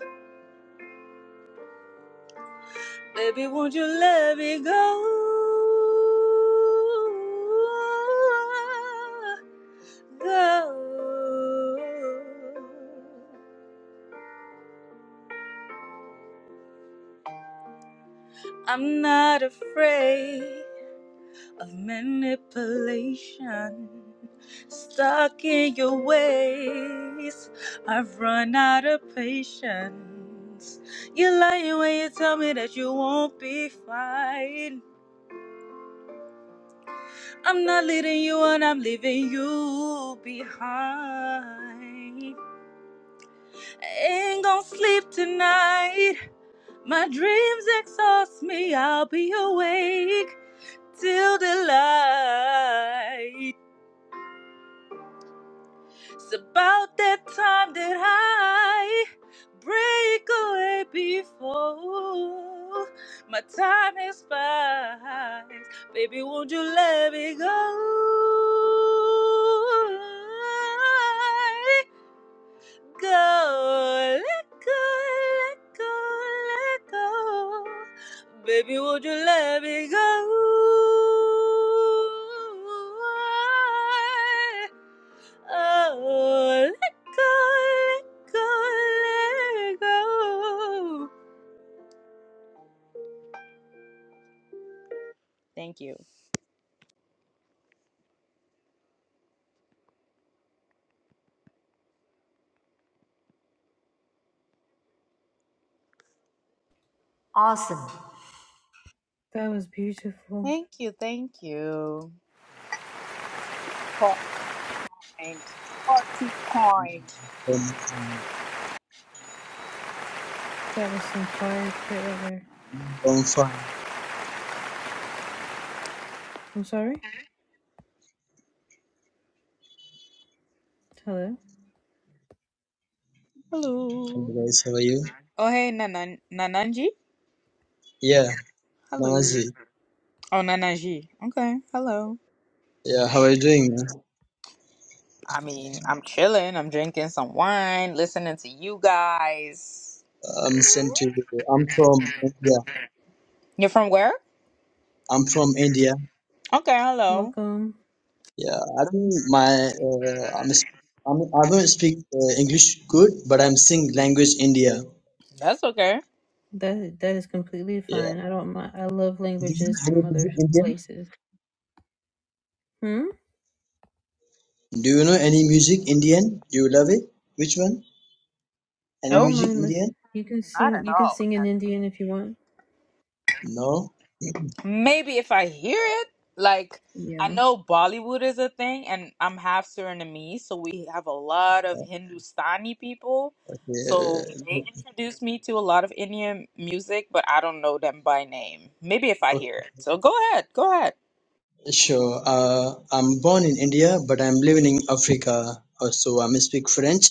Speaker 8: baby, won't you let me go? Go. I'm not afraid of manipulation. Stuck in your ways, I've run out of patience. You're lying when you tell me that you won't be fine. I'm not leading you on, I'm leaving you behind. I ain't gonna sleep tonight. My dreams exhaust me. I'll be awake till the light. It's about that time that I break away before my time expires. Baby, won't you let me go? go, let go, let go, let go. Baby, would you let me go? Oh, let go, let go, let go. Thank you.
Speaker 7: Awesome.
Speaker 1: That was beautiful.
Speaker 8: Thank you. Thank you. Point, point, point. Far too
Speaker 9: Um,
Speaker 8: kind.
Speaker 1: Why forever?
Speaker 9: I'm fine.
Speaker 1: Hello,
Speaker 9: Hello
Speaker 8: Hello.
Speaker 9: guys, how are you?
Speaker 8: Oh, hey, Nanan- Nananji?
Speaker 9: Yeah,
Speaker 8: Hello.
Speaker 9: Namazi.
Speaker 8: Oh, Nananji. Okay. Hello.
Speaker 9: Yeah, how are you doing? man?
Speaker 8: I mean, I'm chilling. I'm drinking some wine, listening to you guys.
Speaker 9: I'm same to you. I'm from India.
Speaker 8: You're from where?
Speaker 9: I'm from India.
Speaker 8: Okay, hello.
Speaker 1: welcome.
Speaker 9: Yeah, I don't my uh, I'm, s- I'm I don't speak uh, English good, but I'm sing language India.
Speaker 8: That's okay.
Speaker 1: That that is completely
Speaker 9: Yeah.
Speaker 1: fine. I don't mind. I love
Speaker 9: Do you know
Speaker 1: languages
Speaker 9: any
Speaker 1: from other
Speaker 9: music Indian?
Speaker 1: places. Hmm.
Speaker 9: Do you know any music Indian? Do you love it? Which one?
Speaker 1: I
Speaker 9: Any
Speaker 8: Nope,
Speaker 1: don't
Speaker 9: music
Speaker 1: mind. Listen.
Speaker 9: Indian?
Speaker 1: You can
Speaker 8: not at
Speaker 1: sing. You can
Speaker 8: all.
Speaker 1: sing in Indian if you want.
Speaker 9: No. [laughs]
Speaker 8: Maybe if I hear it, like I
Speaker 1: Yeah.
Speaker 8: know Bollywood is a thing, and I'm half Surinamese, so we have a lot of Hindustani people. So they
Speaker 9: Yeah.
Speaker 8: introduced me to a lot of Indian music, but I don't know them by name. Maybe if I hear it. So go ahead, go ahead.
Speaker 9: Sure. Uh, I'm born in India, but I'm living in Africa. Uh, So I speak French,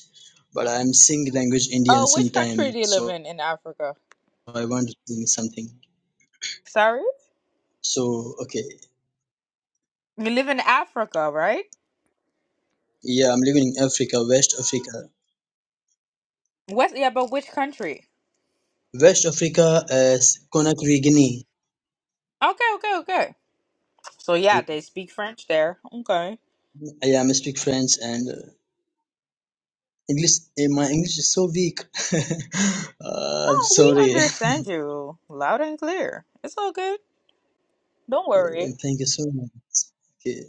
Speaker 9: but I'm sing language Indian
Speaker 8: Oh, which country
Speaker 9: sometime.
Speaker 8: do you live
Speaker 9: So
Speaker 8: in in Africa?
Speaker 9: I want to sing something.
Speaker 8: Sorry?
Speaker 9: So okay,
Speaker 8: You live in Africa, right?
Speaker 9: yeah, I'm living in Africa, West Africa,
Speaker 8: West, yeah, but which country?
Speaker 9: West Africa as Conakry, Guinea.
Speaker 8: Okay, okay, okay. So
Speaker 9: Yeah,
Speaker 8: yeah, they speak French there. Okay.
Speaker 9: yeah, I speak French and uh, English. eh, My English is so weak. [laughs] uh, I'm
Speaker 8: Oh, we
Speaker 9: sorry. [laughs]
Speaker 8: understand you loud and clear. It's all good. Don't worry.
Speaker 9: Thank you so much. Okay,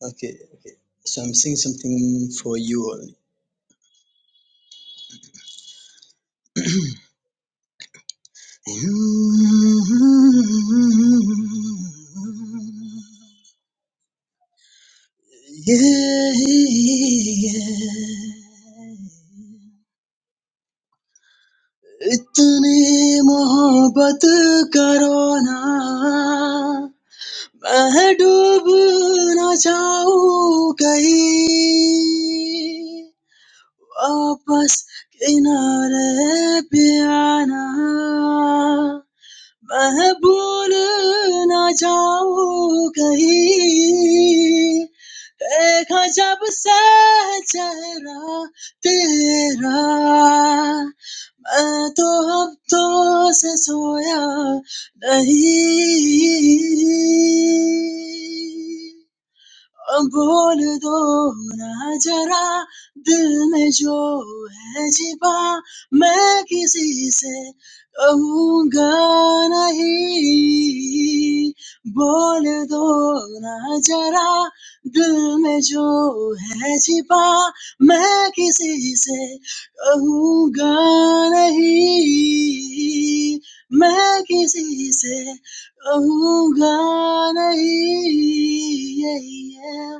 Speaker 9: okay. So I'm singing something for you. Only. [clears throat] Mm, Yeah, yeah. Itni mohabbat karna, main dub na chau gayi, aapas kinaray piana. मैं भूल ना जाऊं कहीं एक अजब सा है चेहरा तेरा मैं तो हफ्तों से सोया नहीं Bol do na jara, dil me jo hai jiba, main kisi se honga nahi. Bol do na jara, dil me jo hai jiba, main kisi se honga nahi. Main kisi se. Ahu ga nahi yeh,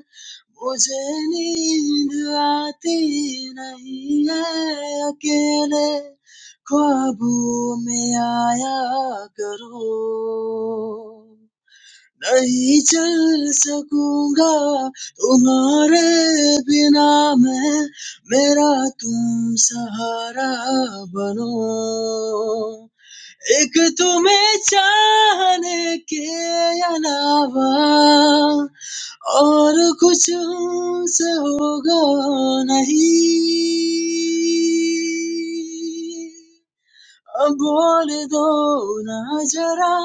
Speaker 9: mujhe nindhati nahi hai. Akle kabu me aayakaroon, nahi chal sakunga tumhare bina me. Mera tum sahara bano. एक तुम्हें चाहने के अलावा और कुछ हमसे होगा नहीं Bol do na jara,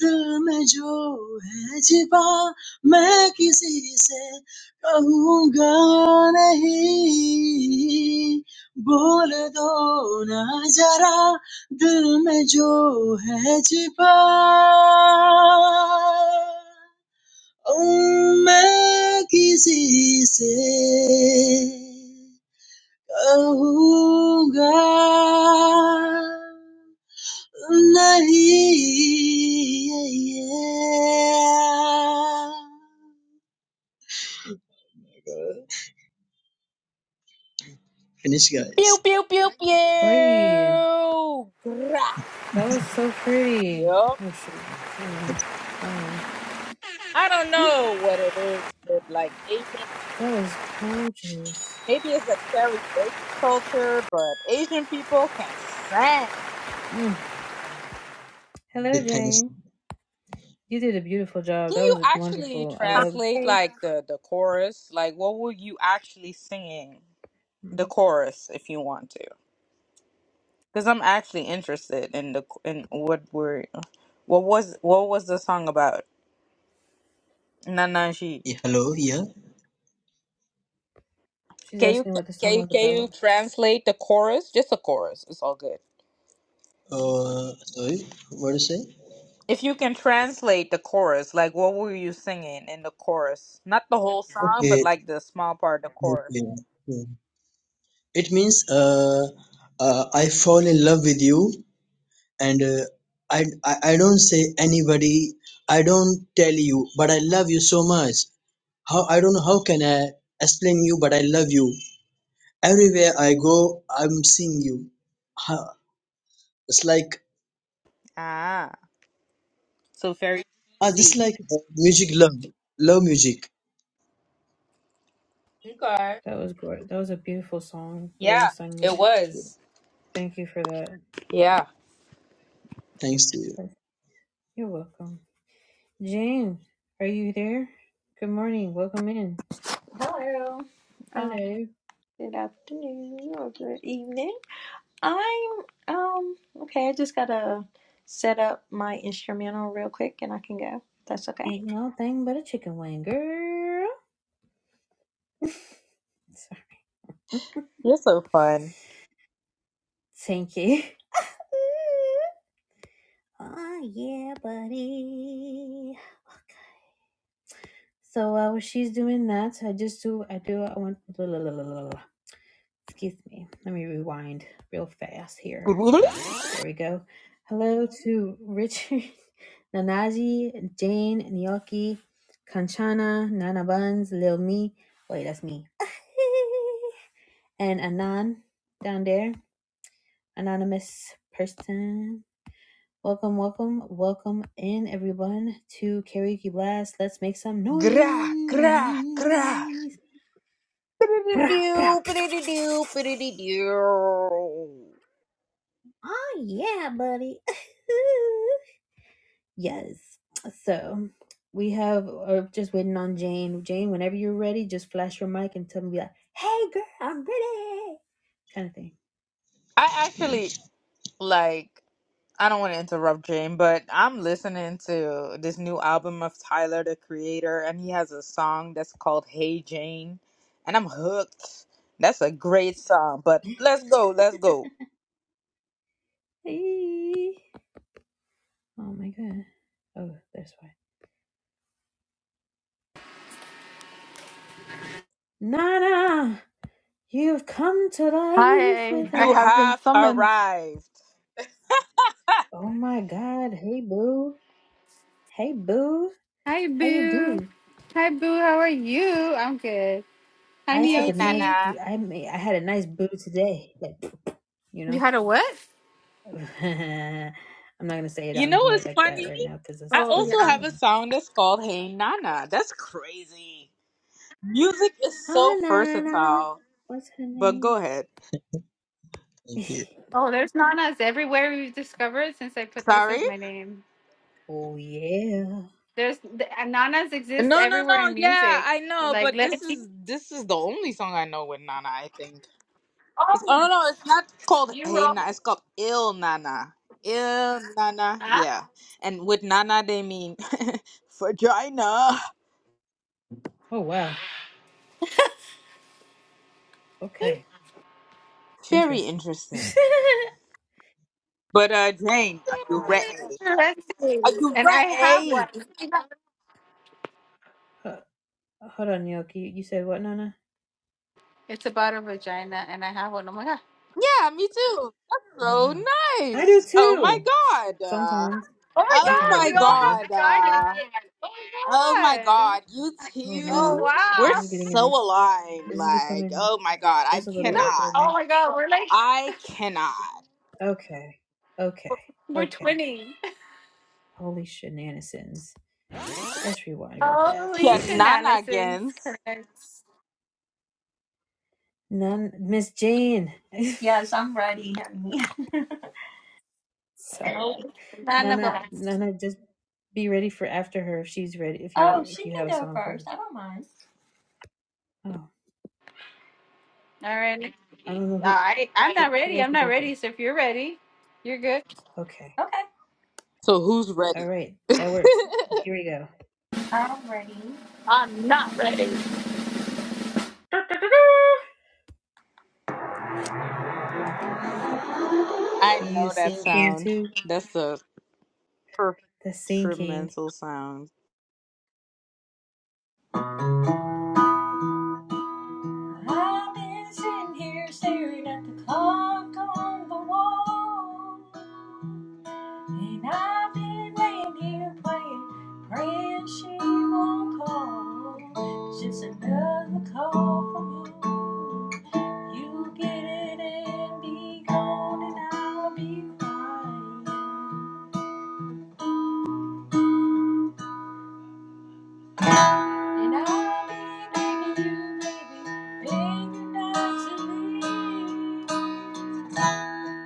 Speaker 9: dume jo hai jiba, main kisi se kahunga nahi. Bol do na jara, dume jo hai jiba, main kisi se kahunga nahi. Finish, guys.
Speaker 8: Pew pew pew
Speaker 1: Hey.
Speaker 8: pew. Gra.
Speaker 1: Hey.
Speaker 8: Yup.
Speaker 1: Oh shoot.
Speaker 8: I don't know what it is with like Asian
Speaker 1: That
Speaker 8: people.
Speaker 1: was gorgeous.
Speaker 8: Maybe it's a karaoke culture, but Asian people can sing.
Speaker 9: The
Speaker 1: Hello,
Speaker 9: thanks.
Speaker 1: Jane. You did a beautiful job.
Speaker 8: Can
Speaker 1: That
Speaker 8: you
Speaker 1: was
Speaker 8: actually
Speaker 1: wonderful. I
Speaker 10: Hi.
Speaker 1: love.
Speaker 8: translate like the the chorus? Like what were you actually singing? The chorus, if you want to, because I'm actually interested in the in what were what was what was the song about? Nanaji.
Speaker 9: Yeah, Hello, yeah.
Speaker 1: She's
Speaker 8: Can you
Speaker 1: asking what the
Speaker 8: can
Speaker 1: song
Speaker 8: you
Speaker 1: was
Speaker 8: can you
Speaker 1: about.
Speaker 8: translate the chorus? Just the chorus. It's all good.
Speaker 9: Uh, sorry, what do you say?
Speaker 8: If you can translate the chorus, like what were you singing in the chorus? Not the whole song, but
Speaker 9: Okay,
Speaker 8: like the small part, the chorus.
Speaker 9: okay. okay. It means uh, uh, I fall in love with you, and uh, I, I I don't say anybody. I don't tell you, but I love you so much. How I don't know how can I explain you, but I love you. everywhere I go, I'm seeing you. Huh. It's like
Speaker 8: Ah, so very
Speaker 9: I just
Speaker 8: easy.
Speaker 9: like music. Love, love music.
Speaker 8: Okay.
Speaker 1: That was great. That was a beautiful song. The way you
Speaker 8: Yeah,
Speaker 1: sung it.
Speaker 8: it was.
Speaker 1: Thank you for that.
Speaker 8: Yeah.
Speaker 9: Thanks to you.
Speaker 1: You're welcome. Jane, are you there? Good morning. Welcome in.
Speaker 10: Hello. Um,
Speaker 1: Hello.
Speaker 10: good afternoon or good evening. I'm um okay, I just gotta set up my instrumental real quick and I can go. That's okay.
Speaker 1: Ain't no thing but a chicken wing, girl. [laughs] Sorry.
Speaker 8: You're so fun.
Speaker 1: Thank you. [laughs] Oh, yeah, buddy. Okay. So uh, while she's doing that, I just do, I do, I want, excuse me. Let me rewind real fast here.
Speaker 8: Gra,
Speaker 1: There we go. Hello to Richard, [laughs] Nanaji, Jane, Nyoki, Kanchana, Nana Buns, Lil Me. Wait, that's me. [laughs] and Anan down there, anonymous person. Welcome, welcome, welcome in everyone to Karaoke Blast. Let's make some
Speaker 8: gra, gra.
Speaker 1: noise. [laughs] Pra, pra.
Speaker 8: Ba-da-da-doo, ba-da-da-doo, ba-da-da-doo.
Speaker 1: Oh yeah, buddy. [laughs] Yes. So we have or just waiting on Jane. Jane, whenever you're ready, just flash your mic and tell me be like, hey girl, I'm ready. Kind of thing,
Speaker 8: I
Speaker 1: you know?
Speaker 8: actually like. I don't want to interrupt Jane, but I'm listening to this new album of Tyler the Creator, and he has a song that's called "Hey Jane," and I'm hooked. That's a great song. But let's go, let's go.
Speaker 1: Hey. Oh my god. Oh, that's why. Nana, you've come to life with
Speaker 11: Hi, I
Speaker 8: You
Speaker 1: us.
Speaker 11: have been
Speaker 8: have
Speaker 11: summoned.
Speaker 8: arrived.
Speaker 1: Oh my god. Hey boo. Hey boo,
Speaker 11: Hi,
Speaker 1: how you do?
Speaker 11: Boo. Hi, Boo. How are you? I'm good. Hi,
Speaker 1: I took a
Speaker 8: Hey
Speaker 1: nice
Speaker 11: Miyoki.
Speaker 8: Nana.
Speaker 1: boo. I made, I had a nice boo today. Like you
Speaker 11: You
Speaker 1: know,
Speaker 11: had a what?
Speaker 1: [laughs] I'm not gonna say it
Speaker 8: You
Speaker 1: on
Speaker 8: know
Speaker 1: here
Speaker 8: what's
Speaker 1: like that
Speaker 8: funny?
Speaker 1: right now because it's
Speaker 8: I
Speaker 11: Oh,
Speaker 1: the
Speaker 11: yeah.
Speaker 8: also
Speaker 1: replays
Speaker 8: have
Speaker 11: um,
Speaker 8: a
Speaker 1: are on.
Speaker 8: song that's called Hey Nana. That's crazy. Music is so
Speaker 1: Oh Nana,
Speaker 8: versatile.
Speaker 1: what's her
Speaker 8: But go
Speaker 1: name?
Speaker 8: ahead.
Speaker 1: [laughs]
Speaker 9: Thank you.
Speaker 11: Oh, there's nanas everywhere we've discovered since I put this
Speaker 8: Sorry?
Speaker 11: as my name.
Speaker 1: oh yeah.
Speaker 11: There's the, uh, nanas exist
Speaker 8: No, no,
Speaker 11: everywhere
Speaker 8: no.
Speaker 11: in
Speaker 8: Yeah,
Speaker 11: music.
Speaker 8: I know,
Speaker 11: Like,
Speaker 8: but
Speaker 11: let
Speaker 8: this
Speaker 11: it be.
Speaker 8: is this is the only song I know with Nana, I think. It's oh
Speaker 11: Oh,
Speaker 8: no, no, it's not called
Speaker 11: you
Speaker 8: Hey
Speaker 11: wrote.
Speaker 8: Nana, it's called Il Nana. Il Nana.
Speaker 11: Ah,
Speaker 8: Yeah. And with Nana they mean [laughs] vagina.
Speaker 1: Oh wow. Okay,
Speaker 8: Very
Speaker 1: interesting. [laughs]
Speaker 8: interesting. But uh Jane, are you
Speaker 1: wow.
Speaker 11: very
Speaker 8: ready?
Speaker 11: interesting.
Speaker 8: Are you
Speaker 11: And I have
Speaker 8: ready?
Speaker 11: one.
Speaker 1: Ho- Hold on, Yoki. You you said what, Nana?
Speaker 11: It's about a vagina, and I have one. Oh my God.
Speaker 8: Yeah, me too. That's
Speaker 1: Oh
Speaker 8: so
Speaker 1: wow. I do
Speaker 8: nice. Oh my
Speaker 1: too.
Speaker 8: god. Uh,
Speaker 1: Sometimes,
Speaker 11: Oh my
Speaker 8: oh
Speaker 1: sometimes I
Speaker 11: God.
Speaker 8: my
Speaker 11: We
Speaker 1: think
Speaker 11: all
Speaker 1: I
Speaker 11: have
Speaker 1: do.
Speaker 8: god.
Speaker 11: vaginas.
Speaker 8: Uh,
Speaker 11: Oh
Speaker 8: oh my
Speaker 11: my God.
Speaker 8: god. You
Speaker 1: Oh
Speaker 11: Oh
Speaker 1: wow.
Speaker 8: two, we're
Speaker 1: This
Speaker 11: wow!
Speaker 1: is getting
Speaker 8: so
Speaker 1: enough.
Speaker 8: aligned.
Speaker 1: This is
Speaker 8: Like,
Speaker 1: becoming
Speaker 8: oh my god, I
Speaker 1: this is a little
Speaker 11: Look,
Speaker 8: cannot.
Speaker 1: awkward
Speaker 11: oh
Speaker 1: now.
Speaker 11: my God, we're like
Speaker 8: I cannot.
Speaker 1: Okay. Okay.
Speaker 11: we're
Speaker 1: Okay.
Speaker 11: twinning.
Speaker 1: Holy shenanigans. Let's rewind real fast.
Speaker 11: Holy shenanigans,
Speaker 8: Shenanigans.
Speaker 11: Chris.
Speaker 1: [laughs] None Miss Jane. [laughs]
Speaker 10: Yes, I'm ready, honey. [laughs]
Speaker 1: Sorry.
Speaker 10: All
Speaker 11: Oh,
Speaker 10: right.
Speaker 11: none of
Speaker 1: Nana
Speaker 11: us.
Speaker 1: Nana just be ready for after her if she's ready if
Speaker 10: Oh,
Speaker 1: you
Speaker 10: she
Speaker 1: if you have a
Speaker 10: can go
Speaker 1: song for us.
Speaker 10: first. I don't mind.
Speaker 1: Oh.
Speaker 11: All right.
Speaker 1: I don't know who
Speaker 11: I I'm
Speaker 1: who,
Speaker 11: not
Speaker 1: who
Speaker 11: ready.
Speaker 1: wants
Speaker 11: I'm
Speaker 1: to
Speaker 11: not
Speaker 1: go
Speaker 11: ready.
Speaker 1: first.
Speaker 11: So if you're ready, you're good.
Speaker 1: Okay.
Speaker 10: Okay.
Speaker 8: So who's
Speaker 1: All
Speaker 8: ready?
Speaker 1: right.
Speaker 8: [laughs]
Speaker 1: That works. Here we go.
Speaker 10: I'm ready.
Speaker 11: I'm not ready.
Speaker 8: I
Speaker 1: You
Speaker 8: know that
Speaker 1: sing
Speaker 10: Yes.
Speaker 1: king
Speaker 8: sound.
Speaker 1: too?
Speaker 8: That's the perfect
Speaker 1: The sing king.
Speaker 8: instrumental sound.
Speaker 10: I've been sitting here staring at the clock on the wall. And I've been laying here praying, praying she won't call. It's just another call from you. You get it and be gone, and I'll be crying. And I'll be begging you, baby, begging not to leave.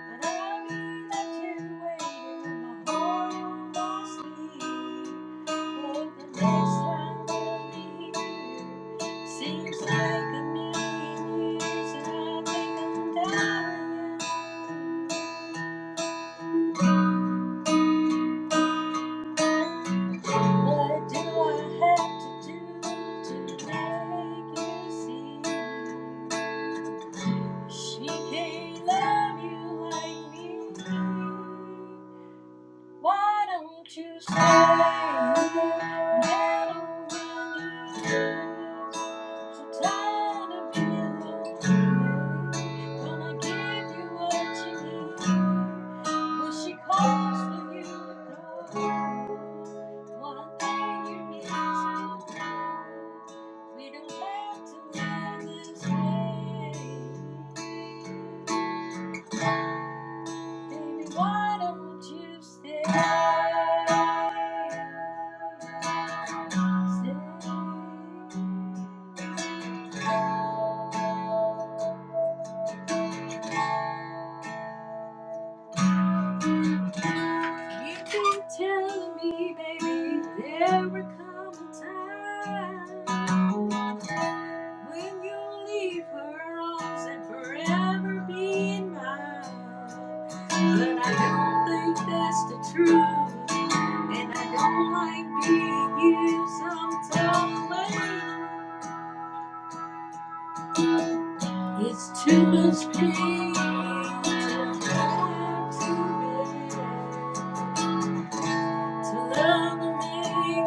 Speaker 10: But I knew that you waited and my heart lost me. But the last time we'll seems like a million years, and I think I'm dying. What do I have to do to make you see? She can't love you like me. Why don't you stay? and get over this? I'm getting really so tired of feeling lonely. Gonna give you what you need. When she calls for you to go, one thing you need to do. We don't have to live this way. Baby, why don't you stay? Stay. You keep telling me, baby, there will come a time when you'll leave her arms and forever be in mine. But I don't think that's the truth, and I don't like being used some tough way. It's too much pain to have to bear. To love and make you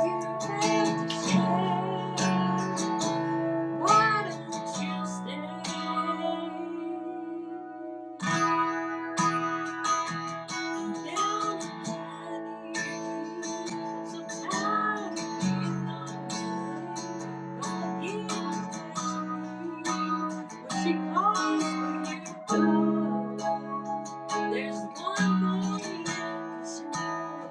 Speaker 10: have to change. Why don't you stay? I'm down on my knees. I'm so tired of being alone. Gotta get back to When she calls for you, go. There's one thing I can say.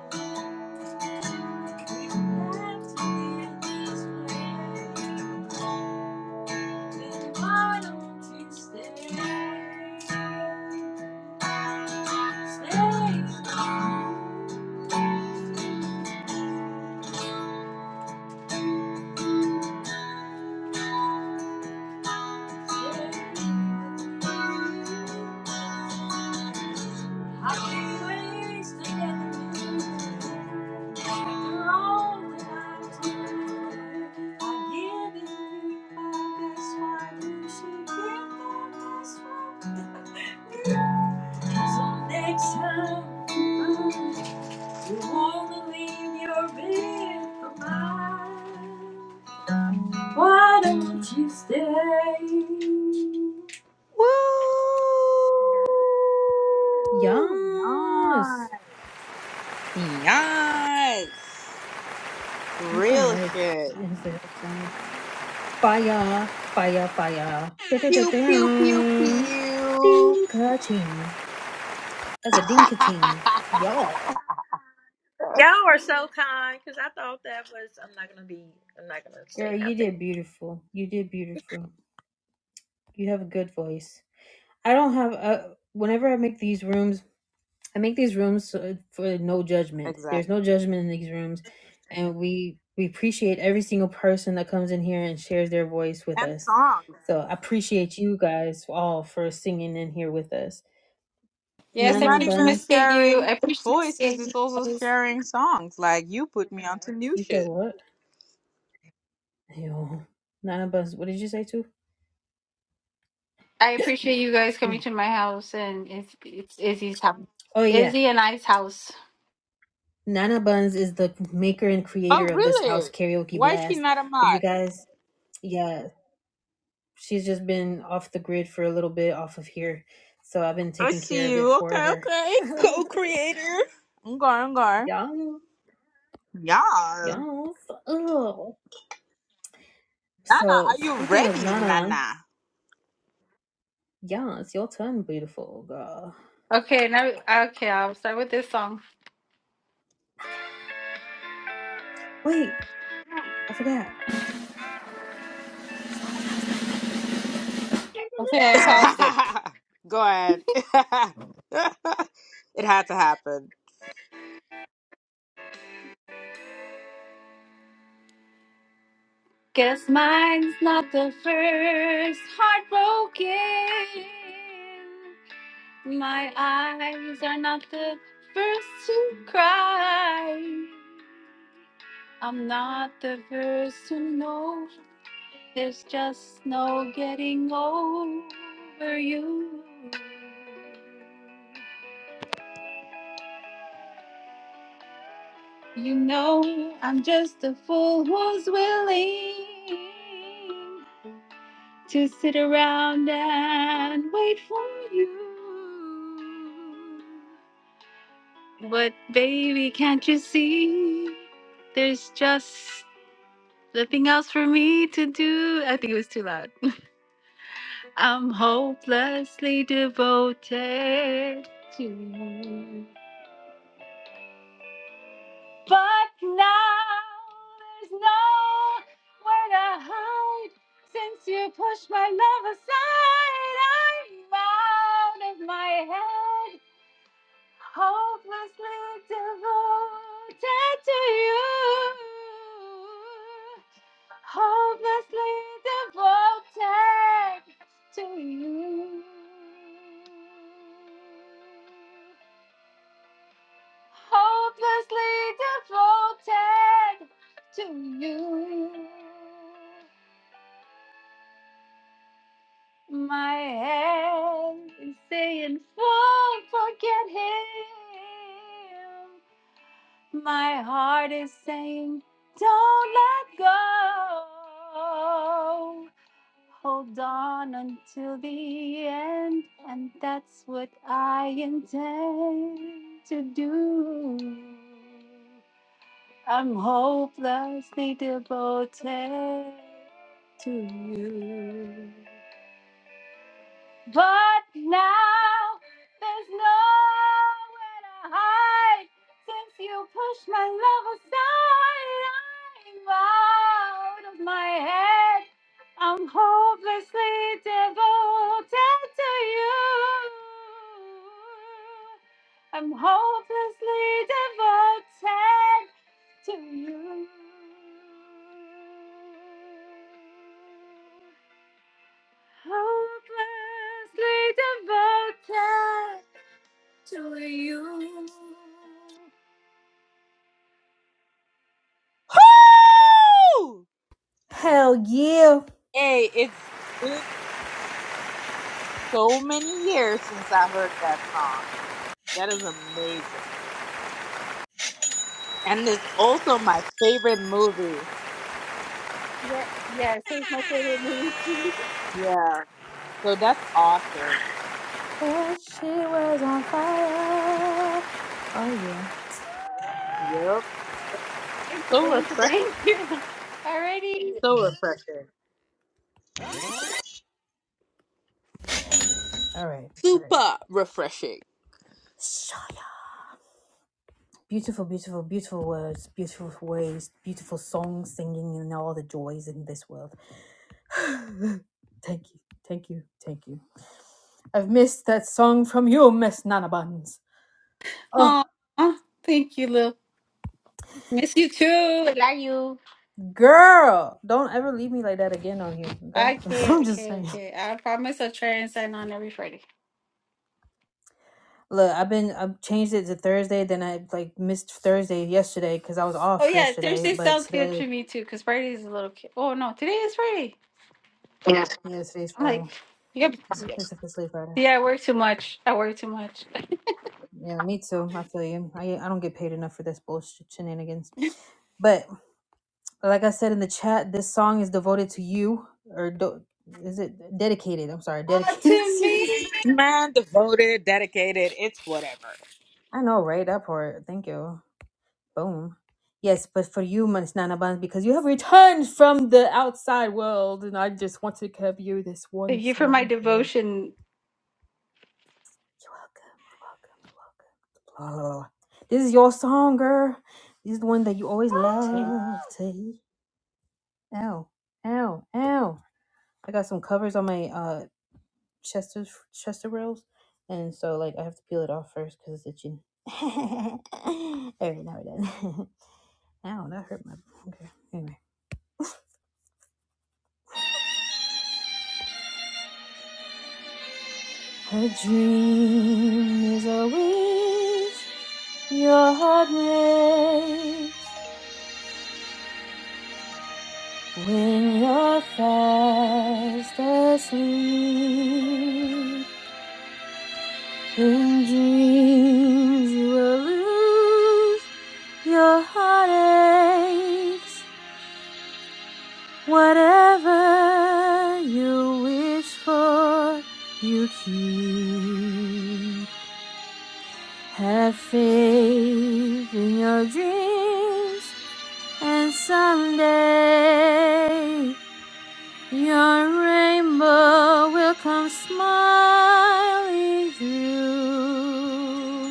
Speaker 10: So next time. You wanna leave your bed for mine? Why don't you stay?
Speaker 8: Woo!
Speaker 1: Yes.
Speaker 8: Nice. Yes.
Speaker 1: I
Speaker 8: Real
Speaker 1: can
Speaker 8: shit.
Speaker 1: like Fire, fire, fire.
Speaker 8: Pew
Speaker 1: Da-da-da-da.
Speaker 8: pew pew pew.
Speaker 1: Ding-ka-ching. That's a
Speaker 8: [laughs]
Speaker 1: ding-ka-ching. Y'all. Girl, you did beautiful. You did beautiful. You have a good voice. I don't have a. Whenever I make these rooms, I make these rooms so- for no judgment. There's
Speaker 8: exactly.
Speaker 1: no judgment in these rooms, and we we appreciate every single person that comes in here and shares their voice with
Speaker 8: And
Speaker 1: us.
Speaker 8: songs.
Speaker 1: So I appreciate you guys all for singing in here with us.
Speaker 8: It's
Speaker 11: Yes, I
Speaker 8: not
Speaker 1: Nana
Speaker 11: appreciate
Speaker 8: even
Speaker 1: Buns,
Speaker 11: you. I
Speaker 8: sharing voices,
Speaker 11: appreciate you
Speaker 8: it's also
Speaker 11: guys.
Speaker 8: sharing songs. Like you put me onto new
Speaker 1: you said
Speaker 8: shit.
Speaker 1: what? Yo, Nana Buns. What did you say too? [coughs]
Speaker 11: I appreciate you
Speaker 1: [gasps]
Speaker 11: guys
Speaker 1: Excuse
Speaker 11: coming
Speaker 1: me.
Speaker 11: to my house and it's it's Izzy's house.
Speaker 1: Oh yeah,
Speaker 11: Izzy and I's house.
Speaker 1: Nana Buns is the maker and creator
Speaker 8: Oh
Speaker 1: of this house
Speaker 8: really?
Speaker 1: karaoke
Speaker 8: Why is she
Speaker 1: blast.
Speaker 8: not a
Speaker 1: If you
Speaker 8: mod?
Speaker 1: guys, yeah, she's just been off the grid for a little bit, off of here, so I've been
Speaker 8: I
Speaker 1: taking care
Speaker 8: see
Speaker 1: of it
Speaker 8: you.
Speaker 1: for
Speaker 8: Okay,
Speaker 1: her.
Speaker 8: okay.
Speaker 1: [laughs]
Speaker 8: Co creator. I'm going, I'm going.
Speaker 1: y'all,
Speaker 8: Yeah.
Speaker 1: y'all. Oh.
Speaker 8: Nana,
Speaker 1: So
Speaker 8: are you
Speaker 1: speaking of
Speaker 8: ready,
Speaker 1: Nana,
Speaker 8: Nana?
Speaker 1: yeah, it's your turn, beautiful girl.
Speaker 11: Okay, now okay, I'll start with this song.
Speaker 1: Wait, I forgot.
Speaker 8: [laughs]
Speaker 11: Okay, I paused it.
Speaker 8: Go ahead. [laughs] it had to happen.
Speaker 11: Guess mine's not the first heartbroken. My eyes are not the first to cry. I'm not the first to know there's just no getting over you. You know, I'm just a fool who's willing to sit around and wait for you. But baby, can't you see? There's just nothing else for me to do. I think it was too loud. [laughs] I'm hopelessly devoted to you. But now there's nowhere to hide. Since you pushed my love aside, I'm out of my head. hopelessly devoted to you, hopelessly devoted to you, hopelessly devoted to you. My head is saying, "Full, forget him." My heart is saying, don't let go. Hold on until the end, and that's what I intend to do. I'm hopelessly devoted to you. But now there's nowhere to hide since you pushed my love aside. I'm out of my head. I'm hopelessly devoted to you. I'm hopelessly devoted to you. Hopelessly devoted to you.
Speaker 8: Woo!
Speaker 1: Hell yeah.
Speaker 8: Hey, it's been so many years since I heard that song. That is amazing. And it's also my favorite movie.
Speaker 11: Yep, yes, that's my favorite movie too.
Speaker 8: Yeah. So that's awesome.
Speaker 11: [laughs]
Speaker 8: Yep. That's
Speaker 11: Thank you,
Speaker 8: so
Speaker 11: thank you,
Speaker 8: refreshing.
Speaker 11: thank you. Alrighty.
Speaker 8: So refreshing. Super refreshing.
Speaker 1: Solo. Beautiful, beautiful, beautiful words, beautiful ways, beautiful songs, singing, and all the joys in this world. Thank you, thank you, thank you. I've missed that song from you, Miss Nana Buns. Oh,
Speaker 11: Aw, thank you, Lil. Miss you too. I love you.
Speaker 1: girl, don't ever leave me like that again on here, okay? [laughs]
Speaker 11: Okay,
Speaker 1: I'm just
Speaker 11: okay,
Speaker 1: saying.
Speaker 11: okay. I promise I'll try and sign on every Friday.
Speaker 1: Look, I've been, I've changed it to Thursday, then I like missed Thursday yesterday because I was
Speaker 11: Oh
Speaker 1: off
Speaker 11: yeah,
Speaker 1: yesterday,
Speaker 11: Thursday
Speaker 1: but
Speaker 11: sounds good
Speaker 1: today,
Speaker 11: to me too, because Friday is a little kid. Oh no, today is Friday.
Speaker 1: yeah, today's
Speaker 11: I'm like,
Speaker 1: Friday.
Speaker 11: you got
Speaker 1: It's officially Friday.
Speaker 11: Yeah, I work too much. I work too much.
Speaker 1: Yeah, me too. I feel you. I, I don't get paid enough for this bullshit shenanigans. but. Like I said in the chat, this song is devoted to you, or do, is it dedicated? I'm sorry,
Speaker 11: Ah,
Speaker 1: dedicated [laughs]
Speaker 11: to
Speaker 1: to you.
Speaker 11: me.
Speaker 8: Man, devoted, dedicated, it's whatever.
Speaker 1: I know, right? That part. Thank you. Boom. Yes, but for you, Manisnana Buns, because you have returned from the outside world, and I just want to give you this one
Speaker 11: Thank you for my
Speaker 1: song here.
Speaker 11: devotion.
Speaker 1: You're welcome. You're welcome. You're welcome. Blah, blah, blah. This is your song, girl. This is the one that you always
Speaker 11: Oh
Speaker 1: love to. Ow, ow, ow. I got some covers on my uh Chester Chester rolls, and so like I have to peel it off first because it's itching. [laughs] All right, now we're done. [laughs] Ow, that hurt my. Okay, anyway. A dream is a wish your heart makes when you're fast asleep. In dreams you will lose your heartaches Whatever you wish for, you keep. Have faith in your dreams, and someday your rainbow will come smiling through.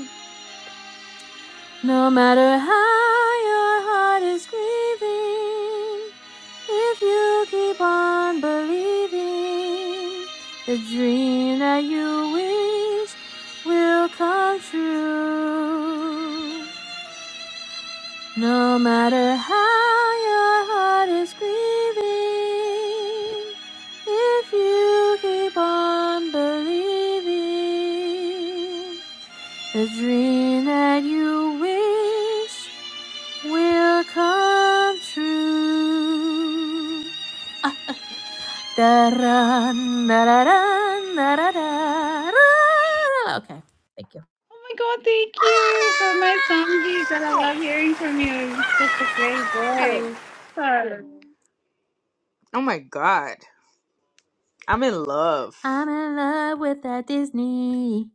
Speaker 1: No matter how your heart is grieving, if you keep on believing, the dream that you wish will come true. No matter how your heart is grieving, if you keep on believing, the dream that you wish will come true. Da-ra, na-ra-ra, ra ra Okay, thank you.
Speaker 11: my God, thank you for my song, Jesus. I
Speaker 8: [laughs]
Speaker 11: love hearing from you. You're Such a great
Speaker 8: Ah!
Speaker 11: voice. Oh,
Speaker 8: Oh my god. I'm in love.
Speaker 1: I'm in love with that Disney.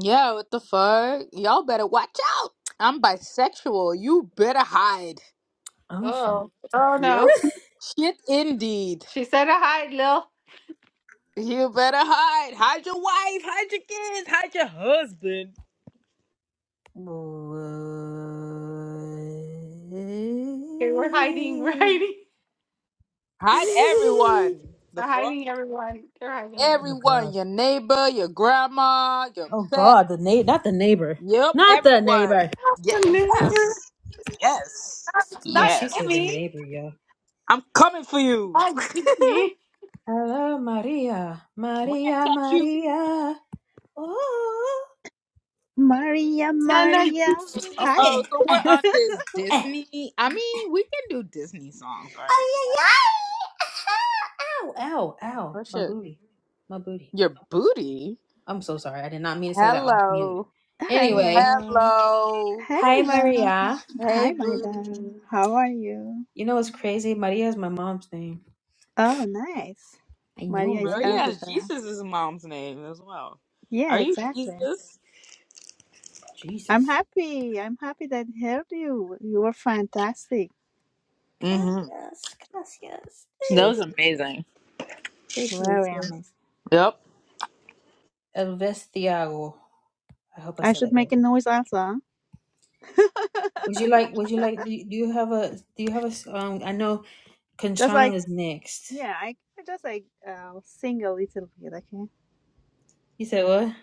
Speaker 8: Yeah, what the fuck? Y'all better watch out. I'm bisexual. You better hide.
Speaker 1: Oh shit.
Speaker 11: oh Oh,
Speaker 8: Yep.
Speaker 11: no.
Speaker 8: Shit, indeed.
Speaker 11: She said to hide, Lil.
Speaker 8: You better hide. Hide your wife. Hide your kids. Hide your husband.
Speaker 11: Okay, we're hiding, [laughs] we're hiding.
Speaker 1: [laughs]
Speaker 8: Hide everyone. The
Speaker 11: They're
Speaker 8: fuck?
Speaker 11: hiding everyone. They're hiding
Speaker 1: Oh
Speaker 11: everyone.
Speaker 8: Everyone.
Speaker 1: god.
Speaker 8: Your neighbor, your grandma, your
Speaker 1: Oh
Speaker 8: pet.
Speaker 1: god, the neighbor, not the neighbor.
Speaker 8: Yep,
Speaker 1: Not the
Speaker 8: everyone.
Speaker 1: neighbor.
Speaker 11: The
Speaker 8: Ye-
Speaker 11: neighbors,
Speaker 8: yes. Yes.
Speaker 1: Oh,
Speaker 11: Not
Speaker 1: she said the
Speaker 8: Yes.
Speaker 11: Jimmy.
Speaker 1: neighbor, yeah.
Speaker 8: I'm coming for you.
Speaker 11: Not
Speaker 8: [laughs]
Speaker 1: Hello, Maria.
Speaker 8: When I
Speaker 1: Maria,
Speaker 8: catch you.
Speaker 1: Maria. Oh,
Speaker 12: Maria,
Speaker 11: Jenna.
Speaker 12: Maria. Hi.
Speaker 1: okay.
Speaker 8: Oh, so we're on this Disney. I mean, we can do Disney songs, right? Like,
Speaker 1: Ow, ow, ow.
Speaker 8: Oh
Speaker 1: My
Speaker 8: shit.
Speaker 1: booty. My booty.
Speaker 8: Your booty.
Speaker 1: I'm so sorry. I did not mean to say that off mute.
Speaker 8: Hello.
Speaker 1: Anyway,
Speaker 12: Hello.
Speaker 8: Hello.
Speaker 1: hi,
Speaker 12: Hello.
Speaker 1: Maria.
Speaker 8: Hey
Speaker 12: Hi, my dear.
Speaker 8: booty.
Speaker 12: How are you?
Speaker 1: You know what's crazy? Maria is my mom's name.
Speaker 12: Oh, nice.
Speaker 1: I know,
Speaker 12: Maria is
Speaker 1: right?
Speaker 8: Maria's
Speaker 12: everywhere.
Speaker 8: Jesus is mom's name as well.
Speaker 12: Yeah,
Speaker 8: Are you
Speaker 12: exactly.
Speaker 8: Jesus?
Speaker 12: I'm
Speaker 1: Jesus.
Speaker 12: happy. I'm happy that I heard you. You were fantastic.
Speaker 8: Mm-hmm.
Speaker 1: Gracias, gracias.
Speaker 8: That was
Speaker 12: Jesus.
Speaker 8: amazing.
Speaker 1: Appreciate
Speaker 12: Very
Speaker 1: you.
Speaker 12: amazing.
Speaker 8: Yep.
Speaker 1: Elvis Thiago. I hope I
Speaker 12: I
Speaker 1: said
Speaker 12: should
Speaker 1: that
Speaker 12: make
Speaker 1: right.
Speaker 12: a noise also.
Speaker 1: Would you like, would you like, do you, do you have a, do you have a, s- um, I know
Speaker 12: Just
Speaker 1: Conchana
Speaker 12: like,
Speaker 1: is next.
Speaker 12: yeah, I I just like uh, sing a little bit, okay?
Speaker 1: You said what? Okay,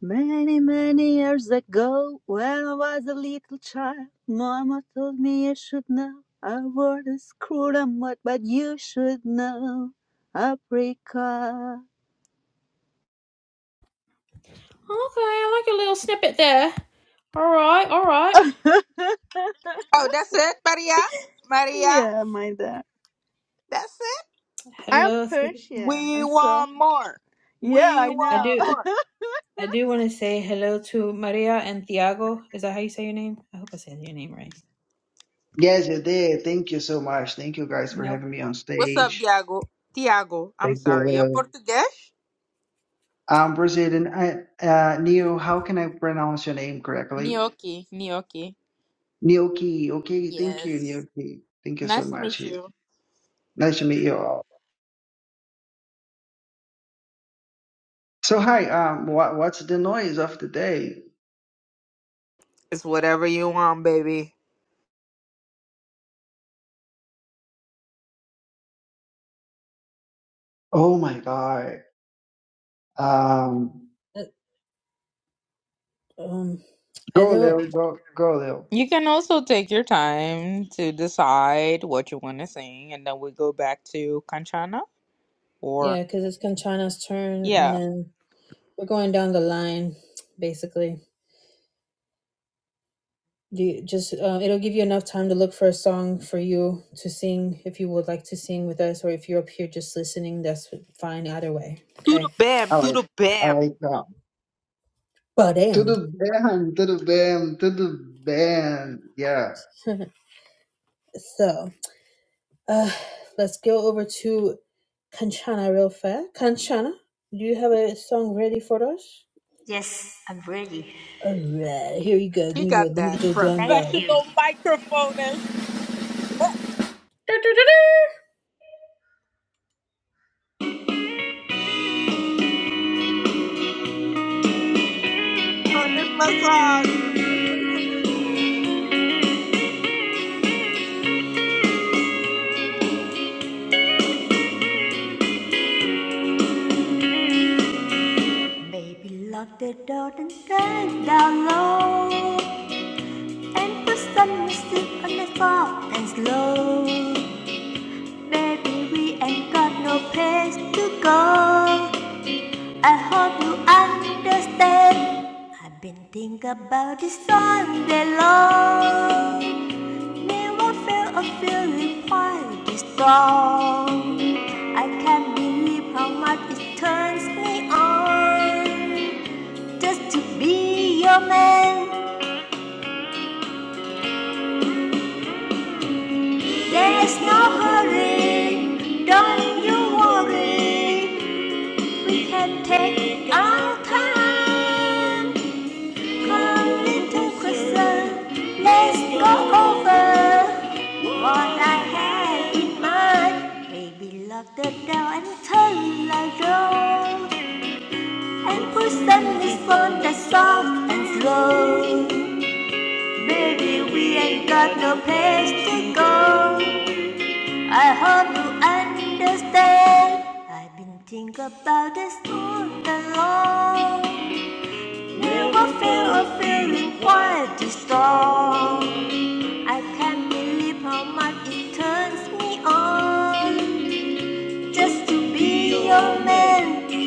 Speaker 12: Many, many years ago, when I was a little child, Mama told me I should know. a word is cruel and what, but you should know. Africa.
Speaker 1: I like your little snippet there.
Speaker 12: [laughs]
Speaker 8: Oh, that's it, Maria? Maria.
Speaker 12: yeah, my dad.
Speaker 8: That's it.
Speaker 12: I'm
Speaker 1: Hello, Thi-
Speaker 12: Persian,
Speaker 8: We
Speaker 12: and so
Speaker 8: want more.
Speaker 12: yeah,
Speaker 8: We
Speaker 12: I
Speaker 1: I
Speaker 8: want
Speaker 12: know.
Speaker 1: do.
Speaker 8: more.
Speaker 12: [laughs]
Speaker 1: I do want to say hello to Maria and Thiago. Is that how you say your name? I hope I said your name right.
Speaker 13: Yes, it did. Thank you so much. Thank you guys for
Speaker 1: Nope.
Speaker 13: having me on
Speaker 8: What's up,
Speaker 13: stage.
Speaker 8: Diago? Tiago, I'm
Speaker 13: Thank you,
Speaker 8: sorry.
Speaker 13: Will.
Speaker 8: You're Portuguese?
Speaker 13: Um, am Brazilian. I, uh, Neil, how can I pronounce your name correctly?
Speaker 8: Gnocchi, gnocchi.
Speaker 13: Nioki. Okay, thank you,
Speaker 8: Yes.
Speaker 13: Nioki. Thank you so
Speaker 8: Nice to meet
Speaker 13: much.
Speaker 8: you.
Speaker 13: Nice to meet you all. So, hi. Um, what, what's the noise of the day?
Speaker 8: It's whatever you want, baby.
Speaker 13: Oh my God. Um,
Speaker 1: Uh, Um, I
Speaker 13: go,
Speaker 1: know.
Speaker 13: Lil. Go, go, Lil.
Speaker 8: You can also take your time to decide what you want to sing, and then we go back to Kanchana or
Speaker 1: Yeah, because it's Conchana's turn, and
Speaker 8: yeah,
Speaker 1: then we're going down the line, basically. Do you just uh, it'll give you enough time to look for a song for you to sing if you would like to sing with us, or if you're up here just listening, that's fine either way.
Speaker 8: To the
Speaker 1: Okay.
Speaker 8: bam,
Speaker 13: I
Speaker 8: to
Speaker 13: like,
Speaker 8: the
Speaker 13: I like
Speaker 8: bam.
Speaker 13: that.
Speaker 1: But damn.
Speaker 13: Tudo bem, tudo bem, tudo bem. Yeah.
Speaker 1: [laughs] so. Uh, let's go over to Kanchana real fast. Kanchana, do you have a song ready for us?
Speaker 7: Yes, I'm ready.
Speaker 1: Alright, here you go.
Speaker 8: He
Speaker 1: Give me your,
Speaker 8: got
Speaker 1: let me get
Speaker 8: that
Speaker 1: your drum
Speaker 7: Thank
Speaker 1: roll.
Speaker 7: you.
Speaker 8: professional microphone and shit on. Oh, this my song.
Speaker 7: Baby, lock the door and drive down low. And put some music on the top and slow. Baby, we ain't got no place to go. I hope you understand. I've been thinking about this all day long. Never felt a feeling quite this strong. I can't believe how much it turns me on. Just to be your man, there is no hurry. Don't you worry, we can take our time. Come to Crystal, let's go over what I had in mind. Baby, lock the door and turn the door and push them this phone that's soft and slow. Baby, we ain't got no place to go. I hope you understand. I've been thinking about this all along. You will feel a feeling quite a storm. I can't believe how much it turns me on. Just to be your man.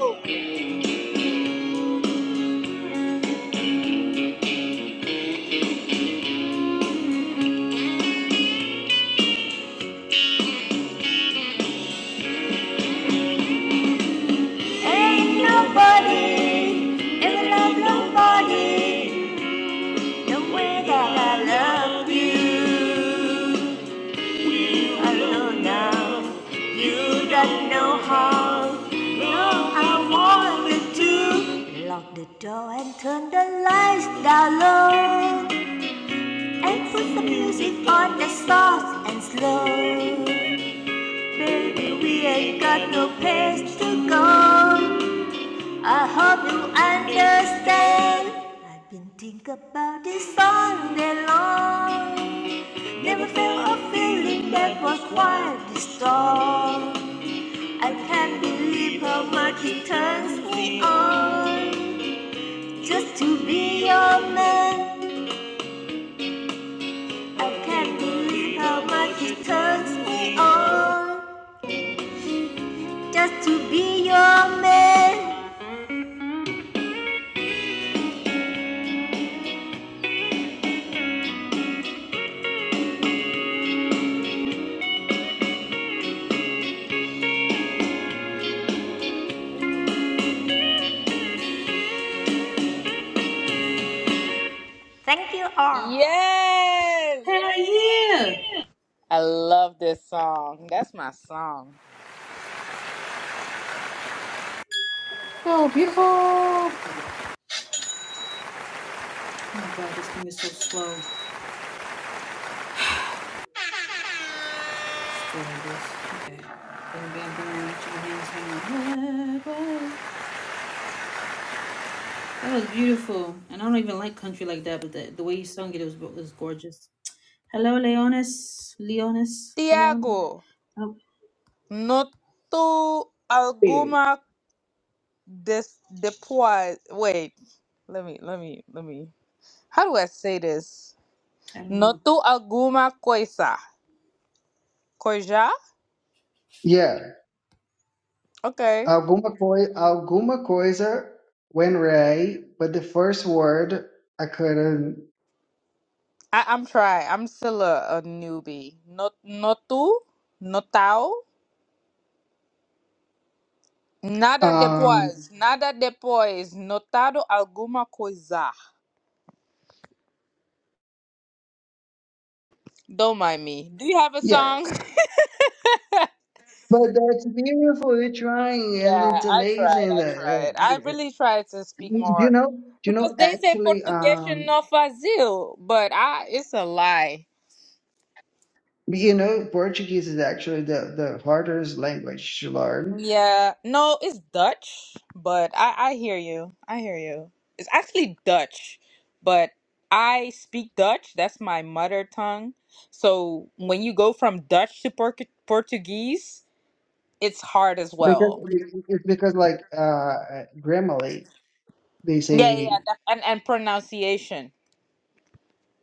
Speaker 8: Woo.
Speaker 7: Ain't nobody ever loved nobody the way that I love you. I know now you don't know how. No, I wanted to lock the door and turn the lights down low. and put the music on the soft and slow. Baby, we ain't got no place to go. I hope you understand. I've been thinking about this all day long. Never felt a feeling that was quite this strong. I can't believe how much it turns me on just to be your man. I can't believe how much it turns me on just to be your man. Thank you all.
Speaker 8: yes, I love this song. That's my song.
Speaker 11: So beautiful.
Speaker 1: That was beautiful, and I don't even like country like that, but the, the way you sung it, was was gorgeous. Hello, Leonis, Leonis, Leon.
Speaker 8: Tiago,
Speaker 1: Oh,
Speaker 8: no tu this deploy wait let me let me let me how do i say this
Speaker 1: I don't know.
Speaker 8: notu alguma coisa coisa
Speaker 13: Yeah.
Speaker 8: okay
Speaker 13: Alguma, coi alguma coisa went right, but the first word I couldn't.
Speaker 8: I, i'm trying i'm still a, a newbie not notu notao nada
Speaker 13: Um,
Speaker 8: depois nada depois notado alguma coisa don't mind me do you have a
Speaker 13: yeah,
Speaker 8: song
Speaker 13: but that's beautiful. You're trying, and
Speaker 8: Yeah,
Speaker 13: it's
Speaker 8: I tried.
Speaker 13: amazing
Speaker 8: I
Speaker 13: that
Speaker 8: tried. I
Speaker 13: uh,
Speaker 8: really tried to speak
Speaker 13: do you
Speaker 8: more
Speaker 13: know. Do you
Speaker 8: because
Speaker 13: know
Speaker 8: they say
Speaker 13: actually?
Speaker 8: Portuguese
Speaker 13: Um,
Speaker 8: no fazil, but I it's a lie.
Speaker 13: you know, Portuguese is actually the the hardest language to learn
Speaker 8: Yeah, no, it's Dutch, but I I hear you. I hear you. It's actually Dutch, but I speak Dutch. That's my mother tongue. So when you go from Dutch to Portu- Portuguese, it's hard as
Speaker 13: because
Speaker 8: well.
Speaker 13: it's because like uh, Grammarly, they
Speaker 8: Yeah,
Speaker 13: say.
Speaker 8: yeah, that- and and pronunciation.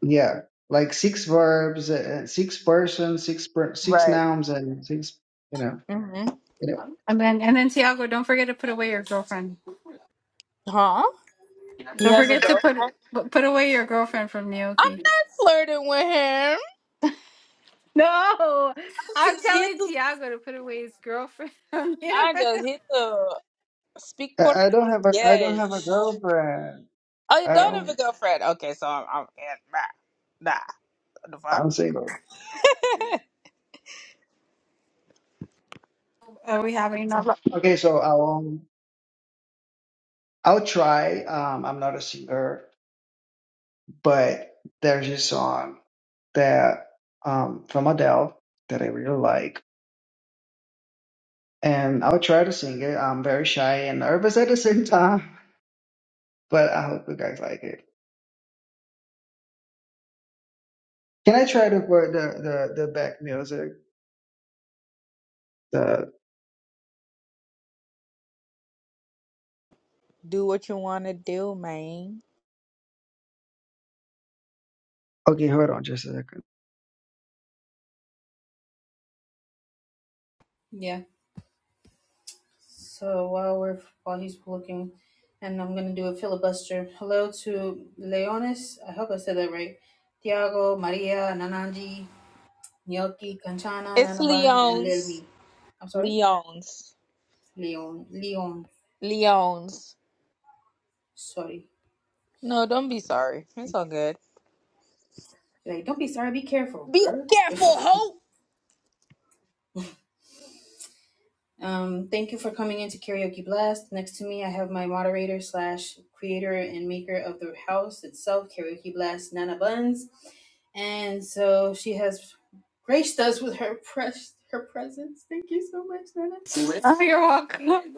Speaker 13: Yeah, like six verbs, uh, uh, six persons, six per six
Speaker 8: Right.
Speaker 13: nouns, and six. You know,
Speaker 8: Mm-hmm.
Speaker 13: you know.
Speaker 11: And then, and then Tiago, don't forget to put away your girlfriend.
Speaker 8: Huh? He
Speaker 11: Don't
Speaker 8: has a
Speaker 11: forget to
Speaker 8: go.
Speaker 11: put put away your girlfriend from
Speaker 8: I'm
Speaker 11: Naoki.
Speaker 8: not flirting with him. I
Speaker 11: No, I'm
Speaker 8: Just hit
Speaker 11: telling
Speaker 8: the.
Speaker 11: Tiago to put away his girlfriend on you.
Speaker 8: I just hit the speak port.
Speaker 13: I, I don't have a I don't have a
Speaker 8: Yes.
Speaker 13: girlfriend.
Speaker 8: Oh, you
Speaker 13: I
Speaker 8: don't have a
Speaker 13: don't.
Speaker 8: girlfriend. Okay, so I'm. I'm yeah, nah, nah. What
Speaker 13: I'm single.
Speaker 8: The fuck.
Speaker 11: [laughs] Are we having another?
Speaker 13: Okay, so I'll I'll try. Um, I'm not a singer, but there's this song that um from Adele that I really like, and I'll try to sing it. I'm very shy and nervous at the same time, [laughs] but I hope you guys like it. Can I try to put the the the back music?
Speaker 8: [laughs] do what you wanna do, man.
Speaker 13: Okay, hold on just a second.
Speaker 1: Yeah. So while we're while he's looking, and I'm gonna do a filibuster. Hello to Leonis. I hope I said that right. Tiago, Maria, Nananji, Nyoki, Kanchana,
Speaker 8: It's
Speaker 1: Nana and Lilmi.
Speaker 8: Leon's.
Speaker 1: I'm sorry,
Speaker 8: Leon's.
Speaker 1: Leon. Leon.
Speaker 8: Leon's.
Speaker 1: Sorry.
Speaker 8: No, don't be sorry. It's all good.
Speaker 1: Like, don't be sorry. Be careful,
Speaker 8: Be
Speaker 1: girl.
Speaker 8: careful,
Speaker 1: [laughs]
Speaker 8: hoe.
Speaker 1: Um, thank you for coming into Karaoke Blast. Next to me, I have my moderator slash creator and maker of the house itself, Karaoke Blast, Nana Buns. And so she has graced us with her pres- her presence. Thank you so much, Nana.
Speaker 11: Oh, you're welcome. [laughs]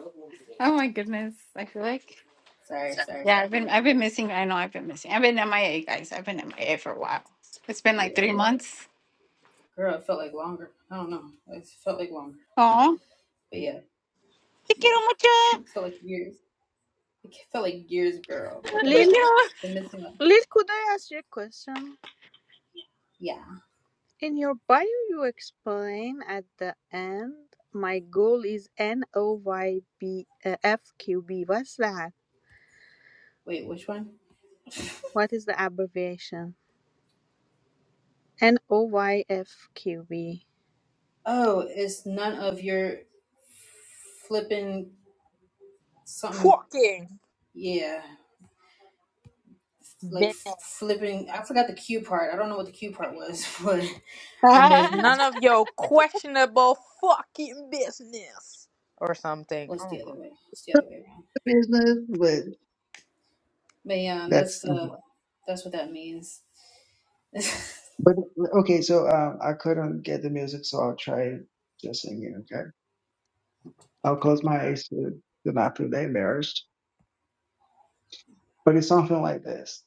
Speaker 11: Oh my goodness, I feel like
Speaker 1: Sorry, sorry.
Speaker 11: yeah, I've been I've been missing. I know I've been missing. I've been MIA, guys. I've been MIA for a while. It's been like
Speaker 1: Yeah,
Speaker 11: three months.
Speaker 1: girl, it felt like longer. I don't know. It felt like longer,
Speaker 11: Oh,
Speaker 1: but yeah,
Speaker 11: te
Speaker 1: yeah,
Speaker 11: quiero
Speaker 1: [laughs]
Speaker 11: mucho.
Speaker 1: it felt like years. It felt like years, girl. What the
Speaker 11: Te
Speaker 12: Lil,
Speaker 11: quiero.
Speaker 1: hell? Been missing one.
Speaker 12: Lil, could I ask you a question?
Speaker 1: Yeah.
Speaker 12: In your bio, you explain at the end, my goal is N O Y B F Q B. What's that?
Speaker 1: Wait, which one? [laughs]
Speaker 12: What is the abbreviation? N O Y F Q B.
Speaker 1: Oh, it's none of your flipping something.
Speaker 8: Fucking
Speaker 1: Yeah, like
Speaker 8: business.
Speaker 1: flipping. I forgot the Q part. I don't know what the Q part was, [laughs] but
Speaker 12: [laughs]
Speaker 1: and
Speaker 8: None
Speaker 12: That's
Speaker 1: business.
Speaker 8: of your questionable fucking business or something.
Speaker 1: What's the other way? It's the other way around.
Speaker 13: The Business, but
Speaker 1: But yeah, that's
Speaker 13: that's
Speaker 1: uh, that's what that means. [laughs]
Speaker 13: but okay. So um, I couldn't get the music, so I'll try just singing. Okay, I'll close my eyes to, to not feel embarrassed. But it's something like this.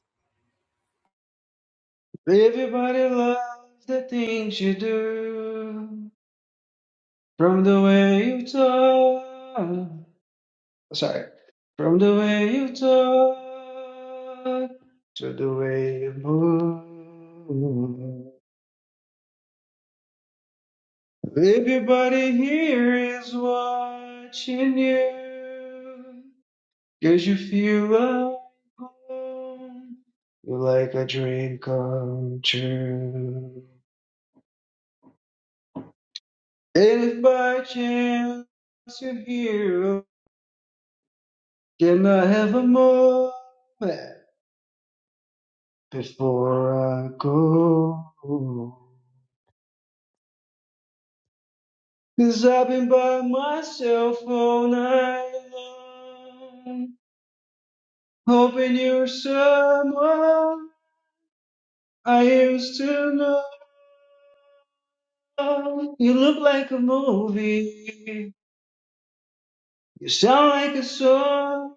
Speaker 13: Everybody loves the things you do, from the way you talk. Sorry, from the way you talk to the way you move. Everybody here is watching you. 'Cause you feel like home. You're like a dream come true. And if by chance you're here, can I have a moment before I go? i I've been by myself all night long, hoping you're someone. I used to know you look like a movie. You sound like a song.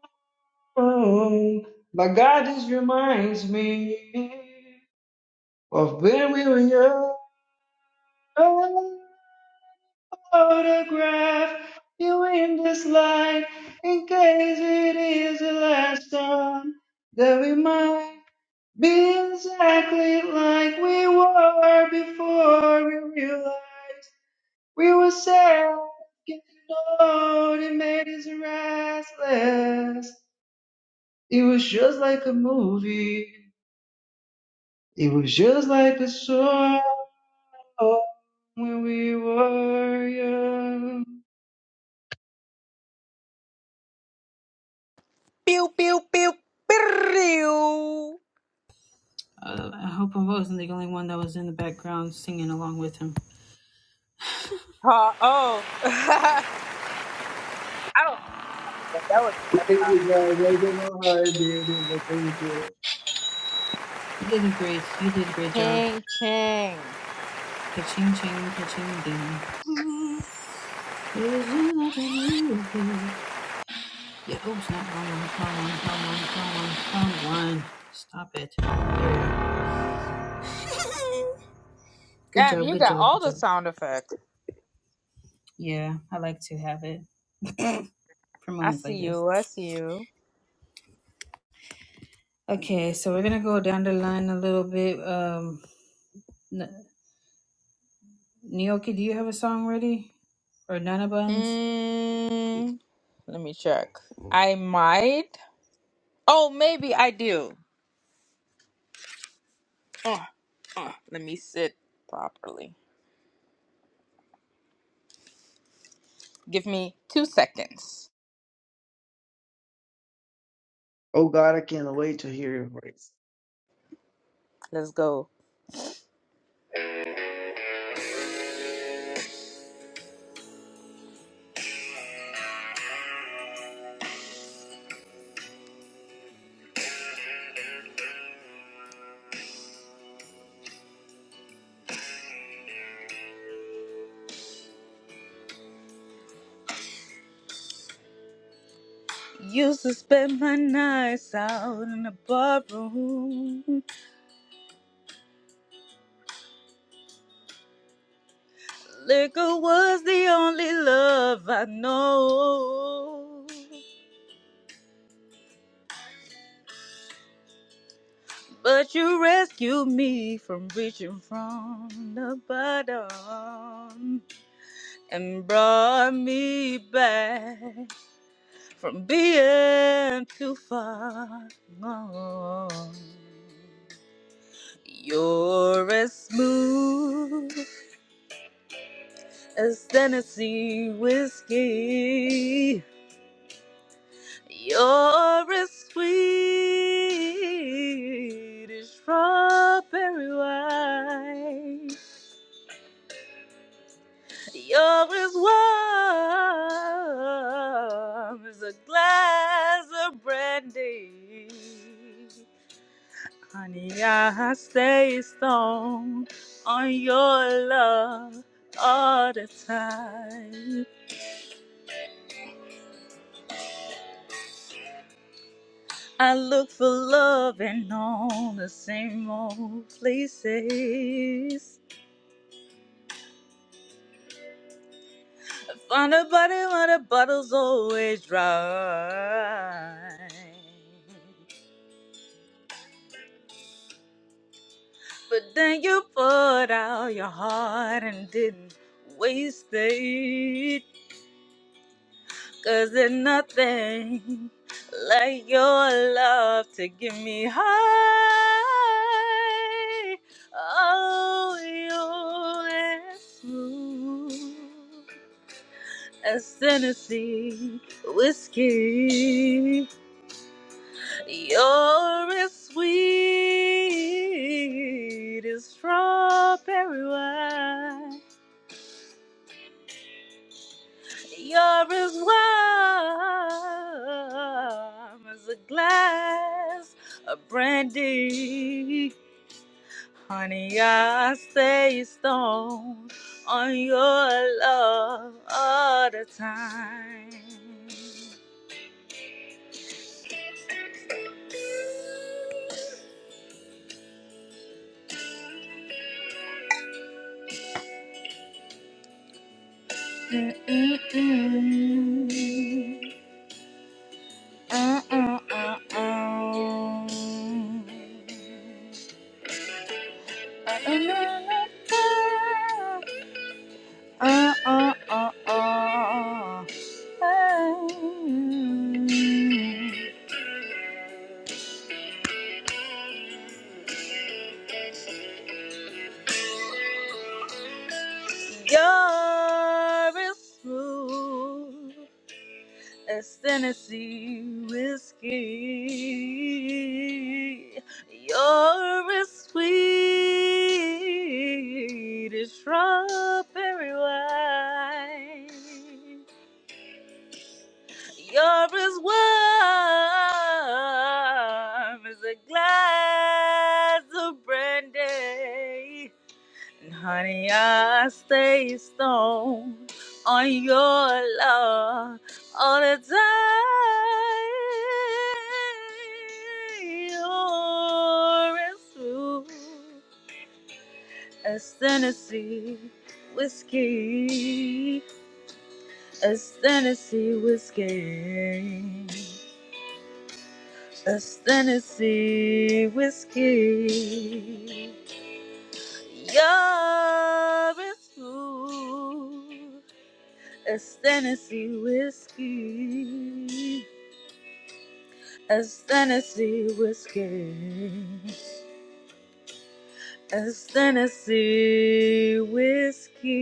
Speaker 13: My God, this reminds me of when we were young. Photograph you in this light in case it is the last time that we might be exactly like we were before we realized. We were sail again, Lord, it made us restless. It was just like a movie. It was just like a song when we were young.
Speaker 8: Pew pew pew pew. Huh, oh, [laughs] I don't know, but that was
Speaker 13: Thank you guys. I don't know how I did it, but thank you.
Speaker 1: You did a great, you did a great job.
Speaker 8: Ching Ching.
Speaker 1: Ka-ching, ching, ka-ching, ding. It was you like I knew you. Yeah, oh, it's not wrong one, wrong one, wrong one, wrong one, wrong one. Stop it. There we go. Good
Speaker 8: Damn,
Speaker 1: job,
Speaker 8: you
Speaker 1: good
Speaker 8: got
Speaker 1: job,
Speaker 8: all
Speaker 1: good
Speaker 8: the
Speaker 1: job.
Speaker 8: sound effects.
Speaker 1: Yeah, I like to have it for
Speaker 8: I
Speaker 1: moments
Speaker 8: see
Speaker 1: like this.
Speaker 8: you. I see you.
Speaker 1: Okay, so we're gonna go down the line a little bit. Um, N- Nioki, do you have a song ready? Or Nana Buns?
Speaker 8: Mm, let me check. I might. Oh, maybe I do. Uh, uh, let me sit properly. Give me two seconds.
Speaker 13: Oh God, I can't wait to hear your voice.
Speaker 8: Let's go. Used to spend my nights out in the bar room. Liquor was the only love I know. But you rescued me from reaching from the bottom and brought me back from being too far gone. You're as smooth as Tennessee whiskey. You're as sweet as strawberry wine. You're as warm as a glass of brandy. Honey, I stay strong on your love all the time. I look for love in all the same old places. On a bottle, when the bottle's always dry. But then you poured out your heart and didn't waste it. Cause there's nothing like your love to get me high. Oh, you're as smooth as Tennessee whiskey. You're as sweet as strawberry wine. You're as warm as a glass of brandy. Honey, I stay stoned on your love all the time. Mm-mm-mm. Uh, uh, uh, uh. uh uh uh uh You're a fool as Tennessee whiskey. You're as sweet as strawberry wine. You're as warm as a glass of brandy. Honey, I stay stoned on your love all the time. You're as smooth as Tennessee whiskey, as Tennessee whiskey, as Tennessee whiskey. You're as smooth. That's Tennessee whiskey. That's Tennessee whiskey. That's Tennessee whiskey.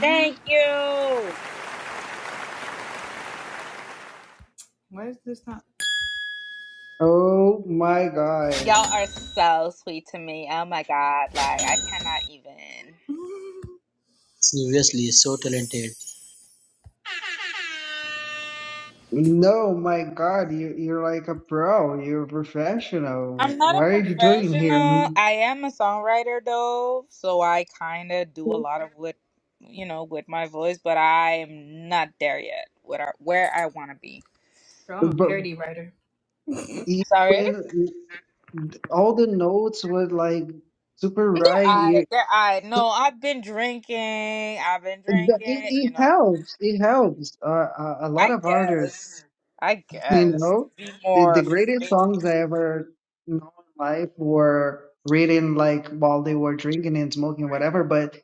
Speaker 8: Thank you.
Speaker 1: Why is this not?
Speaker 13: Oh my God.
Speaker 8: Y'all are so sweet to me. Oh my God. Like, I cannot even.
Speaker 9: Seriously, so talented.
Speaker 13: No, my God, you, you're like a pro. You're a
Speaker 8: I'm
Speaker 13: professional.
Speaker 8: not
Speaker 13: Why
Speaker 8: a
Speaker 13: are you doing here?
Speaker 8: professional. I am a songwriter though, so I kind of do a lot of what you know with my voice, but I am not there yet. What I, where I want to be.
Speaker 1: Girl, I'm a
Speaker 13: But.
Speaker 1: parody writer.
Speaker 8: Sorry.
Speaker 13: even all the notes were like super
Speaker 8: They're
Speaker 13: right.
Speaker 8: I.
Speaker 13: It,
Speaker 8: They're I. No, I've been drinking. I've been
Speaker 13: it,
Speaker 8: drinking. You
Speaker 13: it
Speaker 8: know.
Speaker 13: helps. It helps. Uh, a, a lot
Speaker 8: I
Speaker 13: of artists,
Speaker 8: guess. I
Speaker 13: you
Speaker 8: guess.
Speaker 13: know,
Speaker 8: Be
Speaker 13: the, the
Speaker 8: more
Speaker 13: greatest
Speaker 8: free.
Speaker 13: songs I ever know in life were written like while they were drinking and smoking, whatever. But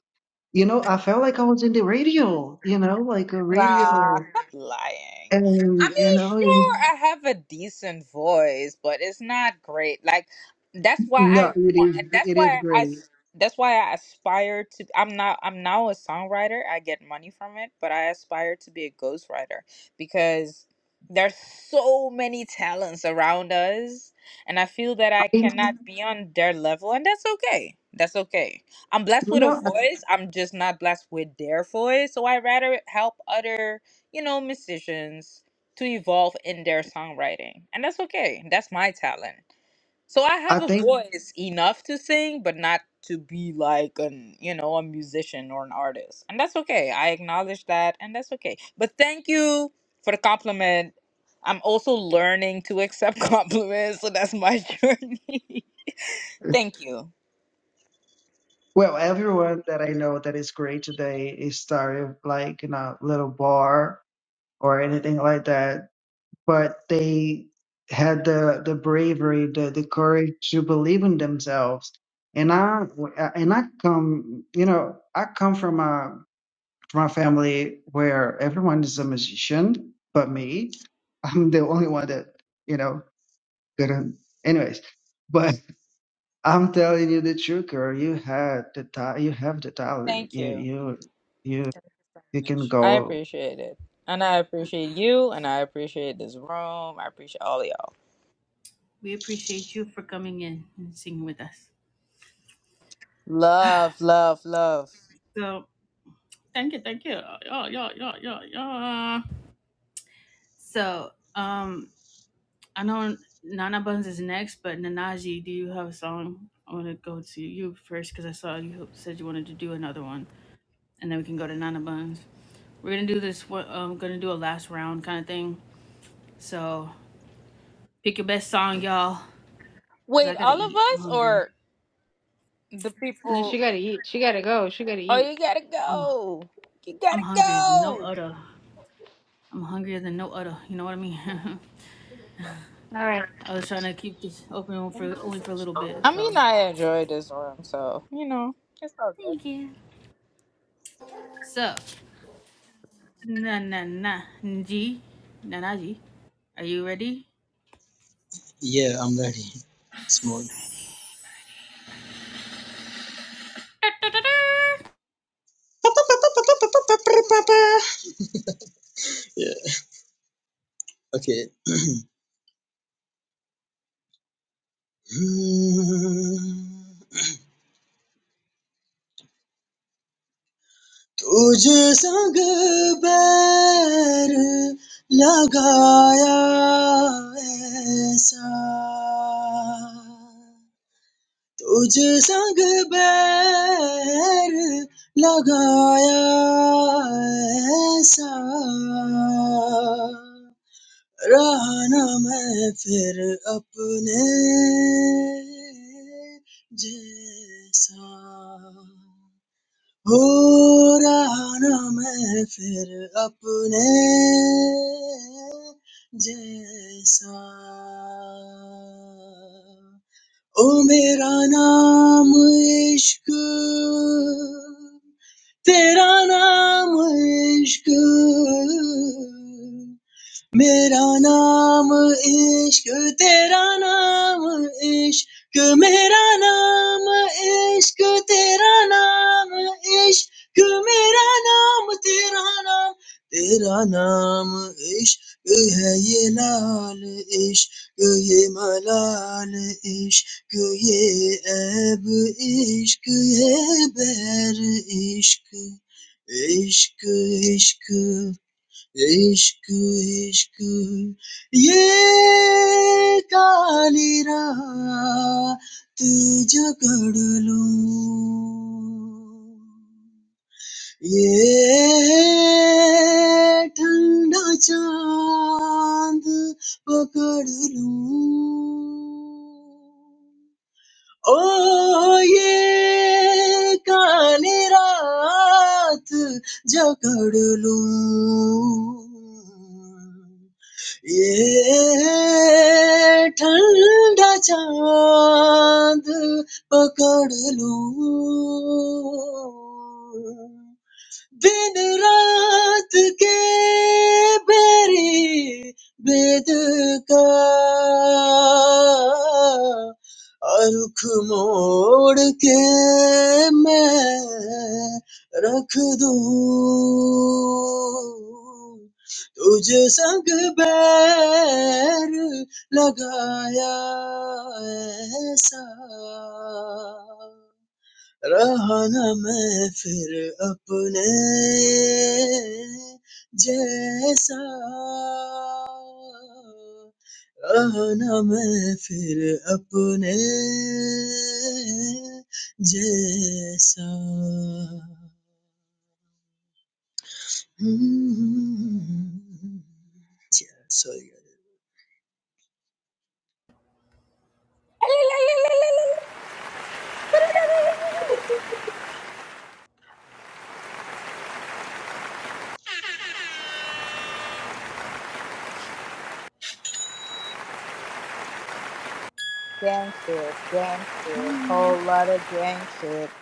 Speaker 13: you know, I felt like I was in the radio. You know, like a
Speaker 8: Nah,
Speaker 13: radio,
Speaker 8: stop lying. I
Speaker 13: and you
Speaker 8: mean,
Speaker 13: know, it was
Speaker 8: sure, I have a decent voice, but it's not great. Like that's why
Speaker 13: no,
Speaker 8: I
Speaker 13: it
Speaker 8: want. and
Speaker 13: is
Speaker 8: That's
Speaker 13: it is
Speaker 8: why I,
Speaker 13: great.
Speaker 8: That's why I aspire to. I'm not. I'm now a songwriter. I get money from it, but I aspire to be a ghostwriter because there's so many talents around us, and I feel that I
Speaker 13: I,
Speaker 8: cannot be on their level, and that's okay. That's okay I'm blessed with a
Speaker 13: no,
Speaker 8: voice. I'm just not blessed with their voice. So I rather help other, you know, musicians to evolve in their songwriting. And that's okay. That's my talent. So I
Speaker 13: I, I
Speaker 8: have a
Speaker 13: think.
Speaker 8: voice enough to sing, but not to be like an, you know, a musician or an artist. And that's okay. I acknowledge that and that's okay. But thank you for the compliment. I'm also learning to accept [laughs] compliments, so that's my journey. [laughs] thank you.
Speaker 13: Well, everyone that I know that is great today is started like in a little bar or anything like that, but they had the the bravery, the the courage to believe in themselves. And I and I come, you know, I come from a from a family where everyone is a musician, but me, [laughs] I'm the only one that you know couldn't. Anyways, but I'm telling you the truth, girl. You had the ta- you have the talent.
Speaker 8: Thank
Speaker 13: You
Speaker 8: you.
Speaker 13: you you
Speaker 8: so
Speaker 13: you can
Speaker 8: much. I
Speaker 13: go.
Speaker 8: appreciate it. And I appreciate you, and I appreciate this room. I appreciate all of y'all.
Speaker 1: We appreciate you for coming in and singing with us.
Speaker 8: Love, love, love.
Speaker 1: So thank you, thank you. Yeah, yeah, yeah, yeah, yeah. So um, I know Nana Buns is next, but Nanaji, do you have a song? I want to go to you first because I saw you said you wanted to do another one. and then we can go to Nana Buns. We're gonna do this. We're um, gonna do a last round kind of thing. So pick your best song, y'all, cause I
Speaker 8: Wait,
Speaker 1: gotta
Speaker 8: all of
Speaker 1: eat. I'm
Speaker 8: us
Speaker 1: hungry.
Speaker 8: or the
Speaker 11: No,
Speaker 8: people?
Speaker 11: she gotta eat. She gotta go. She gotta
Speaker 8: Oh,
Speaker 11: eat.
Speaker 8: you gotta
Speaker 1: I'm
Speaker 8: go. You
Speaker 1: I'm
Speaker 8: gotta
Speaker 1: hungry as no
Speaker 8: go.
Speaker 1: other. I'm hungrier than no other. You know what I mean?
Speaker 11: All right.
Speaker 1: [laughs] I was trying to keep this open for only for a little bit.
Speaker 8: I mean,
Speaker 1: So
Speaker 8: I enjoy this room, so, you know, it's all good.
Speaker 1: thank you. So na na na G Nanaji, are you ready?
Speaker 9: Yeah, I'm ready. Small. Yeah. Okay. [clears throat] तुझे संग बैर लगाया ऐसा Toh je sang fir lagaya sa, raha na mere fir apne jesa, raha na mere fir apne jesa. Ömer ana my aşkın, Teran ana my aşkın. My name ish, your name ish. My name ish, your name ish. My name, your name, your name ish. It's the red ish, the blue ish, the blue ish, the blue ish, ish, ish, ish. Aishk aishk, ye kali ra tu jagadlo, ye thanda chand pagadlo. Oh, ye kala rat jagadlo, ye thalda chad pakadlo. दिन रात के berry बेद का और रुख मोड़ के मैं रख दूं तुझे संग बैर लगाया ऐसा रहा न मैं फिर अपने जैसा रहा न मैं फिर अपने जैसा Hmm. Yeah, sorry. guys.
Speaker 8: Gang shit, gang shit, whole lot of gang shit.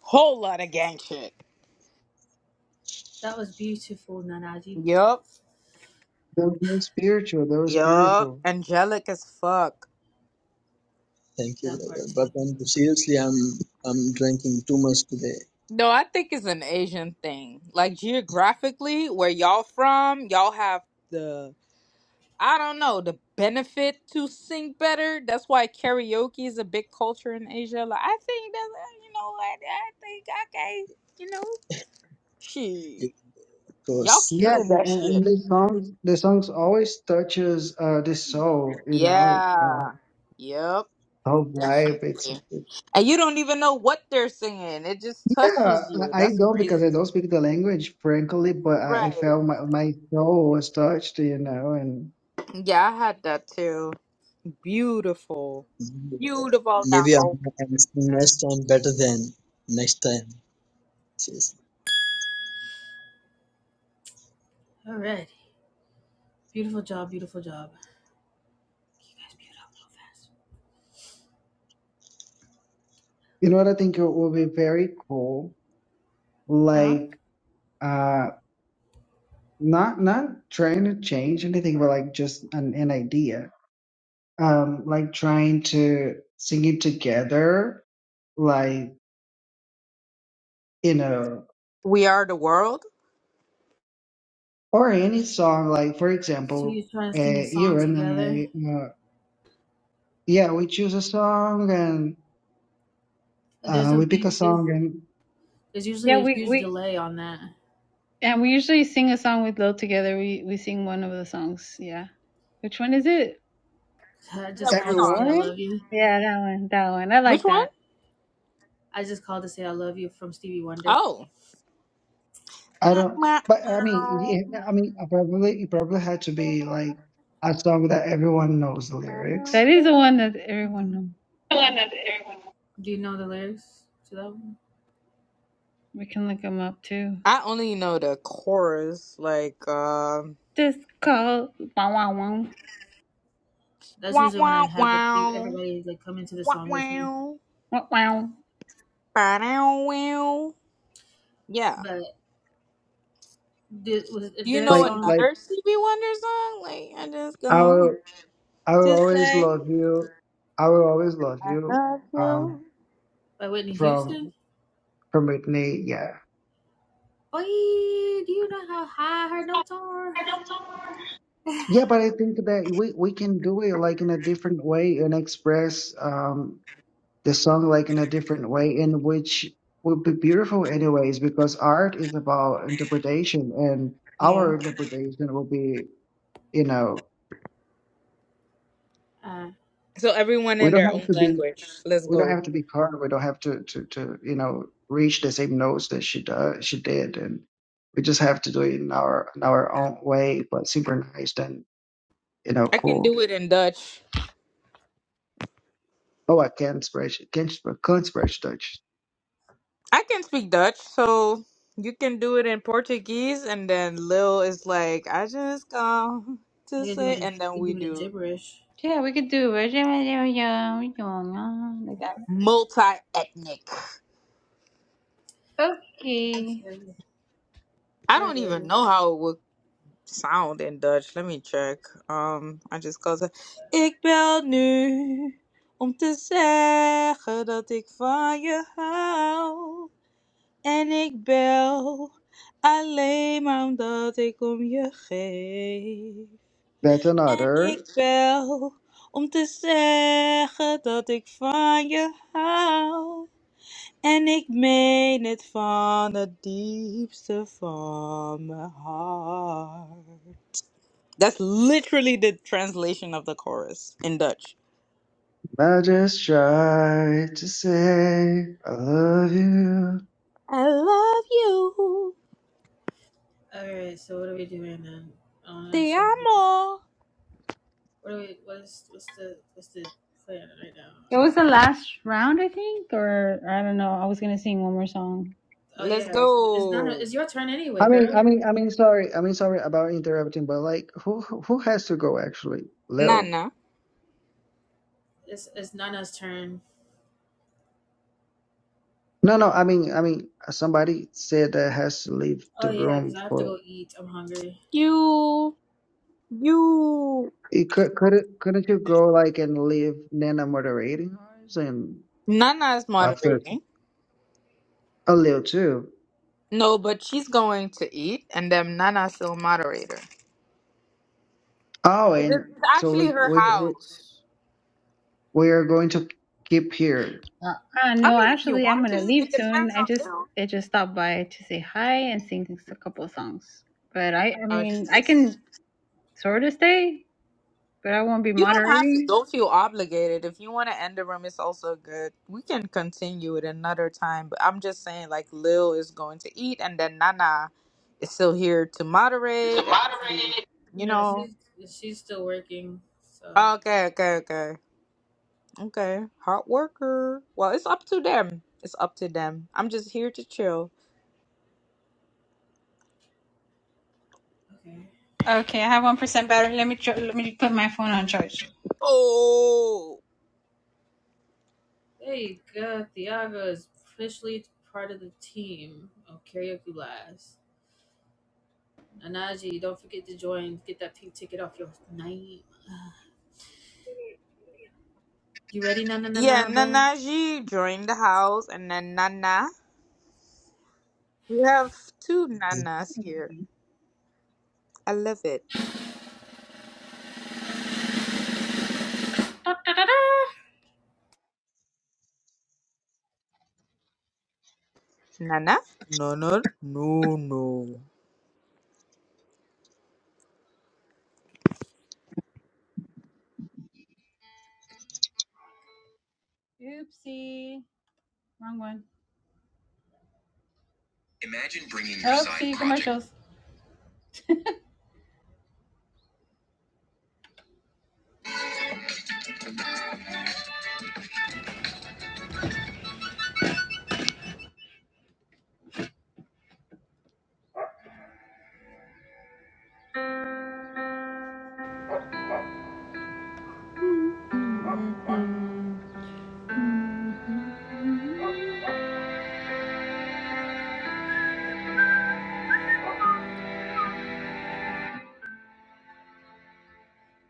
Speaker 8: Whole lot of gang shit.
Speaker 1: That was beautiful, Nanaji.
Speaker 8: Yup,
Speaker 13: That was spiritual. That was
Speaker 8: yup.
Speaker 13: beautiful.
Speaker 8: Angelic as fuck.
Speaker 9: Thank you,
Speaker 1: That
Speaker 9: brother.
Speaker 1: part too.
Speaker 9: But I'm, seriously, I'm I'm drinking too much today.
Speaker 8: No, I think it's an Asian thing. Like geographically, where y'all from, y'all have the I don't know, the benefit to sing better. That's why karaoke is a big culture in Asia. Like I think that uh, you know what I think okay, you know. Shit.
Speaker 9: Of course.
Speaker 8: Y'all
Speaker 13: Yeah,
Speaker 8: killing that shit.
Speaker 13: and, and the songs the songs always touches uh the soul. You know, it's kind of
Speaker 8: Yeah.
Speaker 13: like
Speaker 8: Yep,
Speaker 13: soul vibe. It's
Speaker 8: definitely. And you don't even know what they're singing. It just
Speaker 13: yeah.
Speaker 8: touches you.
Speaker 13: I I
Speaker 8: That's
Speaker 13: don't
Speaker 8: crazy.
Speaker 13: because I don't speak the language, frankly. But I, I
Speaker 8: Right.
Speaker 13: felt my my soul was touched. You know, and
Speaker 8: Yeah, I had that too. Beautiful. Beautiful
Speaker 9: Maybe I'm,
Speaker 8: girl.
Speaker 9: I'm next time better than next time. Seriously.
Speaker 1: All right. Beautiful job. Beautiful job. You guys beautiful.
Speaker 13: you know what I think it will be very cool.
Speaker 1: Huh?
Speaker 13: Like. uh, not not trying to change anything but like just an, an idea um like trying to sing it together like you know
Speaker 8: We Are the World?
Speaker 13: or any song like for
Speaker 1: So you
Speaker 13: example
Speaker 1: try to
Speaker 13: uh
Speaker 1: sing a
Speaker 13: you
Speaker 1: song
Speaker 13: and
Speaker 1: together.
Speaker 13: i uh, yeah we choose a song and
Speaker 1: There's
Speaker 13: uh
Speaker 1: a
Speaker 13: we pick a
Speaker 1: big there's
Speaker 13: song and
Speaker 1: there's usually
Speaker 11: Yeah,
Speaker 1: a
Speaker 11: we
Speaker 1: huge
Speaker 11: we
Speaker 1: delay on that.
Speaker 11: and we usually sing a song with Lil together. We we sing one of the songs. Yeah. Which one is it?
Speaker 1: [laughs] I
Speaker 8: Is that
Speaker 1: just
Speaker 8: which
Speaker 1: called to say
Speaker 8: song?
Speaker 1: I
Speaker 13: everyone
Speaker 1: love you.
Speaker 11: Yeah, that one. That one. I
Speaker 8: Which
Speaker 11: like
Speaker 8: one?
Speaker 11: that.
Speaker 1: I just called to say I love you from Stevie Wonder.
Speaker 8: Oh.
Speaker 13: i don't
Speaker 8: Wah.
Speaker 13: but i mean yeah, i mean it probably it probably had to be like a song that everyone knows the
Speaker 11: That
Speaker 13: lyrics
Speaker 11: is the one that everyone
Speaker 1: hmm
Speaker 11: know.
Speaker 13: Well, not everyone.
Speaker 1: Do you know the lyrics to that one?
Speaker 11: We can look them up too.
Speaker 8: I only know the chorus, like um
Speaker 11: This call. Wow, wow, wow.
Speaker 1: That's
Speaker 8: wow
Speaker 1: usually when I
Speaker 8: wow
Speaker 1: have a few,
Speaker 8: wow
Speaker 1: everybody like come into the
Speaker 8: wow
Speaker 1: song with me.
Speaker 8: wow
Speaker 11: Wow, wow.
Speaker 8: wow wow. Yeah.
Speaker 1: But did, was
Speaker 8: Do
Speaker 1: is
Speaker 8: you
Speaker 1: there a
Speaker 8: know
Speaker 13: like
Speaker 1: song
Speaker 13: like
Speaker 8: another Stevie Wonder song? Like I just go
Speaker 13: our I will
Speaker 8: to
Speaker 13: always
Speaker 8: say.
Speaker 13: love you. I will always love you. Um,
Speaker 1: by Whitney Houston?
Speaker 13: from from Whitney, yeah,
Speaker 1: Boy, do you know how high her notes are?
Speaker 13: yeah. But I think that we we can do it like in a different way and express um the song like in a different way, in which would be beautiful anyways. Because art is about interpretation, and our
Speaker 8: Mm.
Speaker 13: interpretation will be, you know,
Speaker 1: Uh,
Speaker 8: So everyone
Speaker 13: we
Speaker 8: in
Speaker 13: don't
Speaker 8: their
Speaker 13: have
Speaker 8: own
Speaker 13: to be
Speaker 8: language. Let's
Speaker 13: we don't
Speaker 8: go.
Speaker 13: have to be her. We don't have to to to you know reach the same notes that she does she did, and we just have to do it in our in our own way, but synchronized and you know
Speaker 8: I can
Speaker 13: cool.
Speaker 8: do it in Dutch.
Speaker 13: Oh, I can't spreche, can't sp- can't spreche Dutch.
Speaker 8: I can speak Dutch, so you can do it in Portuguese, and then Lil is like, I just come to
Speaker 1: I can do
Speaker 8: say,
Speaker 1: it. In,
Speaker 8: and
Speaker 1: I
Speaker 8: then
Speaker 1: can
Speaker 8: we
Speaker 1: do it in
Speaker 8: do
Speaker 1: gibberish.
Speaker 11: Yeah, we could do it. Yeah, yeah, yeah, yeah, like that.
Speaker 8: multi-ethnic.
Speaker 11: Okay.
Speaker 1: Okay.
Speaker 8: I don't even
Speaker 1: Alrighty.
Speaker 8: know how it would sound in Dutch. Let me check. Um, I just go to, ik bel nu om te zeggen dat ik van je hou. En ik bel alleen maar omdat ik om je geef.
Speaker 13: That's
Speaker 8: En ik
Speaker 13: another.
Speaker 8: bel om te zeggen dat ik van je hou. En ik meen het van het diepste van mijn hart. That's literally the translation of the chorus in Dutch.
Speaker 13: I just try to say I love you.
Speaker 1: Alright. So what are we doing then? Uh, so What do we, what is what's the what's the plan right now? I
Speaker 11: It
Speaker 1: don't know.
Speaker 11: was the last round, I think, or I don't know. I was gonna sing one more song.
Speaker 1: Oh
Speaker 8: Let's
Speaker 1: yeah, it's, it's Nana.
Speaker 8: go.
Speaker 1: It's your turn
Speaker 13: I
Speaker 1: anyway,
Speaker 13: mean,
Speaker 1: girl.
Speaker 13: I mean, I mean, sorry, I mean, sorry about interrupting, but like, who who who has to go actually, Leo?
Speaker 8: Nana.
Speaker 1: It's it's Nana's turn.
Speaker 13: No, no, I mean, I mean, somebody said that has to leave
Speaker 1: Oh
Speaker 13: the
Speaker 1: yeah,
Speaker 13: room
Speaker 1: because I have to
Speaker 13: for
Speaker 1: go eat. I'm hungry.
Speaker 8: You. You.
Speaker 13: It could couldn't couldn't you go like and leave Nana moderating ours and
Speaker 8: Nana is
Speaker 13: after
Speaker 8: moderating.
Speaker 13: a little too.
Speaker 8: No, but she's going to eat, and then Nana's still moderator.
Speaker 13: Oh,
Speaker 8: It's
Speaker 13: and
Speaker 8: it's
Speaker 13: so
Speaker 8: actually
Speaker 13: we
Speaker 8: her
Speaker 13: we we
Speaker 8: house.
Speaker 13: we are going to keep here.
Speaker 11: Uh, uh,
Speaker 8: I
Speaker 11: no,
Speaker 8: mean, if you
Speaker 11: actually, I'm
Speaker 8: want to,
Speaker 11: gonna
Speaker 8: it
Speaker 11: leave soon.
Speaker 8: depends
Speaker 11: I
Speaker 8: on
Speaker 11: just
Speaker 8: you.
Speaker 11: I just stopped by to say hi and sing a couple of songs. But I, I
Speaker 8: Oh, she
Speaker 11: mean, I
Speaker 8: just.
Speaker 11: can sort of stay, but I won't be
Speaker 8: You don't have to.
Speaker 11: moderating.
Speaker 8: Don't feel obligated. If you want to end the room, it's also good. We can continue it another time. But I'm just saying, like, Lil is going to eat, and then Nana is still here to
Speaker 13: To
Speaker 8: moderate. And, if
Speaker 13: moderate
Speaker 8: you
Speaker 13: It
Speaker 8: you
Speaker 1: Yeah,
Speaker 8: know. Oh,
Speaker 1: she's she's still working. So
Speaker 8: Okay, okay, okay. Okay. Hot worker. Well, it's up to them. It's up to them. I'm just here to chill.
Speaker 1: okay,
Speaker 11: Okay, I have one percent battery. Let me tr- let me put my phone on charge.
Speaker 8: Oh.
Speaker 1: there you go. Thiago is officially part of the team of karaoke blast. Nanaji, don't forget to join. Get that pink ticket off your name. [sighs] You ready, Nana
Speaker 8: Yeah,
Speaker 1: Nana? Bun?
Speaker 8: Nana, she joined the house, and then Nana. We have two nanas here. I love it. Nana? No, no, no, no.
Speaker 11: Oopsie, wrong one. Imagine bringing your Oopsie, side project- commercials.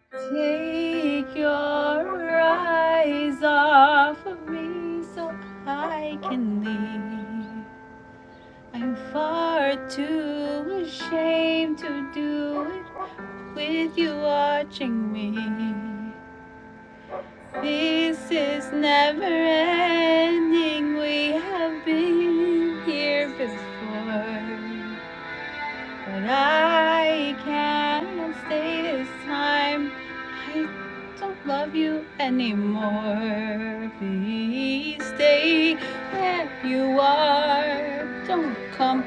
Speaker 11: Project. Take your eyes off of me so I can leave. I'm far too ashamed to do it with you watching me. This is never ending. We have been here before. But I can't stay this time. I don't love you anymore. Please stay where you are. Don't come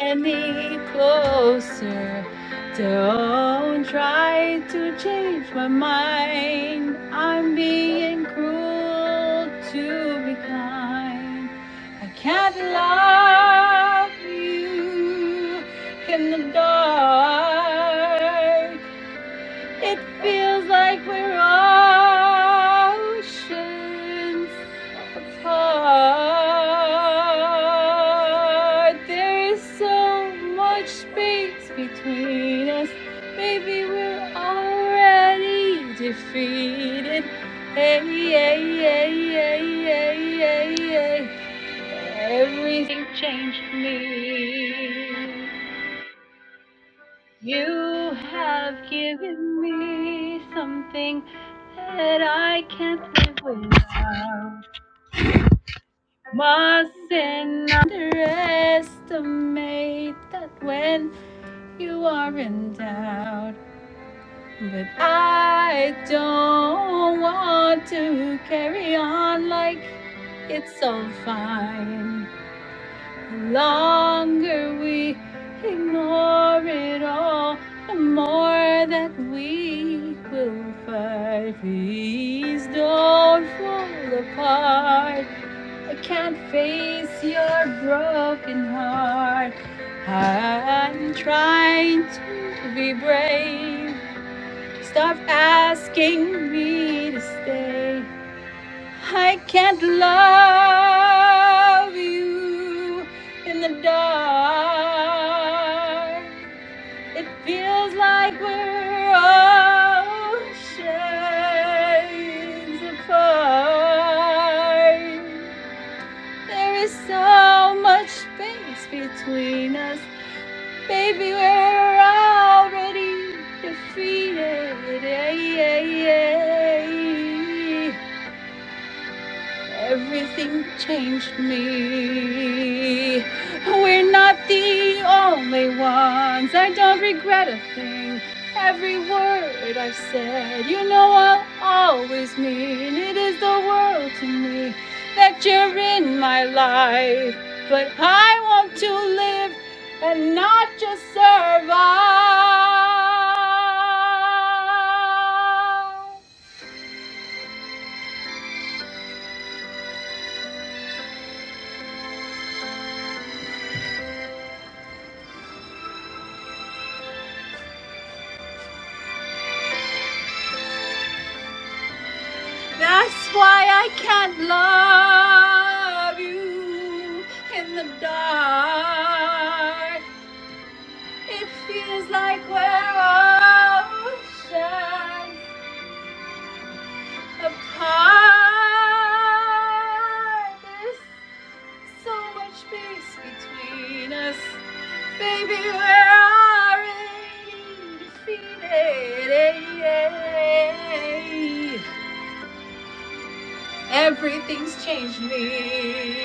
Speaker 11: any closer. Don't try to change my mind. I'm being cruel to be kind. I can't love you in the dark. It feels like we're oceans apart. There is so much space between us. Maybe we're already defeated. Hey, hey, hey, hey, hey, hey, hey. Everything changed me. You have given me something that I can't live without. Mustn't underestimate that when you are in doubt. But I don't want to carry on like it's all fine. longer we ignore it all, the more that we will fight. Please don't fall apart. I can't face your broken heart. I'm trying to be brave. Stop asking me to stay. I can't love you in the dark. It feels like we're oceans apart. There is so much space between us, baby. We're already defeated. Yeah, yeah, yeah. Everything changed me. We're not the only ones. I don't regret a thing. Every word I've said, you know I'll always mean. It is the world to me that you're in my life. But I want to live and not just survive. That's why I can't love you in the dark. It feels like we're oceans apart. There's so much space between us. Baby, we're already defeated. Everything's changed me.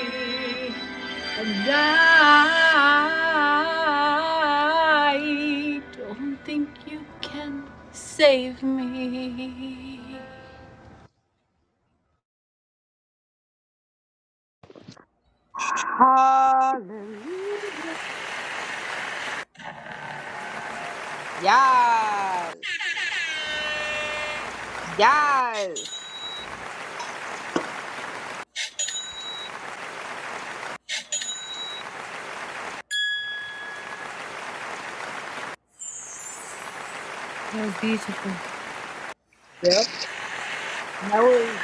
Speaker 11: And I don't think you can save me.
Speaker 8: Hallelujah. Yes. Yes. Yep. That was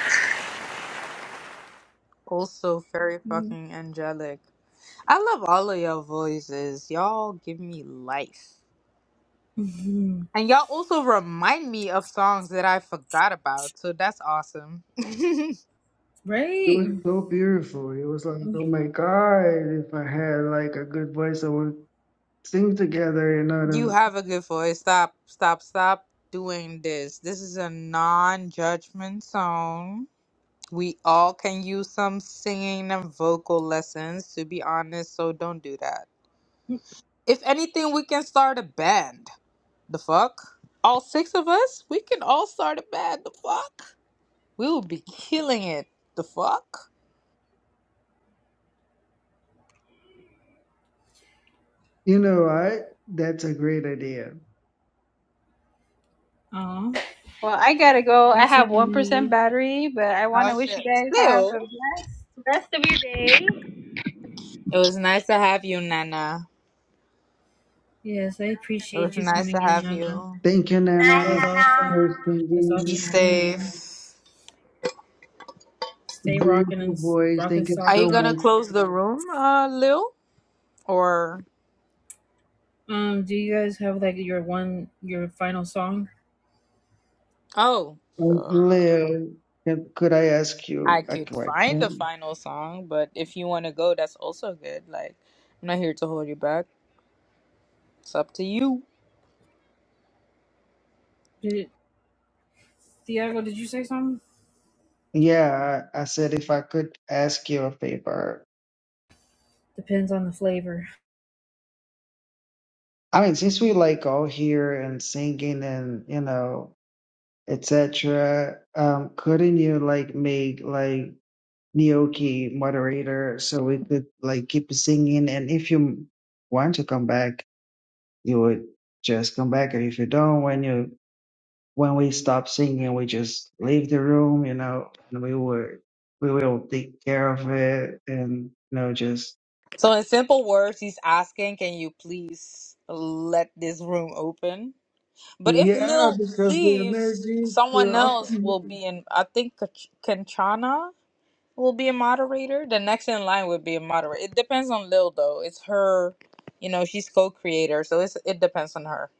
Speaker 8: also very fucking angelic. I love all of your voices. Y'all give me life. And y'all also remind me of songs that I forgot about. So that's awesome. [laughs]
Speaker 13: It
Speaker 1: Right.
Speaker 13: was so beautiful. It was like, oh my God, if I had like a good voice, I would sing together. You know, what I
Speaker 8: You
Speaker 13: mean?
Speaker 8: have a good voice. Stop, stop, stop doing this. This is a non-judgment zone. We all can use some singing and vocal lessons, to be honest, so don't do that. If anything, we can start a band. The fuck? All six of us? We can all start a band. The fuck? We will be killing it. The fuck?
Speaker 13: you know what? That's a great idea.
Speaker 1: Oh,
Speaker 11: I gotta go. I
Speaker 1: you too,
Speaker 11: have
Speaker 1: Nanaji.
Speaker 11: 1% battery, but I want
Speaker 8: Oh
Speaker 11: to wish
Speaker 8: shit.
Speaker 11: you guys have a
Speaker 8: Still.
Speaker 11: blessed rest of your day.
Speaker 8: It was nice to have you, Nana.
Speaker 1: Yes, I
Speaker 8: It was
Speaker 1: appreciate you
Speaker 8: nice to
Speaker 1: coming in,
Speaker 8: have
Speaker 1: Nana.
Speaker 8: you.
Speaker 13: Thank you,
Speaker 7: Bye,
Speaker 13: Nana,
Speaker 1: That was awesome.
Speaker 13: for
Speaker 7: Nana.
Speaker 1: It's
Speaker 8: Be
Speaker 13: singing.
Speaker 1: awesome seeing you.
Speaker 8: safe.
Speaker 1: Stay rocking and
Speaker 13: Beautiful
Speaker 1: s-
Speaker 13: voice.
Speaker 1: rocking
Speaker 13: Thank you
Speaker 8: Are
Speaker 1: socks
Speaker 8: you
Speaker 13: so
Speaker 1: off.
Speaker 8: gonna
Speaker 13: much.
Speaker 8: close the room, uh, Lil? Or
Speaker 1: Um, do you guys have like your one, your final song?
Speaker 8: oh,
Speaker 13: Um,
Speaker 8: uh,
Speaker 13: Leo, can- could I ask
Speaker 8: I
Speaker 13: you a
Speaker 8: could find the
Speaker 13: question?
Speaker 8: final song, but if you want to go, that's also good. Like, I'm not here to hold you back. It's up to you.
Speaker 1: Did Thiago? Did you say something?
Speaker 13: Yeah, I I said if I could ask you a favor.
Speaker 1: Depends on the flavor.
Speaker 13: I mean, since we like all here and singing and you know, etc., um, couldn't you like make like Nioki moderator so we could like keep singing? And if you want to come back, you would just come back, and if you don't, when you when we stopped singing, we just leave the room, you know, and we would we will take care of it and you know just
Speaker 8: So, in simple words, he's asking, "Can you please let this room open?" But if
Speaker 13: yeah,
Speaker 8: Lil
Speaker 13: because the
Speaker 8: leaves,
Speaker 13: energy is
Speaker 8: someone else will
Speaker 13: awesome.
Speaker 8: be in. I think Kach- Kanchana. will be a moderator. The next in line would be a moderator. It depends on Lil though. It's her, you know, she's co-creator, so it's it depends on her.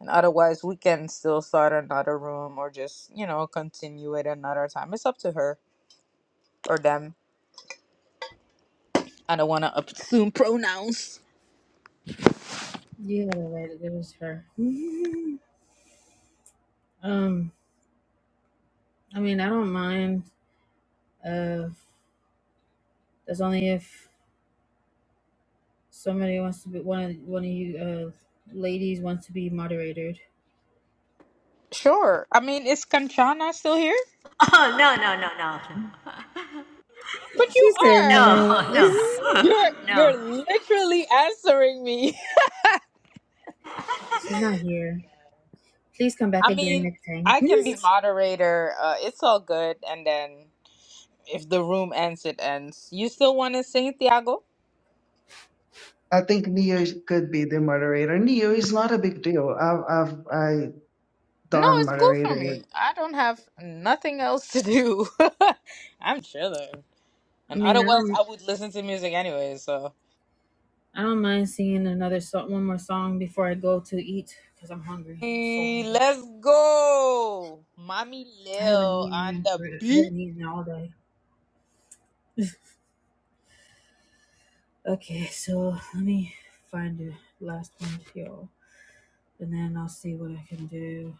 Speaker 8: And otherwise, we can still start another room or just you know continue it another time. It's up to her or them. I don't want to assume [laughs] pronouns.
Speaker 1: Yeah, that it was her. [laughs] um, I mean, I don't mind. Uh, that's only if somebody wants to be one of one of you uh ladies wants to be moderated.
Speaker 8: Sure. I mean, is Kanchana still here?
Speaker 7: Oh, no, no, no, no,
Speaker 8: But
Speaker 1: She
Speaker 8: you
Speaker 1: said
Speaker 8: are.
Speaker 7: no.
Speaker 1: no. [laughs]
Speaker 7: No,
Speaker 8: You're
Speaker 7: [laughs] no, no.
Speaker 8: you're literally answering me.
Speaker 1: She's not here. Please come
Speaker 8: [laughs]
Speaker 1: back
Speaker 8: I
Speaker 1: again
Speaker 8: mean,
Speaker 1: next time.
Speaker 8: I can be
Speaker 1: Yes.
Speaker 8: moderator. Uh, it's all good. And then if the room ends, it ends. You still want to sing, Thiago?
Speaker 13: I think Neo could be the moderator. Neo is not a big deal. I've I've I
Speaker 8: No,
Speaker 13: done
Speaker 8: it's cool for me.
Speaker 13: moderator.
Speaker 8: I don't have nothing else to do. [laughs] I'm chilling.
Speaker 1: I
Speaker 8: And
Speaker 1: mean, I
Speaker 8: otherwise,
Speaker 1: don't,
Speaker 8: I would listen to music anyway, so.
Speaker 1: I don't mind singing another song, one more song before I go to eat because I'm hungry. I'm so
Speaker 8: Eh,
Speaker 1: hungry.
Speaker 8: Let's go! Mommy
Speaker 1: I haven't
Speaker 8: Lil
Speaker 1: eaten.
Speaker 8: on the
Speaker 1: for- I
Speaker 8: beat.
Speaker 1: haven't eaten all day. Okay, so let me find the last one, y'all, and then I'll see what I can do.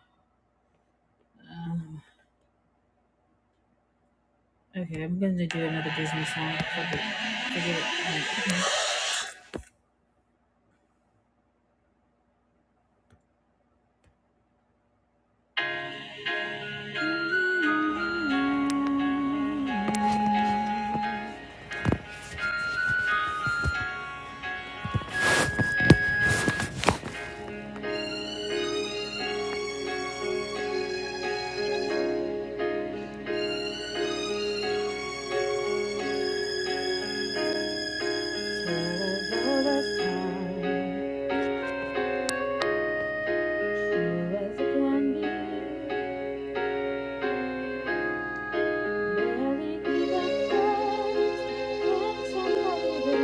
Speaker 1: Okay, I'm gonna do another Disney song. Fuck it. Forget it. Like-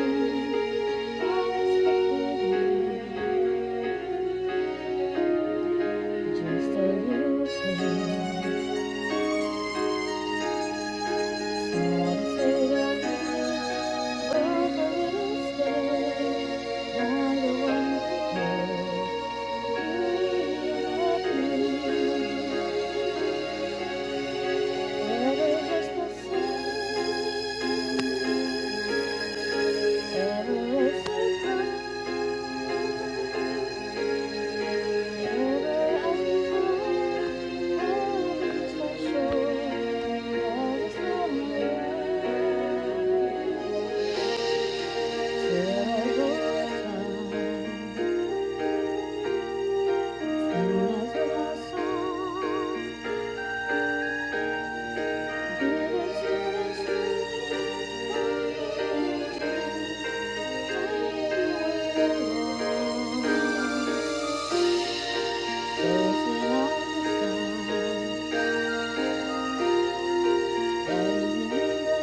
Speaker 1: Thank you. That's it.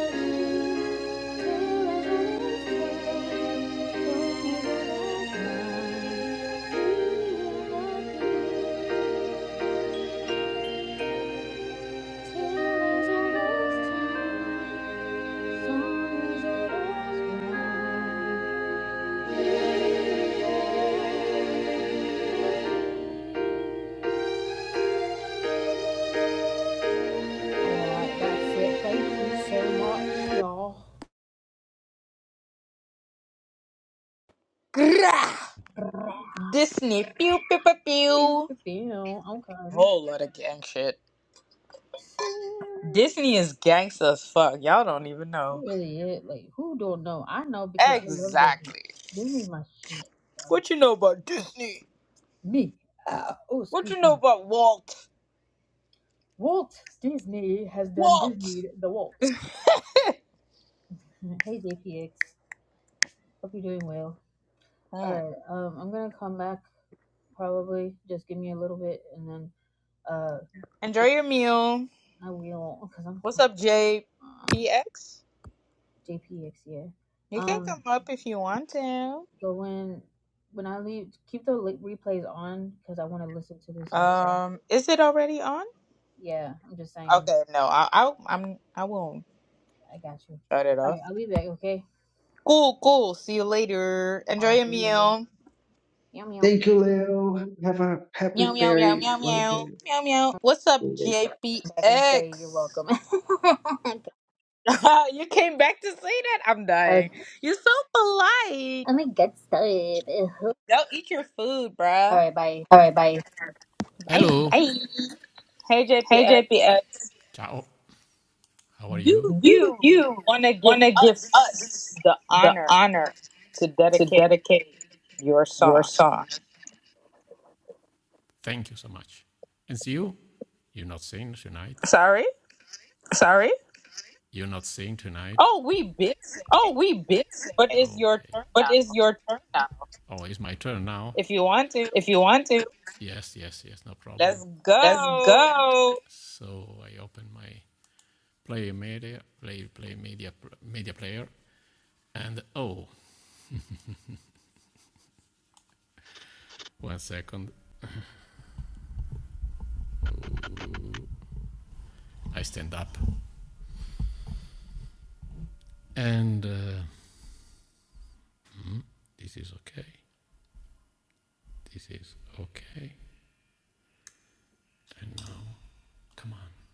Speaker 1: Thank you so much, y'all.
Speaker 8: Grah! Disney, pew pew pew
Speaker 1: Pew,
Speaker 8: pew.
Speaker 1: pew, Okay.
Speaker 8: Whole lot of gang shit.
Speaker 1: See,
Speaker 8: Disney is gangsta as fuck. Y'all don't even
Speaker 1: That
Speaker 8: know.
Speaker 1: really it. Like, who don't know? I know because I love Disney.
Speaker 8: Exactly.
Speaker 1: Disney's my shit, bro.
Speaker 8: What you know about Disney?
Speaker 1: Me. Uh, oh,
Speaker 8: What you
Speaker 1: excuse me.
Speaker 8: know about Walt?
Speaker 1: Walt Disney has done
Speaker 8: Walt.
Speaker 1: Disney the waltz. [laughs] Hey JPX, hope you're doing well. All
Speaker 8: Mm.
Speaker 1: right, um, I'm gonna come back probably. Just give me a little bit, and then uh,
Speaker 8: Enjoy
Speaker 1: just,
Speaker 8: your meal.
Speaker 1: I will because I'm
Speaker 8: What's up,
Speaker 1: hungry.
Speaker 8: JPX?
Speaker 1: Uh, JPX, yeah.
Speaker 8: You can
Speaker 1: Um,
Speaker 8: come up if you want to.
Speaker 1: so when when I leave, keep the li- replays on because I want to listen to this after.
Speaker 8: Um, is it already on?
Speaker 1: Yeah, I'm just saying.
Speaker 8: Okay, no, I, I, I'm, I won't
Speaker 1: I got you.
Speaker 8: shut it
Speaker 1: All
Speaker 8: off.
Speaker 1: right, I'll be back. Okay.
Speaker 8: Cool, cool. See you later. Enjoy your
Speaker 1: Hallelujah.
Speaker 8: meal.
Speaker 1: Yum yum.
Speaker 13: Thank you, Leo. Have a happy
Speaker 8: Meow, meow, meow,
Speaker 13: fairy.
Speaker 8: meow, meow,
Speaker 13: wonderful
Speaker 8: meow, meow. What's up,
Speaker 13: day, guys.
Speaker 8: JPX?
Speaker 1: Come back and say you're welcome. [laughs] okay,
Speaker 8: [laughs] you came back to say that? I'm
Speaker 1: let
Speaker 8: dying. You're so polite.
Speaker 1: me get started. [laughs]
Speaker 8: Go eat your food,
Speaker 1: All
Speaker 8: bruh.
Speaker 1: right, bye.
Speaker 14: All right, bye.
Speaker 8: Bye.
Speaker 14: Hello. Hey,
Speaker 8: Hey,
Speaker 14: hey,
Speaker 8: JPX.
Speaker 14: JPS. Ciao. How are
Speaker 8: Do
Speaker 14: you? Do
Speaker 8: you
Speaker 14: you
Speaker 8: want to give
Speaker 14: want to give
Speaker 8: us
Speaker 14: us
Speaker 8: the
Speaker 14: the
Speaker 8: honor
Speaker 14: honor
Speaker 8: to
Speaker 14: to
Speaker 8: dedicate
Speaker 14: dedicate
Speaker 8: your
Speaker 14: your
Speaker 8: song?
Speaker 14: song? Thank you so much. And see you. You're not singing tonight.
Speaker 8: Sorry?
Speaker 14: Sorry? You're not singing tonight.
Speaker 8: Oh, we been
Speaker 14: Oh,
Speaker 8: singing,
Speaker 14: we been
Speaker 8: but
Speaker 14: singing,
Speaker 8: it's your
Speaker 14: Okay.
Speaker 8: turn
Speaker 14: but
Speaker 8: now.
Speaker 14: it's your turn now. Oh, it's my turn now.
Speaker 8: If you want to,
Speaker 14: If you want to, Yes, yes, yes. No problem.
Speaker 8: let's
Speaker 14: let's
Speaker 8: go.
Speaker 14: go. So I open my play media, play play media media player, and oh, one second, I stand up, and uh, this is okay, this is okay, and now come on,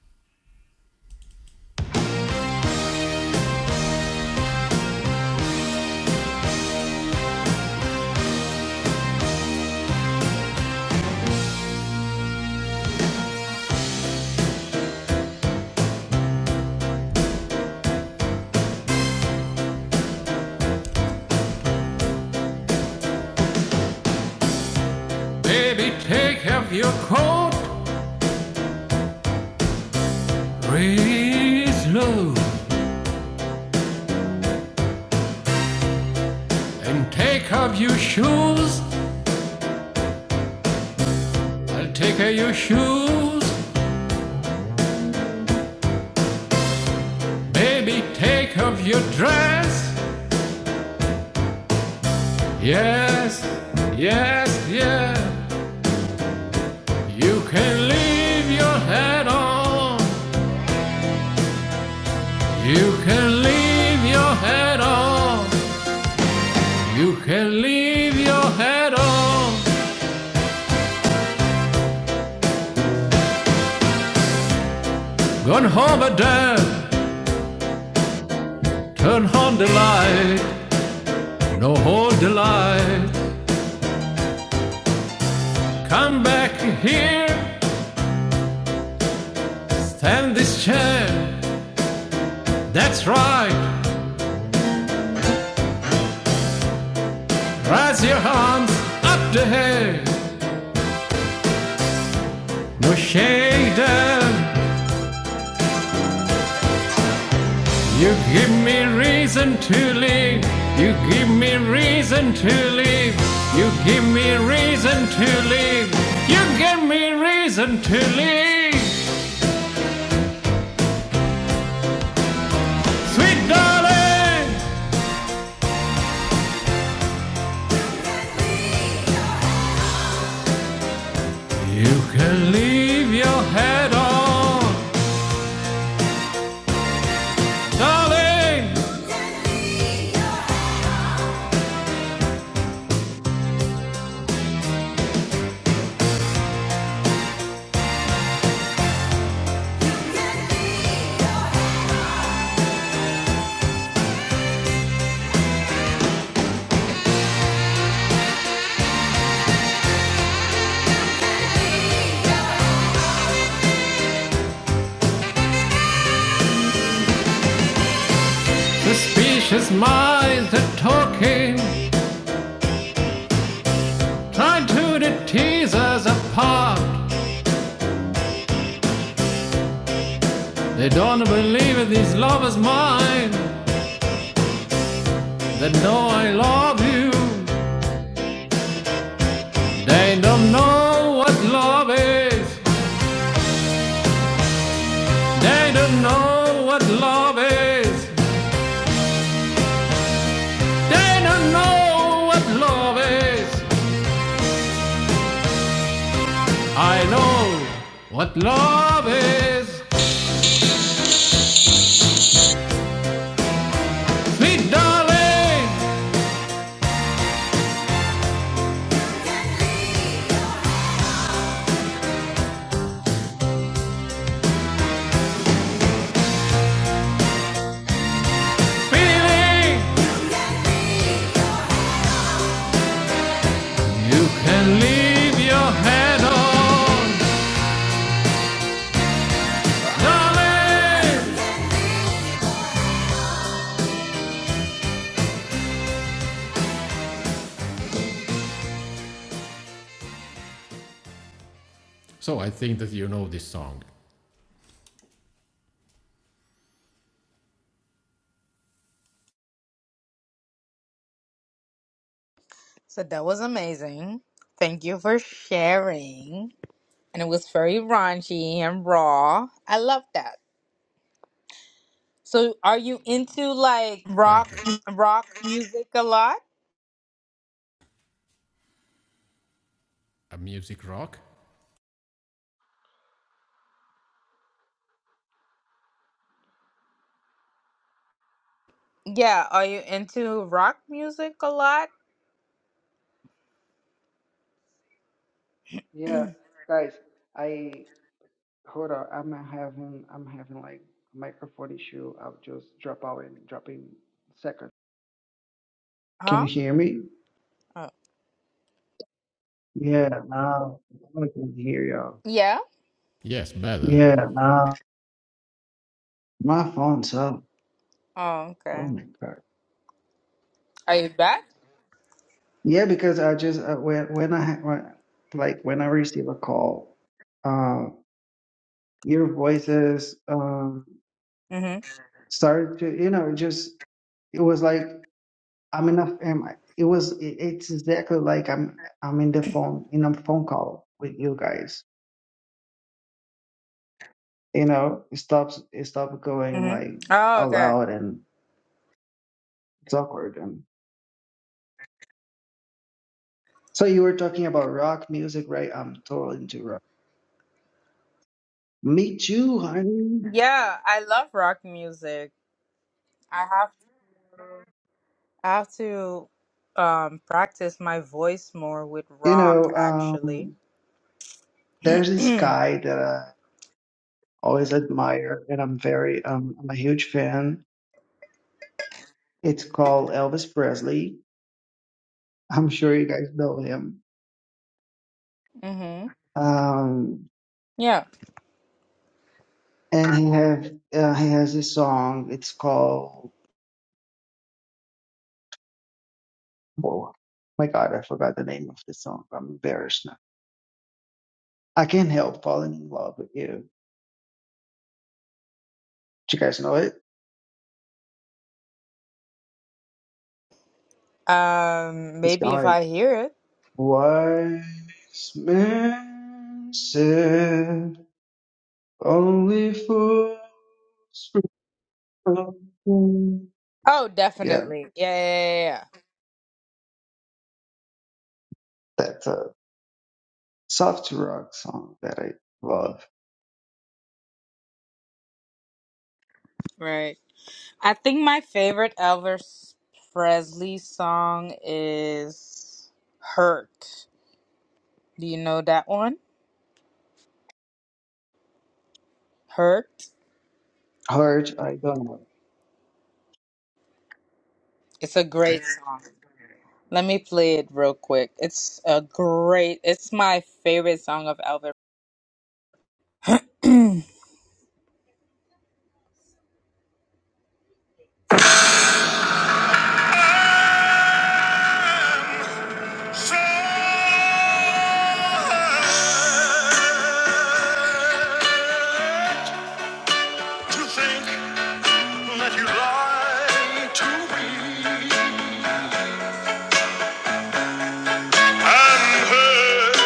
Speaker 14: baby, take off your coat, breathe slow, and take off your shoes. I'll take off your shoes, baby, take off your dress. Yes, yes, yes. You can leave your head on. You can leave your head on. You can leave your head on. Gone home at dad. Turn on the light. No hold the light. Come back here. Stand this chair. That's right. Raise your arms up the head. No shake them. You give me reason to live. You give me reason to live. You give me reason to live. You give me reason to live. Sweet darling, you can leave your head on. Darling, suspicious minds are talking. Trying to the tease us apart. They don't believe in these lovers' mine. They know I love you. They don't know what love is. They don't know what love is. They don't know what love is. I know what love is. Sweet darling, feeling you can leave your head on. Darling! So I think that you know this song.
Speaker 8: So that was amazing. Thank you for sharing. And it was very raunchy and raw. I love that. So, are you into like
Speaker 14: Rock. you.
Speaker 8: rock music a lot?
Speaker 14: A music rock?
Speaker 8: Yeah, are you into rock music a lot?
Speaker 13: Yeah, guys, I Hold on, I'm having I'm having like microphone issue. I'll just drop out and drop in second. Can
Speaker 8: Huh?
Speaker 13: you hear me?
Speaker 8: Oh.
Speaker 13: Yeah, now I can hear y'all.
Speaker 8: Yeah.
Speaker 14: Yes, better. Yeah.
Speaker 13: My phone's up.
Speaker 8: Oh, okay.
Speaker 13: Oh my God.
Speaker 8: Are you back?
Speaker 13: Yeah, because I just uh, when when I ha- when, like when I receive a call, uh, your voices um
Speaker 8: Mm-hmm.
Speaker 13: started to you know just it was like I'm in a am I- it was it, it's exactly like I'm I'm in the phone in a phone call with you guys. you know, it stops it stopped going
Speaker 8: Mm-hmm.
Speaker 13: like
Speaker 8: Oh,
Speaker 13: out
Speaker 8: okay.
Speaker 13: loud and it's awkward. And so you were talking about rock music, right? I'm totally into rock. Me too, honey.
Speaker 8: Yeah, I love rock music. I have I have to um practice my voice more with
Speaker 13: You
Speaker 8: rock
Speaker 13: know,
Speaker 8: actually.
Speaker 13: um, there's
Speaker 8: [clears throat]
Speaker 13: this guy that I always admire, and I'm very um, I'm a huge fan. It's called Elvis Presley. I'm sure you guys know him.
Speaker 8: mm-hmm.
Speaker 13: Um,
Speaker 8: Yeah.
Speaker 13: and he have uh, he has this song. It's called. Oh my God, I forgot the name of the song. I'm embarrassed now I can't help falling in love with you. Do you guys know it?
Speaker 8: Um
Speaker 13: It's
Speaker 8: maybe if
Speaker 13: kind of like,
Speaker 8: I hear it.
Speaker 13: wise man said, only fools prevail."
Speaker 8: Oh,
Speaker 13: Yeah,
Speaker 8: definitely. Yeah, yeah, yeah.
Speaker 13: that's a soft rock song that I love.
Speaker 8: yeah. Right. I think my favorite Elvis Presley song is Hurt. Do you know that one? Hurt.
Speaker 13: Heart, I don't know.
Speaker 8: It's a great song. Let me play it real quick. It's a great, it's my favorite song of Elvis. I'm So hurt to think that you lied to me. I'm hurt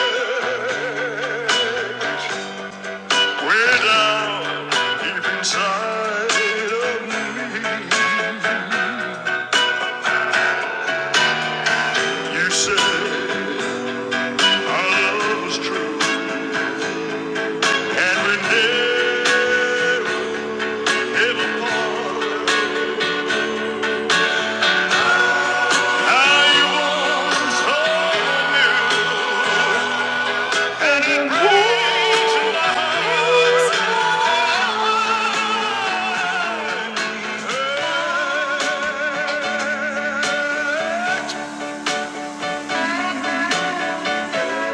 Speaker 8: way down deep inside of me. You said our love was true. And we never, never part. How you once told and it brings to my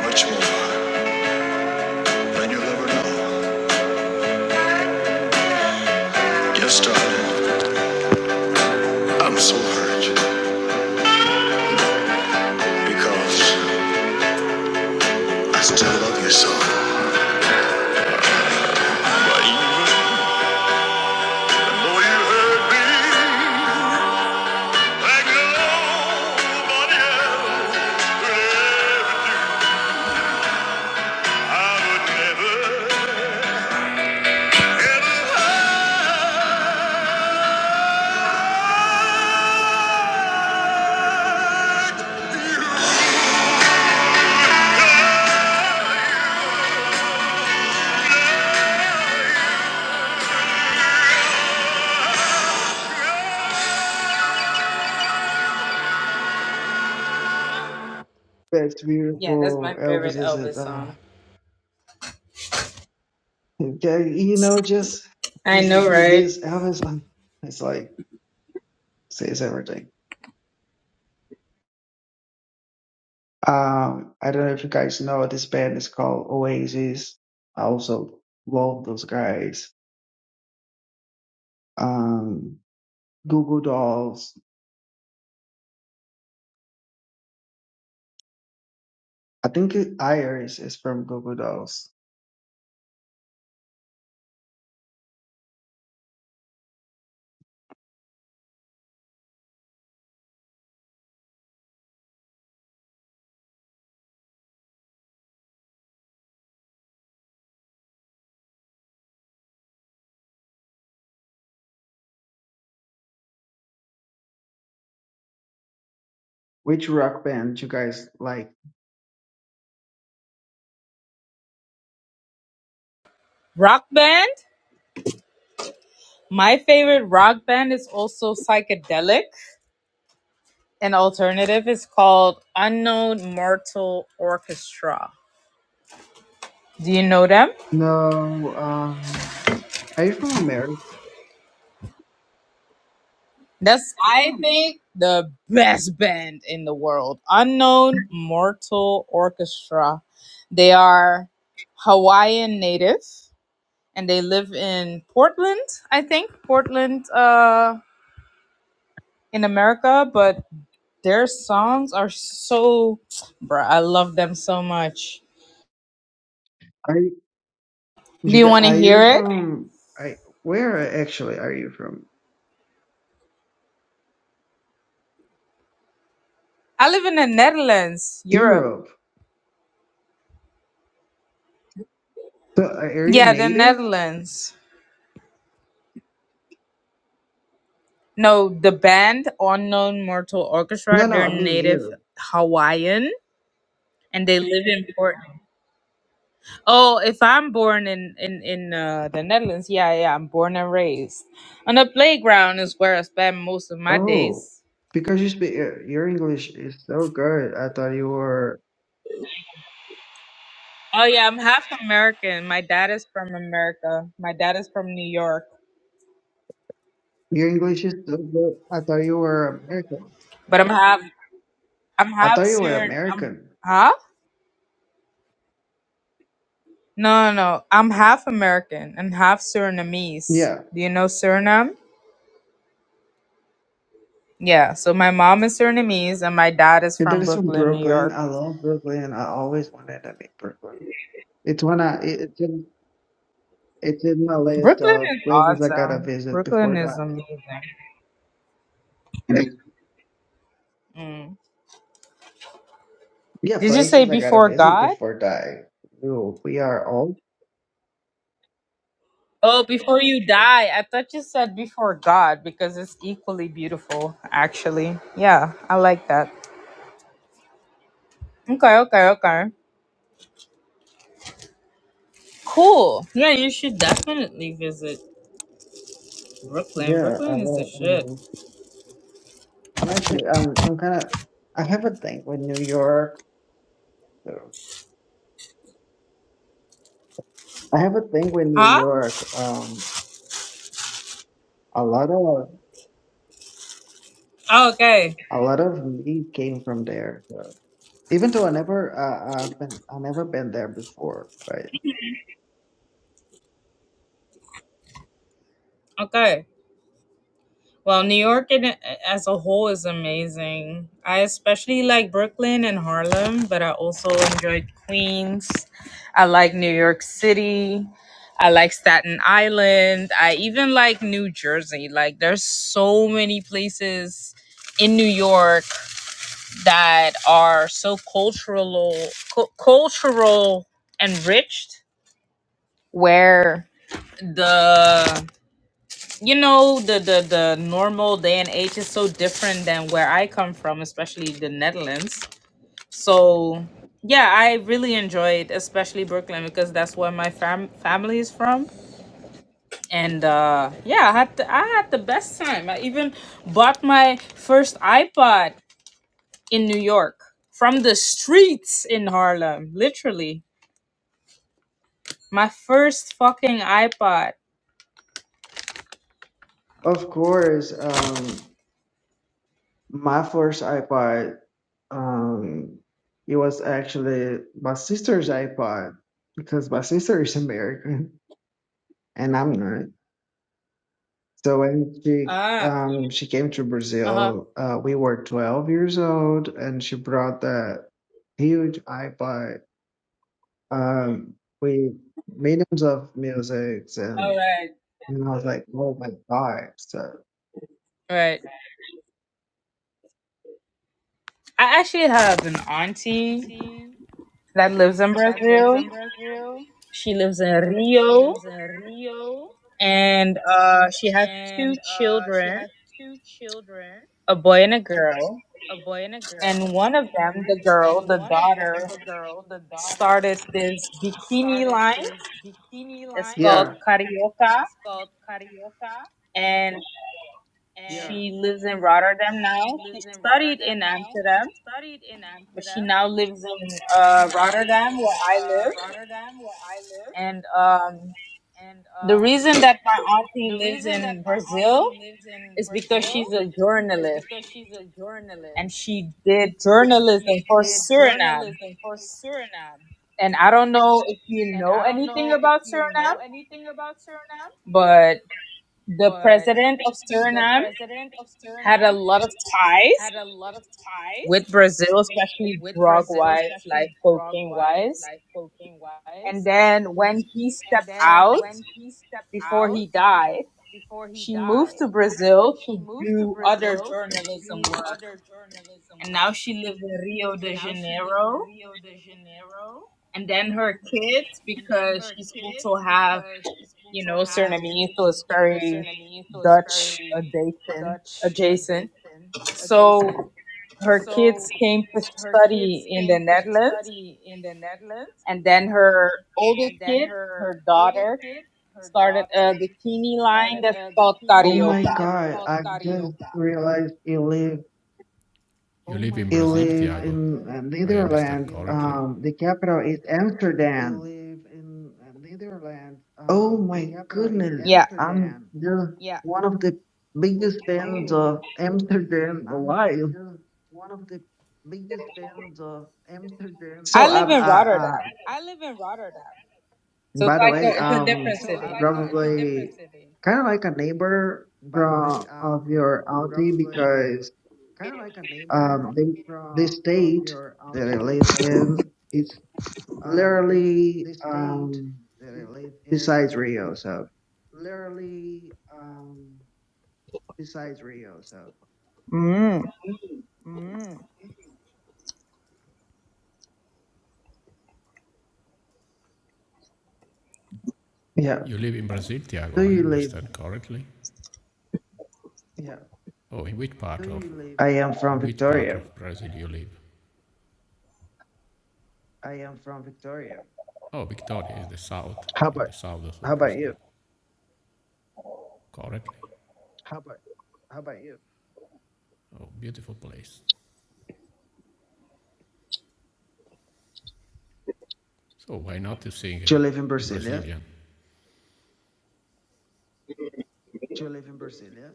Speaker 8: Much more than you'll ever know. Yes, darling, I'm so hurt because I still love you so. But even though you hurt me, Like
Speaker 13: That's
Speaker 8: Yeah, that's
Speaker 13: beautiful.
Speaker 8: my favorite
Speaker 13: Elvis is
Speaker 8: Elvis
Speaker 13: it? Uh,
Speaker 8: song.
Speaker 13: okay, you know, just
Speaker 8: I
Speaker 13: this,
Speaker 8: know, right?
Speaker 13: this Elvis, uh, it's like, says everything. Um, I don't know if you guys know this band is called Oasis. I also love those guys. Um, Google Dolls. I think it, Iris is from Google Dolls. Which rock band you guys like?
Speaker 8: Rock band. My favorite rock band is also psychedelic. and alternative It's called Unknown Mortal Orchestra. Do you know them?
Speaker 13: No. Um, are you from America?
Speaker 8: That's I think the best band in the world. Unknown Mortal Orchestra. They are Hawaiian native and they live in Portland, I think. Portland uh in America, but their songs are so bruh, I love them so much.
Speaker 13: Are you, you
Speaker 8: Do you
Speaker 13: gu-
Speaker 8: wanna
Speaker 13: are you
Speaker 8: hear it?
Speaker 13: from? I where actually are you from?
Speaker 8: I live in the Netherlands, Europe.
Speaker 13: Europe. So are you
Speaker 8: Yeah, the
Speaker 13: native?
Speaker 8: Netherlands. No, the band Unknown Mortal Orchestra,
Speaker 13: No, no.
Speaker 8: they're
Speaker 13: I mean
Speaker 8: native
Speaker 13: Europe.
Speaker 8: Hawaiian and they live in Portland. Oh, if I'm born in in in uh, the Netherlands, yeah, yeah, I'm born and raised. On the playground is where I spend most of my
Speaker 13: Oh,
Speaker 8: days.
Speaker 13: because you speak your your English is so good. I thought you were
Speaker 8: Oh yeah, I'm half American. My dad is from America. My dad is from New York,
Speaker 13: your English is so good. I thought you were American.
Speaker 8: but I'm half I'm
Speaker 13: I
Speaker 8: half
Speaker 13: thought you were
Speaker 8: Surin. I'm
Speaker 13: American.
Speaker 8: huh? No, no, no. I'm half American and half Surinamese.
Speaker 13: Yeah,
Speaker 8: Do you know Suriname? Yeah, so my mom is Surinamese and my dad is
Speaker 13: your dad
Speaker 8: from
Speaker 13: from
Speaker 8: Brooklyn, New
Speaker 13: Brooklyn.
Speaker 8: York.
Speaker 13: I love Brooklyn. I always wanted to be Brooklyn. It's one I it- it's in it's in my list
Speaker 8: Brooklyn
Speaker 13: of
Speaker 8: is
Speaker 13: places I gotta
Speaker 8: awesome.
Speaker 13: visit
Speaker 8: Brooklyn
Speaker 13: before
Speaker 8: is
Speaker 13: dying.
Speaker 8: amazing. Mm.
Speaker 13: Yeah,
Speaker 8: Did you say
Speaker 13: places I gotta
Speaker 8: before
Speaker 13: visit
Speaker 8: God?
Speaker 13: before dying. Ooh, we are old.
Speaker 8: Oh, before you die. I thought you said before God because it's equally beautiful, actually. Yeah, I like that. Okay, okay, okay. Cool. Yeah, you should definitely visit Brooklyn.
Speaker 13: Yeah, I
Speaker 8: Brooklyn is the
Speaker 13: love.
Speaker 8: shit.
Speaker 13: Um, I'm actually um I'm kind of I have a thing with New York. so I have a thing with New
Speaker 8: Huh?
Speaker 13: York. Um, a lot of
Speaker 8: Oh, okay.
Speaker 13: a lot of me came from there. so- Even though I never uh, I've been I never been there before, but
Speaker 8: Okay. Well, New York in, as a whole is amazing. I especially like Brooklyn and Harlem, but I also enjoyed Queens. I like New York City. I like Staten Island. I even like New Jersey. Like, there's so many places in New York that are so cultural, cu- cultural enriched, where the you know the the the normal day and age is so different than where I come from, especially the Netherlands. So yeah, I really enjoyed especially Brooklyn because that's where my fam- family is from. And uh, yeah, I had the, I had the best time. I even bought my first iPod in New York from the streets in Harlem, literally. My first fucking iPod.
Speaker 13: of course, um, my first iPod, um, it was actually my sister's iPod because my sister is American and I'm not. So when she
Speaker 8: Ah.
Speaker 13: um she came to
Speaker 8: Uh huh.
Speaker 13: Brazil, uh, we were 12 years old, and she brought that huge iPod um we millions of musics
Speaker 8: All
Speaker 13: and
Speaker 8: right.
Speaker 13: you know I was like, oh my god. So
Speaker 8: Right. I actually have an auntie that lives in
Speaker 14: that lives
Speaker 8: Brazil.
Speaker 14: in Brazil.
Speaker 8: She lives in
Speaker 14: She
Speaker 8: Rio,
Speaker 14: lives in Rio
Speaker 8: and uh, she has two
Speaker 14: and uh, she
Speaker 8: children,
Speaker 14: has two children,
Speaker 8: a boy and a girl.
Speaker 14: a boy and a
Speaker 8: And
Speaker 14: girl.
Speaker 8: one of them, the girl,
Speaker 14: And
Speaker 8: the
Speaker 14: one of
Speaker 8: daughter,
Speaker 14: them, the girl, the daughter,
Speaker 8: started this bikini
Speaker 14: started
Speaker 8: line
Speaker 14: this bikini
Speaker 8: that's
Speaker 14: line.
Speaker 8: called
Speaker 13: yeah.
Speaker 8: Carioca,
Speaker 14: It's called Carioca.
Speaker 8: and
Speaker 14: And Yeah.
Speaker 8: she lives in Rotterdam now.
Speaker 14: she
Speaker 8: She
Speaker 14: lives in
Speaker 8: studied in
Speaker 14: Rotterdam now. She
Speaker 8: Amsterdam,
Speaker 14: studied in
Speaker 8: but she
Speaker 14: Amsterdam,
Speaker 8: now lives in
Speaker 14: but she
Speaker 8: uh,
Speaker 14: now lives
Speaker 8: Rotterdam,
Speaker 14: in
Speaker 8: where I
Speaker 14: uh,
Speaker 8: live.
Speaker 14: Rotterdam where I live.
Speaker 8: And um,
Speaker 14: And
Speaker 8: the
Speaker 14: um,
Speaker 8: reason that my
Speaker 14: the
Speaker 8: auntie lives
Speaker 14: reason that
Speaker 8: in
Speaker 14: my
Speaker 8: Brazil
Speaker 14: auntie lives in
Speaker 8: is because
Speaker 14: Brazil
Speaker 8: she's a
Speaker 14: is
Speaker 8: journalist
Speaker 14: because she's a journalist.
Speaker 8: and she did
Speaker 14: and
Speaker 8: journalism
Speaker 14: she
Speaker 8: for
Speaker 14: did
Speaker 8: Suriname.
Speaker 14: journalism for Suriname.
Speaker 8: And I don't know if you
Speaker 14: And
Speaker 8: know
Speaker 14: I don't
Speaker 8: anything
Speaker 14: know if
Speaker 8: about
Speaker 14: you
Speaker 8: Suriname,
Speaker 14: know anything about Suriname,
Speaker 8: but the
Speaker 14: but
Speaker 8: president of
Speaker 14: the
Speaker 8: Suriname
Speaker 14: president of
Speaker 8: had a
Speaker 14: Suriname
Speaker 8: lot of
Speaker 14: had
Speaker 8: ties
Speaker 14: a lot of ties
Speaker 8: with Brazil, especially
Speaker 14: with
Speaker 8: drug
Speaker 14: Brazil,
Speaker 8: wise, like
Speaker 14: especially drug
Speaker 8: cocaine
Speaker 14: wise,
Speaker 8: wise.
Speaker 14: like cocaine
Speaker 8: And
Speaker 14: wise.
Speaker 8: then when he
Speaker 14: And
Speaker 8: stepped
Speaker 14: then
Speaker 8: out
Speaker 14: when he stepped
Speaker 8: before
Speaker 14: out
Speaker 8: he died,
Speaker 14: before he
Speaker 8: she moved
Speaker 14: died,
Speaker 8: to Brazil
Speaker 14: she
Speaker 8: to
Speaker 14: moved to
Speaker 8: do other
Speaker 14: Brazil to
Speaker 8: journalism
Speaker 14: do
Speaker 8: work.
Speaker 14: other journalism
Speaker 8: And now
Speaker 14: work.
Speaker 8: she lives in Rio
Speaker 14: And
Speaker 8: de
Speaker 14: now she lives in
Speaker 8: Janeiro.
Speaker 14: Rio de Janeiro.
Speaker 8: And then her kids,
Speaker 14: And then
Speaker 8: because
Speaker 14: her
Speaker 8: she's also
Speaker 14: kids,
Speaker 8: have
Speaker 14: because she's
Speaker 8: you
Speaker 14: also
Speaker 8: know,
Speaker 14: have
Speaker 8: Suriname, so it's
Speaker 14: you know,
Speaker 8: very
Speaker 14: Suriname, so it's
Speaker 8: Dutch
Speaker 14: very
Speaker 8: adjacent.
Speaker 14: Dutch
Speaker 8: adjacent.
Speaker 14: adjacent. adjacent.
Speaker 8: So her kids
Speaker 14: So
Speaker 8: came to
Speaker 14: her kids
Speaker 8: study in the
Speaker 14: came to
Speaker 8: Netherlands,
Speaker 14: study in the Netherlands,
Speaker 8: and then her oldest
Speaker 14: and then
Speaker 8: kid,
Speaker 14: her
Speaker 8: her
Speaker 14: oldest
Speaker 8: daughter,
Speaker 14: kid, her
Speaker 8: started
Speaker 14: daughter,
Speaker 8: a bikini line
Speaker 14: started
Speaker 8: that's
Speaker 14: a
Speaker 8: called
Speaker 14: bikini
Speaker 13: Oh my
Speaker 14: line
Speaker 8: Carioca.
Speaker 14: that's
Speaker 13: god,
Speaker 14: called
Speaker 13: I just
Speaker 14: Carioca.
Speaker 13: realized you live
Speaker 14: You Oh live my in
Speaker 13: you
Speaker 14: Brazil, God, I
Speaker 13: live
Speaker 14: Tiago.
Speaker 13: in
Speaker 14: didn't
Speaker 13: uh,
Speaker 14: I realize understand you
Speaker 13: Netherlands.
Speaker 14: live correctly.
Speaker 13: Um the capital is
Speaker 14: you
Speaker 13: Amsterdam.
Speaker 14: live in uh, Netherlands.
Speaker 13: Oh
Speaker 14: Um, the
Speaker 13: my
Speaker 14: capital is
Speaker 13: goodness.
Speaker 8: Yeah,
Speaker 13: I'm
Speaker 14: Amsterdam.
Speaker 13: just
Speaker 14: Yeah,
Speaker 13: one of the biggest
Speaker 14: Oh
Speaker 13: fans
Speaker 14: my
Speaker 13: of
Speaker 14: goodness,
Speaker 13: Amsterdam
Speaker 14: I'm
Speaker 13: alive.
Speaker 14: just one of the biggest fans of Amsterdam
Speaker 13: So
Speaker 8: I live
Speaker 13: I'm
Speaker 8: in
Speaker 14: alive.
Speaker 8: Rotterdam,
Speaker 13: I,
Speaker 14: I live in Rotterdam,
Speaker 8: so it's
Speaker 13: By the
Speaker 8: like
Speaker 13: way,
Speaker 8: a, it's a
Speaker 13: um,
Speaker 8: different
Speaker 14: So so it's um,
Speaker 8: city.
Speaker 14: like a, I, it's a I,
Speaker 13: probably
Speaker 14: different city. I,
Speaker 13: kind of like a neighbor
Speaker 14: by the way,
Speaker 13: from of
Speaker 14: um,
Speaker 13: your auntie
Speaker 14: probably
Speaker 13: because
Speaker 14: kind of like a
Speaker 13: um,
Speaker 14: neighbor
Speaker 13: they the
Speaker 14: from of
Speaker 13: state
Speaker 14: your
Speaker 13: that I
Speaker 14: auntie
Speaker 13: live
Speaker 14: because
Speaker 13: in is
Speaker 14: um, they
Speaker 13: literally
Speaker 14: the state
Speaker 13: um
Speaker 14: that I live in
Speaker 13: besides Rio.
Speaker 14: is
Speaker 13: So
Speaker 14: literally um, besides Rio. So
Speaker 13: yeah,
Speaker 14: You live in Brazil, Tiago,
Speaker 13: do
Speaker 14: I
Speaker 13: you live?
Speaker 14: understand correctly. Yeah. Oh, in which part Where of you live?
Speaker 13: I am
Speaker 14: in
Speaker 13: from
Speaker 14: which part
Speaker 13: Victoria.
Speaker 14: of Brazil you live? I am from Victoria. Oh, Victoria is the south,
Speaker 13: How
Speaker 14: in
Speaker 13: about
Speaker 14: the south
Speaker 13: how
Speaker 14: of
Speaker 13: about
Speaker 14: Brazil.
Speaker 13: you?
Speaker 14: Correctly. How about how about you? Oh, beautiful place. So why not to sing? Uh,
Speaker 13: Do you live in
Speaker 14: I'm
Speaker 13: Brasilia?
Speaker 14: Brazilian. Do you live in Brazil? Yeah.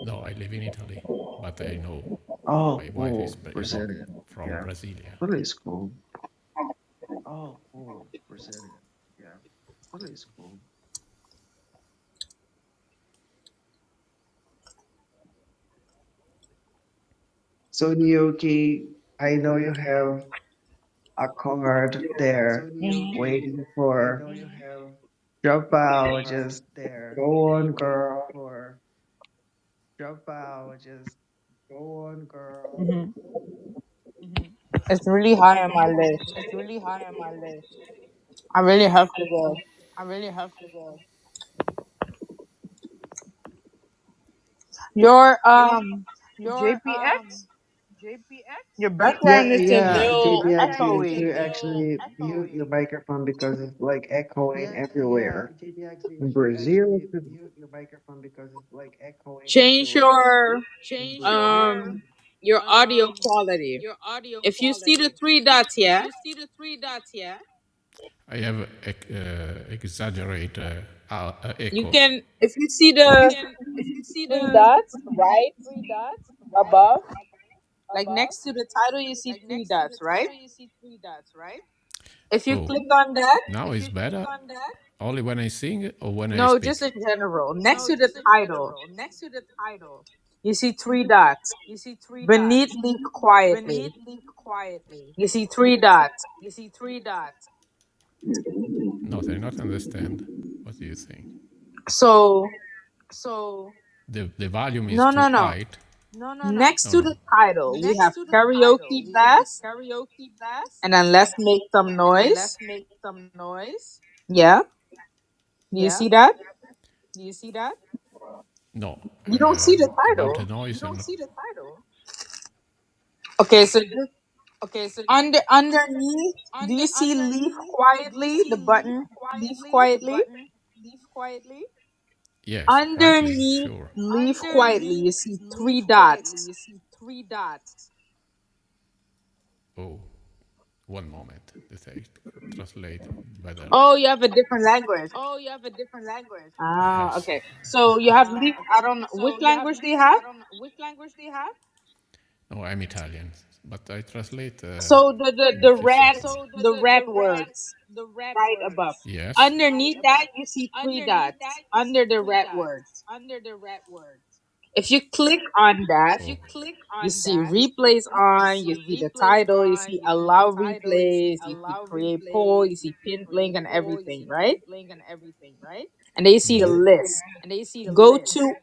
Speaker 14: No, I live in Italy, but I know
Speaker 13: Oh,
Speaker 14: my wife is
Speaker 13: cool,
Speaker 14: is uh,
Speaker 13: Brasilia.
Speaker 14: from
Speaker 13: Yeah,
Speaker 14: Brasilia.
Speaker 13: really is cool.
Speaker 14: Oh, cool. Brazil. Yeah. That is cool.
Speaker 13: So in Yoki, I know you have. are covered
Speaker 14: So
Speaker 13: there
Speaker 8: hmm
Speaker 14: Nyoki,
Speaker 13: waiting
Speaker 14: I
Speaker 13: for
Speaker 14: know you have
Speaker 13: job
Speaker 14: a card
Speaker 13: biologists.
Speaker 14: there
Speaker 13: Go on,
Speaker 14: waiting
Speaker 13: girl.
Speaker 14: for drop out. Just Go on, girl.
Speaker 8: hmm It's really high on my list.
Speaker 14: It's really high on my list.
Speaker 8: I really have to go.
Speaker 14: I really have to go.
Speaker 8: Your um
Speaker 14: Your um
Speaker 8: JPX,
Speaker 14: JPX,
Speaker 8: your background
Speaker 13: Yeah,
Speaker 8: is a
Speaker 14: Yeah.
Speaker 13: yeah,
Speaker 14: your
Speaker 8: little
Speaker 13: JB, actually,
Speaker 14: background is
Speaker 13: you
Speaker 14: a
Speaker 8: echoey.
Speaker 13: should
Speaker 14: little
Speaker 13: actually mute your
Speaker 14: echoey.
Speaker 13: microphone because it's like
Speaker 14: Yeah,
Speaker 13: echoing
Speaker 14: yeah,
Speaker 13: everywhere.
Speaker 14: JPX, you
Speaker 13: In
Speaker 14: should
Speaker 13: Brazil,
Speaker 14: actually mute your microphone because it's like echoing
Speaker 8: Change
Speaker 14: everywhere.
Speaker 8: your
Speaker 14: Change your
Speaker 8: um your audio
Speaker 14: um
Speaker 8: quality.
Speaker 14: your audio
Speaker 8: If you see the
Speaker 14: quality.
Speaker 8: three dots,
Speaker 14: If
Speaker 8: yeah,
Speaker 14: you see the three dots, yeah, I have ex- uh, exaggerate uh, uh, uh,
Speaker 8: you
Speaker 14: echo.
Speaker 8: can. If you see
Speaker 14: You
Speaker 8: the
Speaker 14: can, if you see
Speaker 8: three
Speaker 14: the
Speaker 8: dots right
Speaker 14: three dots right
Speaker 8: above, like
Speaker 14: above,
Speaker 8: next to the title, you see
Speaker 14: like
Speaker 8: three
Speaker 14: next to
Speaker 8: dots,
Speaker 14: the
Speaker 8: right?
Speaker 14: title, you see three dots, right?
Speaker 8: If you
Speaker 14: Oh,
Speaker 8: click on that,
Speaker 14: now If it's you better. click on that, Only when I sing or when I
Speaker 8: no, just
Speaker 14: speak.
Speaker 8: in general, next
Speaker 14: no,
Speaker 8: to the
Speaker 14: just in
Speaker 8: title,
Speaker 14: general. Next to the title,
Speaker 8: you see three dots.
Speaker 14: you see three
Speaker 8: Beneath
Speaker 14: dots.
Speaker 8: leave
Speaker 14: Beneath
Speaker 8: quietly,
Speaker 14: Leave Quietly,
Speaker 8: you see three dots.
Speaker 14: you see three dots. No, I not understand. What do you think?
Speaker 8: So
Speaker 14: So The, the volume is
Speaker 8: no,
Speaker 14: too
Speaker 8: no, no.
Speaker 14: high. no, no, no.
Speaker 8: Next
Speaker 14: No,
Speaker 8: to
Speaker 14: no.
Speaker 8: the title, we
Speaker 14: Next
Speaker 8: have
Speaker 14: to the title,
Speaker 8: karaoke
Speaker 14: we have
Speaker 8: blast,
Speaker 14: karaoke blast,
Speaker 8: and then let's make some
Speaker 14: and then
Speaker 8: noise.
Speaker 14: let's make some noise.
Speaker 8: Yeah Do you
Speaker 14: Yeah,
Speaker 8: see that?
Speaker 14: do you see that? No.
Speaker 8: You don't see the
Speaker 14: Um about
Speaker 8: title.
Speaker 14: the noise. You don't and see the title.
Speaker 8: Okay, so just
Speaker 14: Okay, so
Speaker 8: under underneath, do
Speaker 14: under
Speaker 8: you see leave
Speaker 14: underneath, do you
Speaker 8: quietly? The
Speaker 14: see leave
Speaker 8: button leave
Speaker 14: quietly? The
Speaker 8: quietly.
Speaker 14: button leave quietly. yes, quietly,
Speaker 8: Underneath
Speaker 14: sure.
Speaker 8: leave quietly, you
Speaker 14: Underneath
Speaker 8: see three
Speaker 14: leave quietly,
Speaker 8: dots.
Speaker 14: you see three dots. Oh. One moment that I translate better.
Speaker 8: Oh, you have a different language.
Speaker 14: Oh, you have a different language.
Speaker 8: Ah,
Speaker 14: Yes.
Speaker 8: okay.
Speaker 14: [laughs]
Speaker 8: So you have
Speaker 14: Ah,
Speaker 8: leave.
Speaker 14: okay.
Speaker 8: I don't know which
Speaker 14: So you have
Speaker 8: language they
Speaker 14: leaf.
Speaker 8: have.
Speaker 14: I don't know which language do you have. No, I'm Italian, but I translate uh,
Speaker 8: So the the
Speaker 14: in a
Speaker 8: the
Speaker 14: few seconds.
Speaker 8: red
Speaker 14: So the
Speaker 8: the
Speaker 14: the,
Speaker 8: red
Speaker 14: the red
Speaker 8: words
Speaker 14: the red
Speaker 8: right above.
Speaker 14: words yes. right
Speaker 8: Underneath that,
Speaker 14: above.
Speaker 8: you see three
Speaker 14: Underneath
Speaker 8: dots
Speaker 14: that, you
Speaker 8: under
Speaker 14: see
Speaker 8: the
Speaker 14: three
Speaker 8: red
Speaker 14: dots
Speaker 8: words.
Speaker 14: under the red words.
Speaker 8: If you click on that
Speaker 14: If okay. you Okay. click
Speaker 8: You
Speaker 14: on
Speaker 8: see
Speaker 14: that,
Speaker 8: replays
Speaker 14: You
Speaker 8: on, you
Speaker 14: see
Speaker 8: see the
Speaker 14: replays
Speaker 8: title, you see
Speaker 14: on, you see the
Speaker 8: allow
Speaker 14: title, you see
Speaker 8: replays, you see
Speaker 14: allow
Speaker 8: create poll, you
Speaker 14: replays, you
Speaker 8: see
Speaker 14: see
Speaker 8: pinned link
Speaker 14: create
Speaker 8: and
Speaker 14: poll, you
Speaker 8: everything,
Speaker 14: see
Speaker 8: right?
Speaker 14: pinned link and everything, right?
Speaker 8: And then you see the list.
Speaker 14: And then you see the
Speaker 8: Go
Speaker 14: list.
Speaker 8: to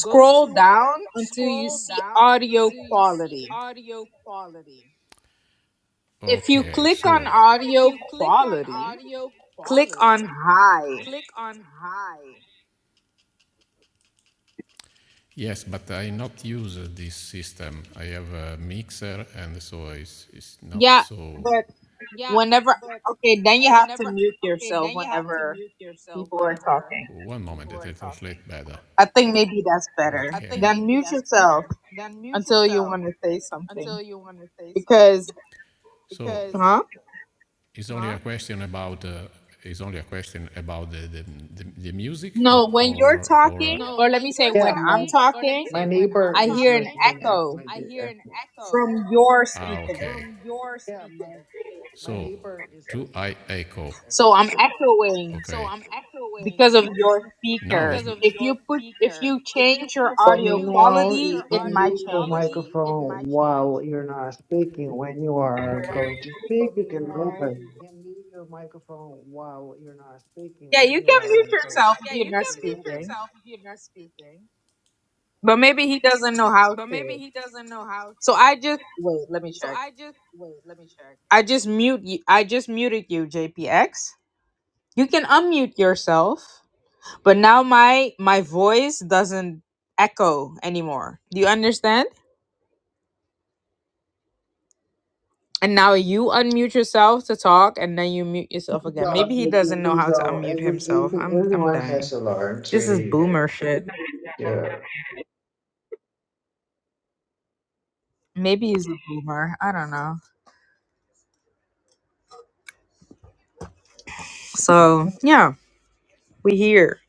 Speaker 14: Go to
Speaker 8: down until you
Speaker 14: scroll
Speaker 8: see
Speaker 14: down
Speaker 8: audio
Speaker 14: until you see
Speaker 8: quality.
Speaker 14: audio quality.
Speaker 8: If you
Speaker 14: Okay,
Speaker 8: click on
Speaker 14: so If
Speaker 8: audio
Speaker 14: you click on
Speaker 8: quality,
Speaker 14: audio
Speaker 8: click
Speaker 14: quality,
Speaker 8: on high.
Speaker 14: click on high. yes, but I not use uh, this system. I have a mixer, and so it's, it's not
Speaker 8: Yeah,
Speaker 14: so.
Speaker 8: but
Speaker 14: Yeah,
Speaker 8: whenever
Speaker 14: but
Speaker 8: okay, then you have to
Speaker 14: Whenever,
Speaker 8: mute
Speaker 14: okay,
Speaker 8: yourself
Speaker 14: then you have to
Speaker 8: whenever
Speaker 14: mute yourself
Speaker 8: people are
Speaker 14: whenever
Speaker 8: talking.
Speaker 14: One moment, people it are is talking. translate better.
Speaker 8: I think maybe that's
Speaker 14: Okay. I
Speaker 8: better.
Speaker 14: think Okay.
Speaker 8: Then
Speaker 14: maybe
Speaker 8: mute
Speaker 14: that's
Speaker 8: yourself.
Speaker 14: better. Then mute
Speaker 8: until you
Speaker 14: yourself
Speaker 8: want to say something.
Speaker 14: until you want to say something.
Speaker 8: Because,
Speaker 14: Because So
Speaker 8: huh?
Speaker 14: it's only huh? a question about uh, it's only a question about the the, the, the music or
Speaker 8: No, when you're
Speaker 14: or, or uh,
Speaker 8: talking,
Speaker 14: No,
Speaker 8: or let
Speaker 14: when
Speaker 8: me say
Speaker 14: you're
Speaker 13: yeah,
Speaker 8: when I'm
Speaker 13: my
Speaker 14: talking, or let me
Speaker 8: talking,
Speaker 14: say
Speaker 13: my
Speaker 14: when I'm
Speaker 13: neighbor
Speaker 8: I
Speaker 13: is
Speaker 8: hear an
Speaker 14: talking,
Speaker 13: listening
Speaker 8: echo
Speaker 13: actually
Speaker 14: I
Speaker 13: to
Speaker 14: hear an
Speaker 13: echo.
Speaker 14: echo
Speaker 8: from your
Speaker 14: ah okay.
Speaker 8: speaker.
Speaker 14: from your speaker. Yeah, my my So do like I echo?
Speaker 8: So I'm echoing
Speaker 14: Okay, So Okay. I'm echoing.
Speaker 8: because of your
Speaker 14: No,
Speaker 8: speaker.
Speaker 14: he's because of
Speaker 8: If you
Speaker 14: your
Speaker 8: put, if
Speaker 14: speaker.
Speaker 8: you
Speaker 14: If you
Speaker 8: change your
Speaker 14: put
Speaker 13: But
Speaker 14: if
Speaker 8: audio
Speaker 14: you
Speaker 13: meanwhile,
Speaker 14: change
Speaker 8: quality,
Speaker 13: you
Speaker 14: your
Speaker 8: it
Speaker 13: can
Speaker 8: might
Speaker 14: audio
Speaker 13: mute your
Speaker 8: change.
Speaker 14: quality, it
Speaker 13: microphone
Speaker 14: might change.
Speaker 13: while you're not speaking. When you are going
Speaker 14: okay.
Speaker 13: to speak,
Speaker 14: But
Speaker 13: you can
Speaker 14: meanwhile,
Speaker 13: open.
Speaker 14: you can mute your microphone while you're not speaking.
Speaker 8: Yeah,
Speaker 14: When
Speaker 8: you
Speaker 14: you
Speaker 8: can mute
Speaker 14: are going to
Speaker 8: yourself if
Speaker 14: Yeah, you
Speaker 8: you're
Speaker 14: you
Speaker 8: not
Speaker 14: can mute open
Speaker 8: speaking,
Speaker 14: yourself if you're not speaking.
Speaker 8: but maybe he doesn't know how
Speaker 14: But
Speaker 8: to.
Speaker 14: maybe he doesn't know how
Speaker 8: So
Speaker 14: to.
Speaker 8: I just wait. Let me
Speaker 14: So
Speaker 8: check.
Speaker 14: I just wait, let me check.
Speaker 8: I just mute. You, I just muted you, JPX. You can unmute yourself, but now my my voice doesn't echo anymore. Do you understand? And now you unmute yourself to talk and then you mute yourself again. Maybe he
Speaker 13: No,
Speaker 8: doesn't know
Speaker 13: because
Speaker 8: how to
Speaker 13: uh,
Speaker 8: unmute
Speaker 13: every,
Speaker 8: himself.
Speaker 13: even-
Speaker 8: I'm I'm
Speaker 13: everyone has
Speaker 8: dying.
Speaker 13: alarms,
Speaker 8: This is
Speaker 13: really, uh,
Speaker 8: boomer shit.
Speaker 13: yeah.
Speaker 8: Maybe he's a boomer. I don't know. So, yeah, we here.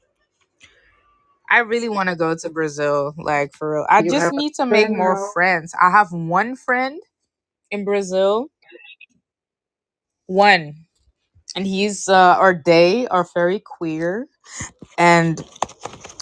Speaker 8: I really want to go to Brazil, like for real. I
Speaker 13: You
Speaker 8: just
Speaker 13: have a
Speaker 8: need to make more
Speaker 13: turnout.
Speaker 8: friends. I have one friend in Brazil. One. and he's uh, or they are very queer and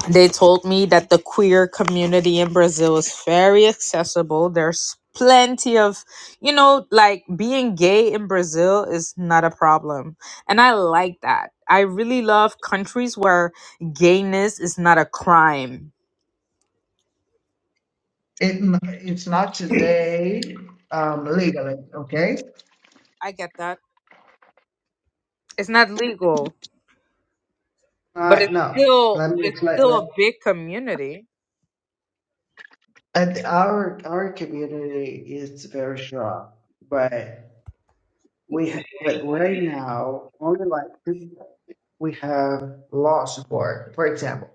Speaker 8: they told me that the queer community in brazil is very accessible there's plenty of you know like being gay in brazil is not a problem and i like that i really love countries where gayness is not a crime
Speaker 13: It, it's not today, um, legally, okay?
Speaker 8: i get that it's not legal but
Speaker 13: Uh,
Speaker 8: it's
Speaker 13: no,
Speaker 8: still
Speaker 13: let me
Speaker 8: it's
Speaker 13: explain
Speaker 8: still a
Speaker 13: that.
Speaker 8: big community
Speaker 13: And our our community is very strong, but we but right now only like two- we have law support. For example,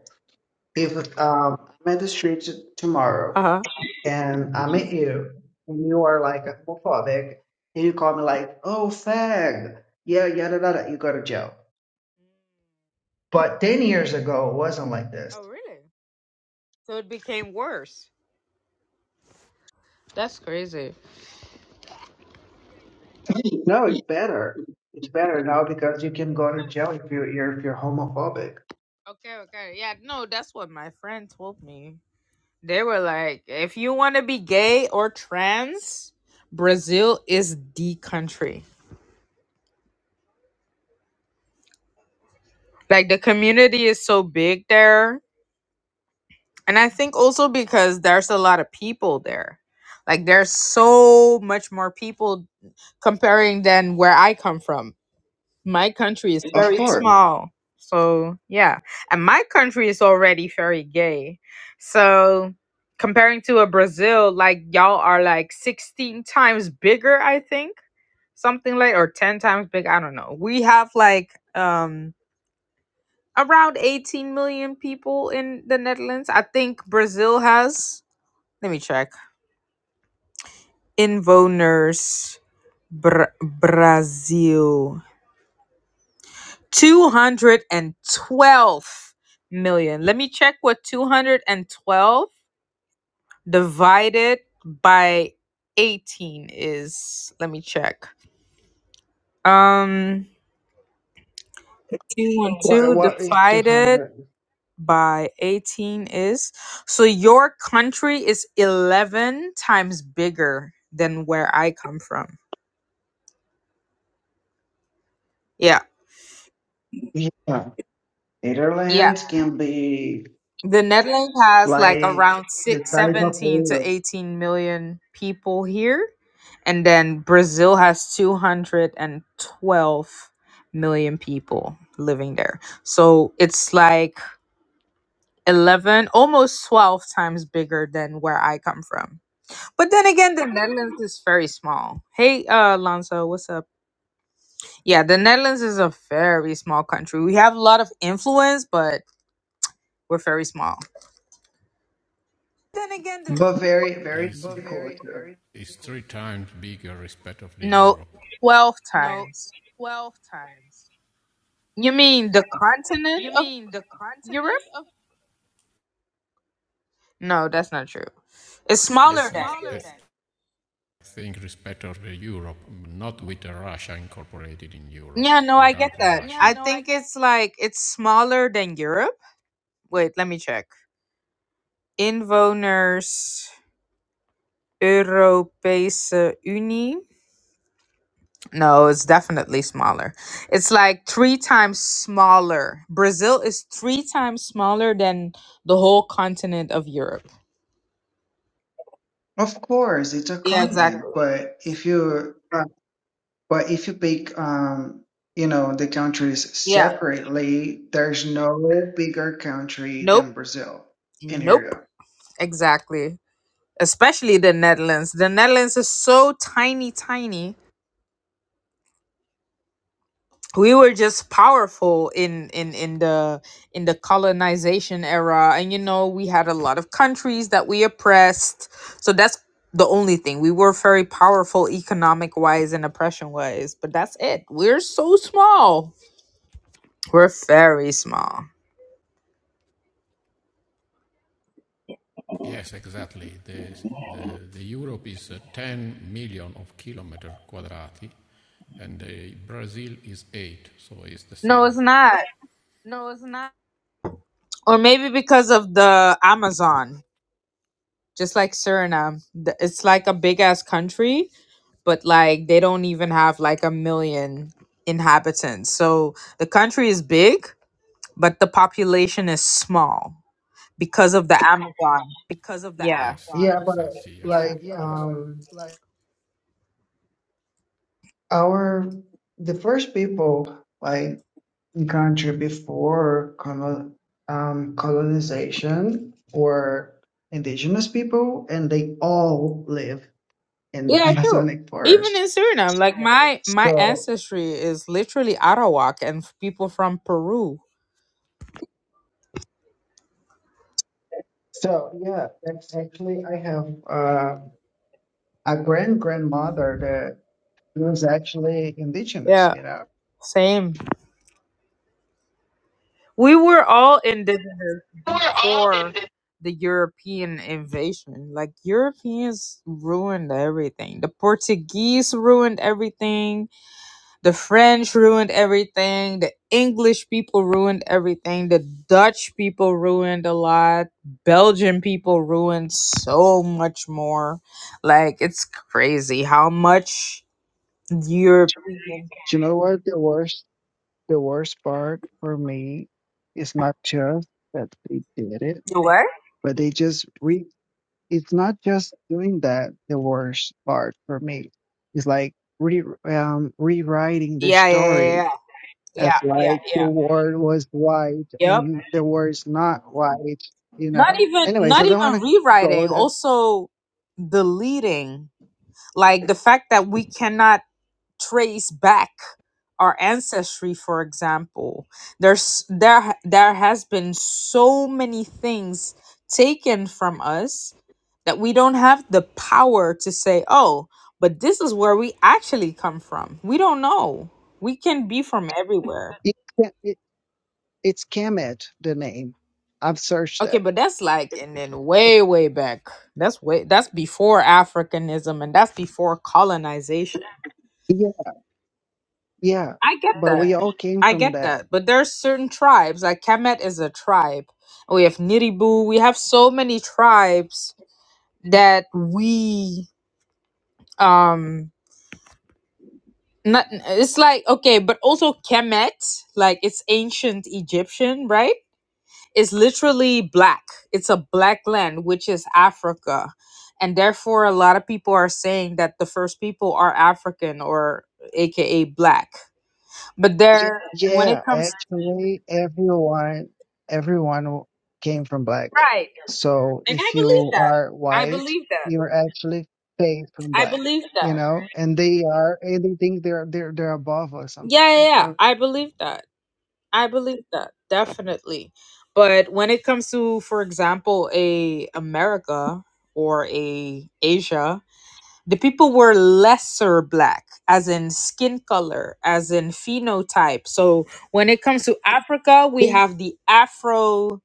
Speaker 13: if um, I'm at the street t- tomorrow.
Speaker 8: uh-huh
Speaker 13: and I meet you, and you are like a homophobic, and you call me like, oh, fag, yeah, yada, yada, you go to jail. But 10 years ago, it wasn't like this.
Speaker 8: oh really so it became worse that's crazy
Speaker 13: No, it's better. It's better now because you can go to jail if you're, you're- if you're homophobic.
Speaker 8: Okay, okay. Yeah, no, that's what my friend told me. They were like, if you want to be gay or trans, Brazil is the country. Like, the community is so big there. And I think also because there's a lot of people there. Like, there's so much more people comparing than where I come from. My country is
Speaker 13: Of
Speaker 8: very
Speaker 13: course.
Speaker 8: small. So, yeah. And my country is already very gay. So, comparing to a Brazil, like y'all are like 16 times bigger, I think. Something like or 10 times big, I don't know. We have like um around 18 million people in the Netherlands. I think Brazil has. Let me check. Invoners Bra- Brazil. 212 million. Let me check what 212 divided by 18 is. Let me check. Um
Speaker 13: What,
Speaker 8: 212
Speaker 13: what is
Speaker 8: divided
Speaker 13: 200?
Speaker 8: by 18 is. So your country is 11 times bigger than where I come from. Yeah.
Speaker 13: Yeah. Netherlands can be
Speaker 8: The Netherlands has like
Speaker 13: like
Speaker 8: around
Speaker 13: the
Speaker 8: six
Speaker 13: size of
Speaker 8: seventeen to
Speaker 13: Rio,
Speaker 8: 18 million people here. And then Brazil has 212 million people living there. So it's like 11, almost 12 times bigger than where I come from. But then again, the Netherlands is very small. Hey, uh, Alonso, what's up? Yeah, the Netherlands is a very small country. We have a lot of influence, but we're very small.
Speaker 14: Then again the,
Speaker 13: but very, very
Speaker 14: He's, But
Speaker 13: cool
Speaker 14: very,
Speaker 13: too.
Speaker 14: very he's three times bigger respect of the
Speaker 8: No,
Speaker 14: Europe.
Speaker 8: 12
Speaker 14: no
Speaker 8: times.
Speaker 14: twelve times.
Speaker 8: You mean the continent
Speaker 14: You
Speaker 8: of
Speaker 14: mean the continent
Speaker 8: Europe?
Speaker 14: of
Speaker 8: No, that's not true. It's
Speaker 14: Yes,
Speaker 8: smaller than
Speaker 14: smaller I, I
Speaker 8: Europe.
Speaker 14: than. I think respect of the Europe, not with Russia incorporated in Europe.
Speaker 8: Yeah, no, I get
Speaker 14: Without
Speaker 8: that.
Speaker 14: Russia, Yeah,
Speaker 8: I
Speaker 14: no, I
Speaker 8: think
Speaker 14: get
Speaker 8: it's like it's smaller than Europe. Wait, let me check. Inwoners Europese Unie. No, it's definitely smaller. It's like three times smaller. Brazil is three times smaller than the whole continent of Europe.
Speaker 13: Of course, it's a
Speaker 8: Yeah, exactly.
Speaker 13: continent, but if you But if you pick, um, you know, the countries
Speaker 8: Yeah.
Speaker 13: separately, there's no bigger country
Speaker 8: Nope.
Speaker 13: than Brazil in
Speaker 8: Nope.
Speaker 13: Europe.
Speaker 8: Exactly. especially the Netherlands. The Netherlands is so tiny, tiny. We were just powerful in in in the in the colonization era, and you know we had a lot of countries that we oppressed. So that's the only thing we were very powerful economic wise and oppression wise. But that's it. We're so small. We're very small.
Speaker 14: Yes, exactly. The, the, the Europe is uh, 10 million of kilometer quadrati, and uh, Brazil is 8, so it's the
Speaker 8: No,
Speaker 14: same.
Speaker 8: it's not.
Speaker 14: no, it's not
Speaker 8: Or maybe because of the Amazon, just like Suriname, The- it's like a big ass country but like they don't even have like a million inhabitants. So the country is big, but the population is small because of the Amazon.
Speaker 14: because of the Amazon.
Speaker 8: Yeah.
Speaker 14: Yes,
Speaker 13: Yeah, but
Speaker 14: exactly. Yes. Yeah.
Speaker 13: like
Speaker 14: Yeah, yes. but uh,
Speaker 13: um
Speaker 14: like
Speaker 13: our the first people like in country before colon, um colonization were indigenous people and they all live in
Speaker 8: Yeah, true.
Speaker 13: Amazonic
Speaker 8: Even in
Speaker 13: forest.
Speaker 8: Suriname, like my my
Speaker 13: So
Speaker 8: ancestry is literally Arawak and f- people from Peru.
Speaker 13: so yeah, that's actually I have uh a grand grandmother that was actually indigenous,
Speaker 8: Yeah,
Speaker 13: you know.
Speaker 8: same. We were all indigenous
Speaker 13: We're all
Speaker 8: before
Speaker 13: indigenous.
Speaker 8: the European invasion. Like Europeans ruined everything. The Portuguese ruined everything The French ruined everything. The English people ruined everything. The Dutch people ruined a lot. Belgian people ruined so much more. Like it's crazy how much European.
Speaker 13: Do you know what the worst the worst part for me is not just that they did it,
Speaker 8: The What?
Speaker 13: but they just re it's not just doing that the worst part for me. is like re um rewriting the
Speaker 8: Yeah, yeah,
Speaker 13: story
Speaker 8: yeah, yeah,
Speaker 13: as
Speaker 8: yeah, yeah,
Speaker 13: like the
Speaker 8: yeah.
Speaker 13: world was white
Speaker 8: Yep.
Speaker 13: and the world is not white, you
Speaker 8: Not
Speaker 13: know.
Speaker 8: even,
Speaker 13: Anyway, so
Speaker 8: not
Speaker 13: I don't
Speaker 8: even
Speaker 13: wanna go
Speaker 8: rewriting.
Speaker 13: there
Speaker 8: Also, deleting. Like the fact that we cannot trace back our ancestry for example there's there there has been so many things taken from us that we don't have the power to say oh but this is where we actually come from we don't know we can be from everywhere
Speaker 13: It, ca- it, it's Kemet, the name. I've
Speaker 8: [laughs]
Speaker 13: searched
Speaker 8: okay
Speaker 13: it.
Speaker 8: but that's like and then way way back that's way that's before africanism and that's before colonization
Speaker 13: Yeah, yeah.
Speaker 8: i get
Speaker 13: But
Speaker 8: that
Speaker 13: we all came
Speaker 8: I
Speaker 13: from
Speaker 8: get
Speaker 13: that.
Speaker 8: that, but there are certain tribes. Like Kemet is a tribe. We have Niribu. We have so many tribes that we um not. It's like okay, but also Kemet, like it's ancient Egyptian, right? It's literally black. It's a black land, which is Africa, and therefore a lot of people are saying that the first people are African or AKA black. But there, when it
Speaker 13: Yeah,
Speaker 8: comes
Speaker 13: actually, everyone everyone w- came from black.
Speaker 8: right
Speaker 13: So
Speaker 8: And I
Speaker 13: if
Speaker 8: believe
Speaker 13: you
Speaker 8: that.
Speaker 13: are
Speaker 8: I
Speaker 13: white,
Speaker 8: believe that.
Speaker 13: you're actually based from
Speaker 8: I
Speaker 13: black,
Speaker 8: believe that.
Speaker 13: you know. And they are, and they think they're they're they're above us somehow,
Speaker 8: Yeah, yeah,
Speaker 13: you
Speaker 8: yeah.
Speaker 13: know.
Speaker 8: I believe that. I believe that. Definitely. But when it comes to, for example, a America or a Asia, the people were lesser black, as in skin color, as in phenotype. So when it comes to Africa, we
Speaker 13: They
Speaker 8: have the Afro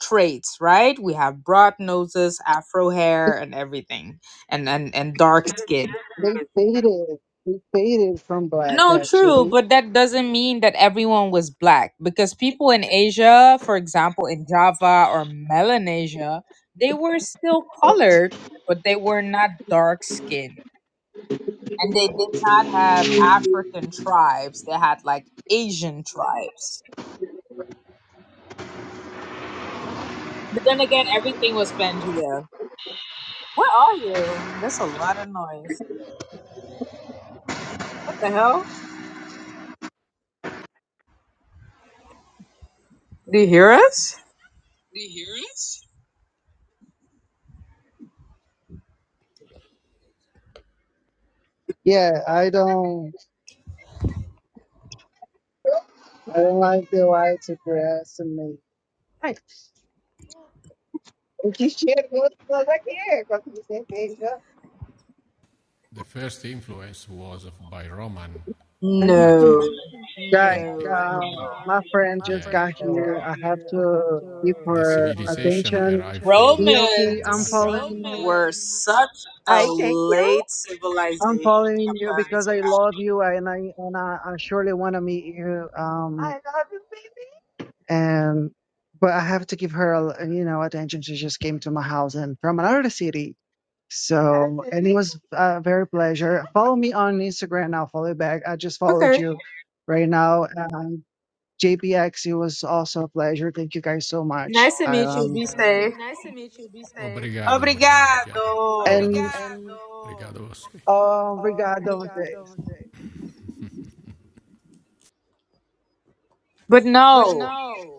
Speaker 8: traits, right? We have broad noses, Afro hair, and everything, and and and dark skin.
Speaker 13: they faded, they faded from black
Speaker 8: No, true,
Speaker 13: actually.
Speaker 8: but that doesn't mean that everyone was black because people in Asia, for example, in Java or Melanesia, they were still colored, but they were not dark skinned. And they did not have African tribes, they had like Asian tribes. But then again, everything was Pangea. Where are you? There's a lot of noise. What the hell? Do you hear us?
Speaker 13: Yeah, I don't I don't like the whites aggressivamente. Ai, O que chegou toda aqui, quando você veja.
Speaker 14: The first influence was by Roman for
Speaker 8: No.
Speaker 14: Latin.
Speaker 13: Guys,
Speaker 14: No. Guy,
Speaker 13: um,
Speaker 8: No.
Speaker 14: um,
Speaker 13: my friend
Speaker 14: my Yeah.
Speaker 13: just got
Speaker 14: friend just
Speaker 8: no.
Speaker 14: got
Speaker 13: here. I have
Speaker 14: here. I have
Speaker 13: to
Speaker 14: to.
Speaker 13: give
Speaker 14: The
Speaker 13: her
Speaker 14: civilization
Speaker 13: attention.
Speaker 14: arrived from uh, from
Speaker 13: Miyoki,
Speaker 14: the
Speaker 13: I'm
Speaker 14: Latin. I'm
Speaker 8: Romans
Speaker 14: Roman.
Speaker 13: following you.
Speaker 8: were
Speaker 14: calling,
Speaker 8: such a
Speaker 13: I thank you.
Speaker 8: late
Speaker 13: I'm
Speaker 8: civilization
Speaker 13: following you
Speaker 8: compared
Speaker 13: because
Speaker 8: to
Speaker 13: I love you
Speaker 8: Africa.
Speaker 13: and I and I, I surely want to meet you. Um, I Um, love you, baby. and but I have to give her, a l- you know, attention. She just came to my house and from another city. So, and it was a very pleasure. Follow me on Instagram. I'll follow you back. I just followed
Speaker 8: Okay.
Speaker 13: you right now. JPX, it was also a pleasure. Thank you guys so much.
Speaker 8: Nice to meet you.
Speaker 13: Um,
Speaker 8: Be
Speaker 14: Um,
Speaker 8: safe.
Speaker 14: Nice to meet you. Be safe. Obrigado, obrigado, Tiago.
Speaker 8: Obrigado.
Speaker 13: and
Speaker 14: Obrigado, Obrigado você.
Speaker 13: uh,
Speaker 14: Obrigado.
Speaker 13: obrigado a
Speaker 14: obrigado
Speaker 13: você.
Speaker 14: você. obrigado.
Speaker 8: But
Speaker 14: But
Speaker 8: no,
Speaker 14: no.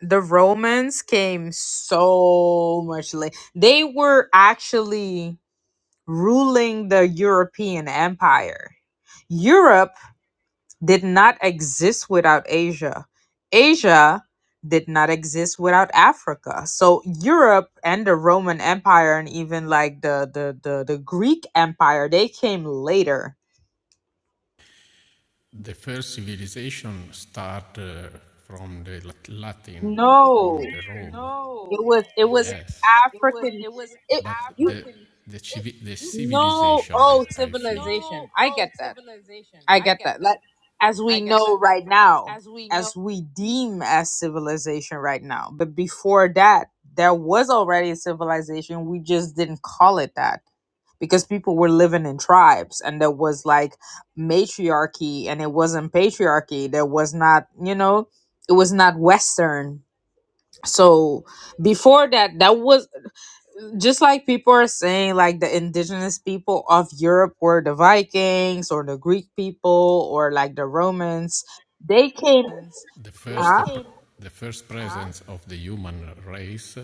Speaker 8: the Romans came so much late. They were actually ruling the European Empire. Europe did not exist without Asia. Asia did not exist without Africa. So Europe and the Roman Empire and even like the the the, the Greek Empire, they came later.
Speaker 14: The first civilization start uh, from the Lat- Latin,
Speaker 8: No.
Speaker 14: from the Rome.
Speaker 8: It
Speaker 14: No,
Speaker 8: was it was
Speaker 14: Yes, it was
Speaker 8: African
Speaker 14: it was
Speaker 8: it
Speaker 14: but the
Speaker 8: you
Speaker 14: African. the, It civi- the you
Speaker 8: no
Speaker 14: civilization, I,
Speaker 8: oh
Speaker 14: I think,
Speaker 8: civilization.
Speaker 14: no
Speaker 8: I
Speaker 14: oh
Speaker 8: get that.
Speaker 14: civilization.
Speaker 8: I
Speaker 14: I
Speaker 8: get
Speaker 14: get
Speaker 8: that. Like,
Speaker 14: that.
Speaker 8: as
Speaker 14: I
Speaker 8: we
Speaker 14: get
Speaker 8: know
Speaker 14: that. Like
Speaker 8: right now,
Speaker 14: as we know,
Speaker 8: as we deem as civilization right now, but before that, there was already a civilization. We just didn't call it that because people were living in tribes and there was like matriarchy and it wasn't patriarchy. There was not, you know, it was not Western. So before that, that was just like people are saying like the indigenous people of europe were the vikings or the greek people or like the romans they came
Speaker 14: the they first pr-
Speaker 8: huh?
Speaker 14: came. the first Huh? presence of the human race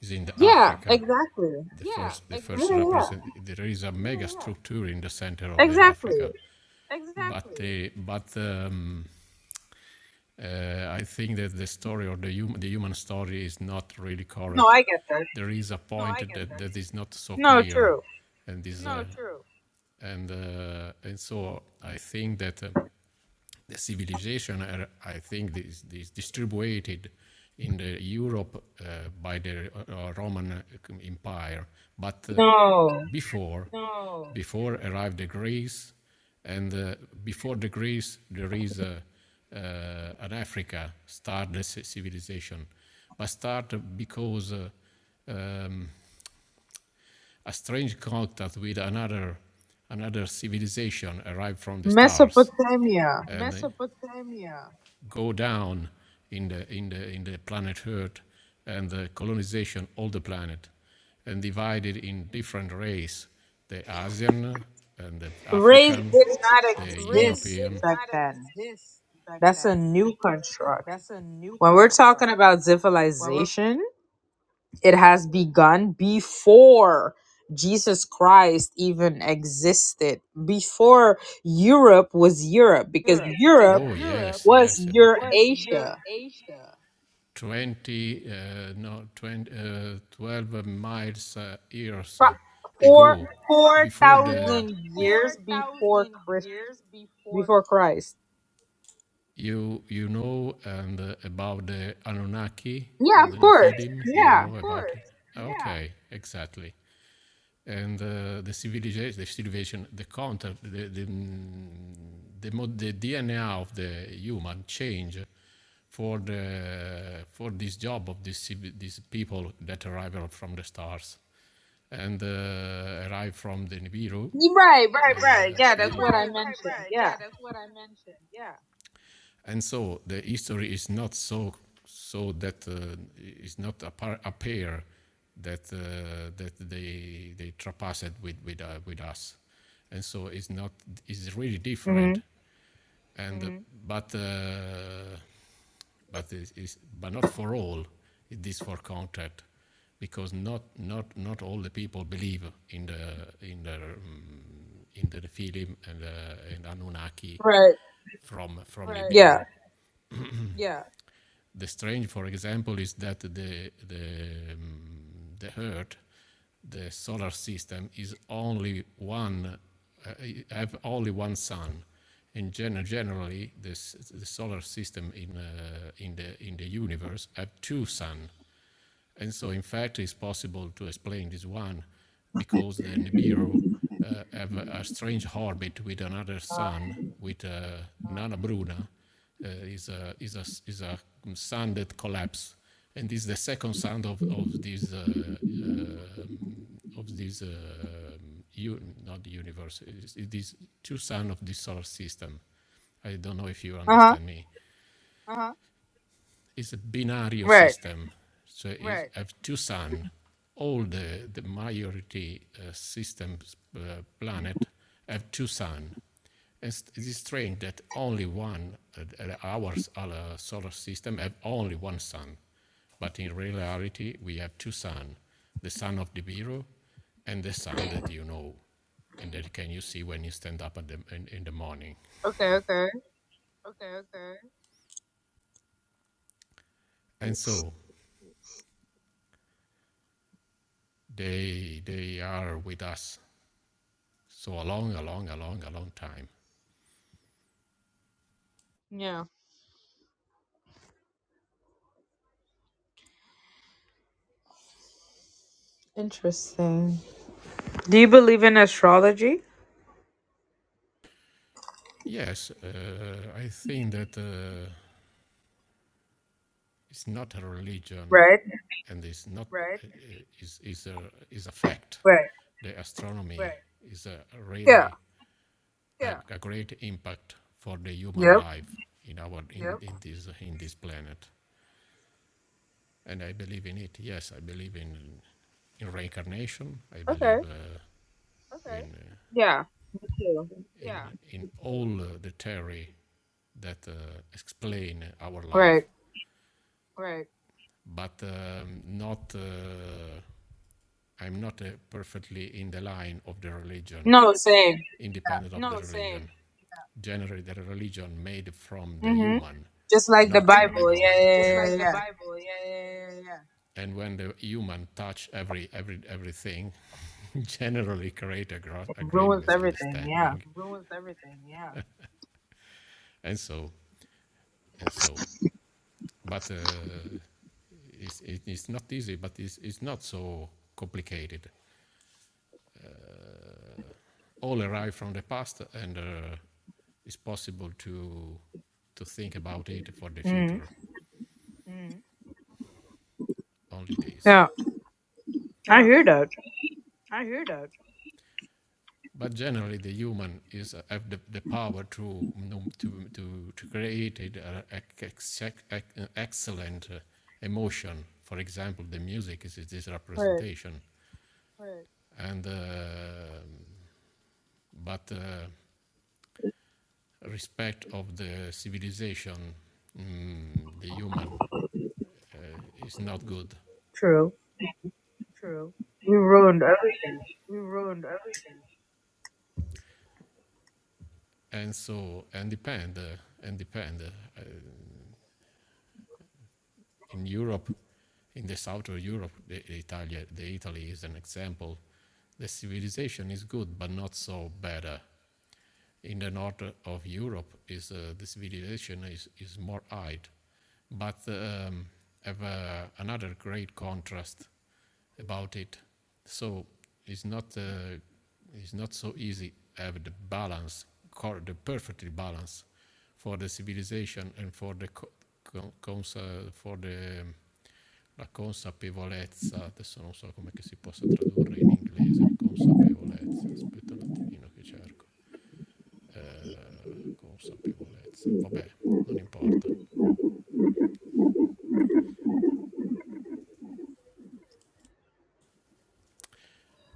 Speaker 14: is in the
Speaker 8: yeah
Speaker 14: Africa.
Speaker 8: exactly
Speaker 14: the Yeah, first the first exactly.
Speaker 8: yeah yeah
Speaker 14: first represent there is a mega yeah, yeah. structure in the center of the
Speaker 8: exactly
Speaker 14: Africa. Exactly. But the but um, uh, I think that the story or the human the human story is not really
Speaker 8: no
Speaker 14: correct.
Speaker 8: i get that
Speaker 14: There is a point get that, that. that is not so
Speaker 8: no
Speaker 14: clear,
Speaker 8: true
Speaker 14: and this no, uh, true. and uh, and so I think that uh, the civilization are, I think, is, is distributed in the Europe uh, by the uh, uh, Roman uh, Empire, but uh,
Speaker 8: no
Speaker 14: before No. before arrived the Greece, and uh, before the Greece there is a, uh, an Africa start the civilization, but start because uh, um, a strange contact with another another civilization arrived from the stars
Speaker 8: mesopotamia
Speaker 14: and Mesopotamia, go down in the in the in the planet Earth and the colonization of the planet, and divided in different race: the Asian and the
Speaker 8: race
Speaker 14: African,
Speaker 8: did not
Speaker 14: the race European. did
Speaker 8: exist back
Speaker 14: not
Speaker 8: then
Speaker 14: exist back
Speaker 8: that's a
Speaker 14: then.
Speaker 8: new construct
Speaker 14: That's a new
Speaker 8: when we're talking
Speaker 14: construct
Speaker 8: about
Speaker 14: when we're
Speaker 8: civilization it has begun before Jesus Christ even existed, before Europe was Europe, because
Speaker 14: Europe because
Speaker 8: Europe
Speaker 14: Oh Europe yes,
Speaker 8: was
Speaker 14: yes, a b- was
Speaker 8: Eurasia.
Speaker 14: Eurasia. 20, uh, no, 20, uh, 12 miles uh, years
Speaker 8: Fi- Four
Speaker 14: ago,
Speaker 8: four
Speaker 14: before the
Speaker 8: thousand
Speaker 14: four
Speaker 8: years before
Speaker 14: thousand
Speaker 8: Christ
Speaker 14: years before
Speaker 8: before
Speaker 14: Christ.
Speaker 8: Christ.
Speaker 14: you you know and uh, about the Anunnaki
Speaker 8: Yeah,
Speaker 14: or
Speaker 8: of
Speaker 14: the
Speaker 8: course.
Speaker 14: Nephilim. You yeah,
Speaker 8: Yeah.
Speaker 14: know of about course. it. Yeah. Okay, yeah. exactly and uh, the civilization, the civilization, the content, the the mm, the, the DNA of the human change for the for this job of this these people that arrive from the stars and uh, arrive from the Nibiru.
Speaker 8: You- Right,
Speaker 14: Uh,
Speaker 8: right, right. Yeah, that's
Speaker 14: and,
Speaker 8: what I
Speaker 14: right, right,
Speaker 8: mentioned.
Speaker 14: right.
Speaker 8: Yeah.
Speaker 14: Yeah, that's what I mentioned. Yeah. And so the history is not so so that uh, is not a, par, a pair that uh, that they they trapassed with with uh, with us, and so it's not it's really
Speaker 8: hmm
Speaker 14: different. And mm-hmm. uh, but uh, but it is but not for all. It is for contact, because not not not all the people believe in the in the um, in the film and uh, and Anunnaki
Speaker 8: Right.
Speaker 14: from from Right.
Speaker 8: Yeah.
Speaker 14: Nibiru. Yeah, the strange, for example, is that the the um, the Earth, the solar system, is only one uh, have only one sun. In general, generally, this, the solar system in uh, in the in the universe have two sun. And so, in fact, it's possible to explain this one because the Nibiru uh, have a, a strange orbit with another sun, with uh, Nana Bruna, uh, is, a, is, a, is a sun that collapsed. And this is the second sun of, of this, uh, uh, of this uh, um, u- not the universe, it's- it's these two sun of this solar system. I don't know if you
Speaker 8: Uh huh.
Speaker 14: understand me. Uh-huh it's a binario
Speaker 8: Right.
Speaker 14: system. So it's Right. I have two sun. All the, the majority uh, systems uh, planet have two sun. And it is strange that only one, uh, uh, our s- solar system have only one sun. But in reality, we have two sun, the sun of the Nibiru and the sun that you know and that can you see when you stand up at the, in, in the morning.
Speaker 8: Okay. Okay.
Speaker 14: Okay, okay. And so they they are with us So a long, a long, a long, a long time.
Speaker 8: Yeah. Interesting. Do you believe in astrology?
Speaker 14: Yes, uh, I think that uh, it's not a religion,
Speaker 8: Right.
Speaker 14: and it's not Right. uh, is is a is a fact.
Speaker 8: Right.
Speaker 14: The astronomy Right. is a
Speaker 8: Yeah.
Speaker 14: really a, Yeah. a a great impact for the human
Speaker 8: Yep.
Speaker 14: life in our in, Yep. in this in this planet, and I believe in it. Yes, I believe in in reincarnation. I
Speaker 8: Okay.
Speaker 14: believe uh, Okay. in, uh,
Speaker 8: Yeah. Me too.
Speaker 14: Yeah. in in all uh, the theory that uh, explain our
Speaker 8: Right.
Speaker 14: life. Right. but um, not. Uh, I'm not uh, perfectly in the line of the religion,
Speaker 8: No, same.
Speaker 14: independent of No, the same. religion. Same. Generally, the religion made from the
Speaker 8: hmm
Speaker 14: human,
Speaker 8: Just like the
Speaker 14: not mm-hmm. for the
Speaker 8: Bible.
Speaker 14: god.
Speaker 8: Yeah, yeah,
Speaker 14: Just And-
Speaker 8: yeah, yeah.
Speaker 14: like the
Speaker 8: yeah.
Speaker 14: Bible. Yeah, yeah, yeah, yeah. and when the human touch every every everything [laughs] generally create a, gro-
Speaker 8: It
Speaker 14: a great
Speaker 8: ruins everything. Yeah.
Speaker 14: misunderstanding It Ruins everything. Yeah. [laughs] and so and so but uh, it's, it- it's not easy but it's, it's not so complicated all arrive from the past, and uh, it's possible to to think about it for the
Speaker 8: Mm.
Speaker 14: future. Only this.
Speaker 8: Yeah. I
Speaker 14: Yeah,
Speaker 8: hear that.
Speaker 14: I hear that. But generally, the human is uh, have the, the power to to to, to create an excellent uh, emotion. For example, the music is is this
Speaker 8: Right.
Speaker 14: representation, Right. and uh, but uh, respect of the civilization, mm, the human uh, is not good.
Speaker 8: True.
Speaker 14: True.
Speaker 8: We ruined everything.
Speaker 14: We ruined everything. And so, and depend, uh, and depend. Uh, in Europe, in the south of Europe, the, the Italy, the Italy is an example. The civilization is good, but not so better. In the north of Europe, is uh, the civilization is, is more high, but um, have uh, another great contrast about it. So it's not uh, it's not so easy to have the balance, the perfectly balance for the civilization and for the co- consa- for the um, la consapevolezza, adesso non so come che si possa tradurre in inglese, consapevolezza, aspetta un attimino che cerco, Eh, consapevolezza, vabbè, non importa.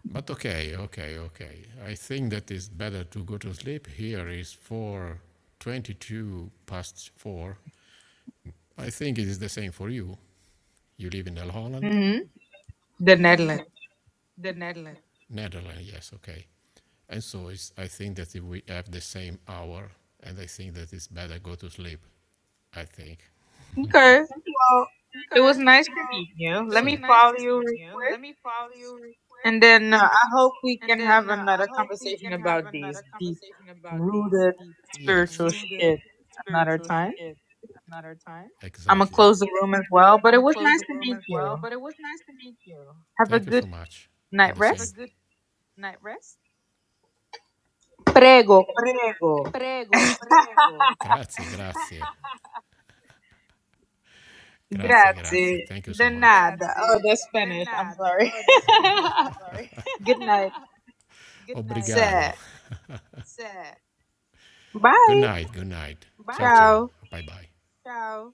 Speaker 14: But okay, okay, okay. I think that it's better to go to sleep. Here is 4 22 past 4. I think it is the same for you. You live in the Holland?
Speaker 8: hmm The
Speaker 14: hmm
Speaker 8: Netherlands.
Speaker 14: The Netherlands. Netherlands, yes, okay. And so it's, I think that if we have the same hour, and I think that it's better go to sleep. I think.
Speaker 8: Okay. Well, it
Speaker 14: Okay.
Speaker 8: was nice to
Speaker 14: Well,
Speaker 8: meet you.
Speaker 14: it so,
Speaker 8: Let
Speaker 14: was So-
Speaker 8: me
Speaker 14: nice
Speaker 8: follow
Speaker 14: to
Speaker 8: you
Speaker 14: meet
Speaker 8: real
Speaker 14: you.
Speaker 8: quick.
Speaker 14: Let me follow you real quick.
Speaker 8: And then uh, I hope we
Speaker 14: And
Speaker 8: can have
Speaker 14: then uh, I
Speaker 8: another
Speaker 14: hope we
Speaker 8: conversation
Speaker 14: can have
Speaker 8: about these
Speaker 14: another
Speaker 8: deep
Speaker 14: conversation about these
Speaker 8: rooted
Speaker 14: deep Yes,
Speaker 8: spiritual
Speaker 14: rooted
Speaker 8: shit another
Speaker 14: spiritual
Speaker 8: time.
Speaker 14: shit another time.
Speaker 8: I'm gonna
Speaker 14: exactly.
Speaker 8: close the room as well. But
Speaker 14: I'm
Speaker 8: it
Speaker 14: gonna
Speaker 8: was
Speaker 14: close
Speaker 8: nice
Speaker 14: the
Speaker 8: to
Speaker 14: room
Speaker 8: meet
Speaker 14: as well,
Speaker 8: you.
Speaker 14: but it was nice to meet you.
Speaker 8: Have a
Speaker 14: Thank you so
Speaker 8: good
Speaker 14: much. And
Speaker 8: night
Speaker 14: the Have a same.
Speaker 8: rest.
Speaker 14: good night rest.
Speaker 8: Prego, prego.
Speaker 14: Prego, prego. Grazie, grazie. [laughs] Grazie, grazie.
Speaker 8: Grazie.
Speaker 14: Thank you so
Speaker 8: De
Speaker 14: much.
Speaker 8: nada. Oh,
Speaker 14: Grazie.
Speaker 8: that's
Speaker 14: De
Speaker 8: Spanish. I'm
Speaker 14: nada.
Speaker 8: sorry.
Speaker 14: Oh, that's Spanish. I'm sorry.
Speaker 8: [laughs] good night.
Speaker 14: [laughs] good night. Obrigado.
Speaker 8: Se.
Speaker 14: [laughs] Sir. Good
Speaker 8: Bye.
Speaker 14: night, good night. Ciao, Bye. ciao.
Speaker 8: Ciao.
Speaker 14: Bye bye. Ciao.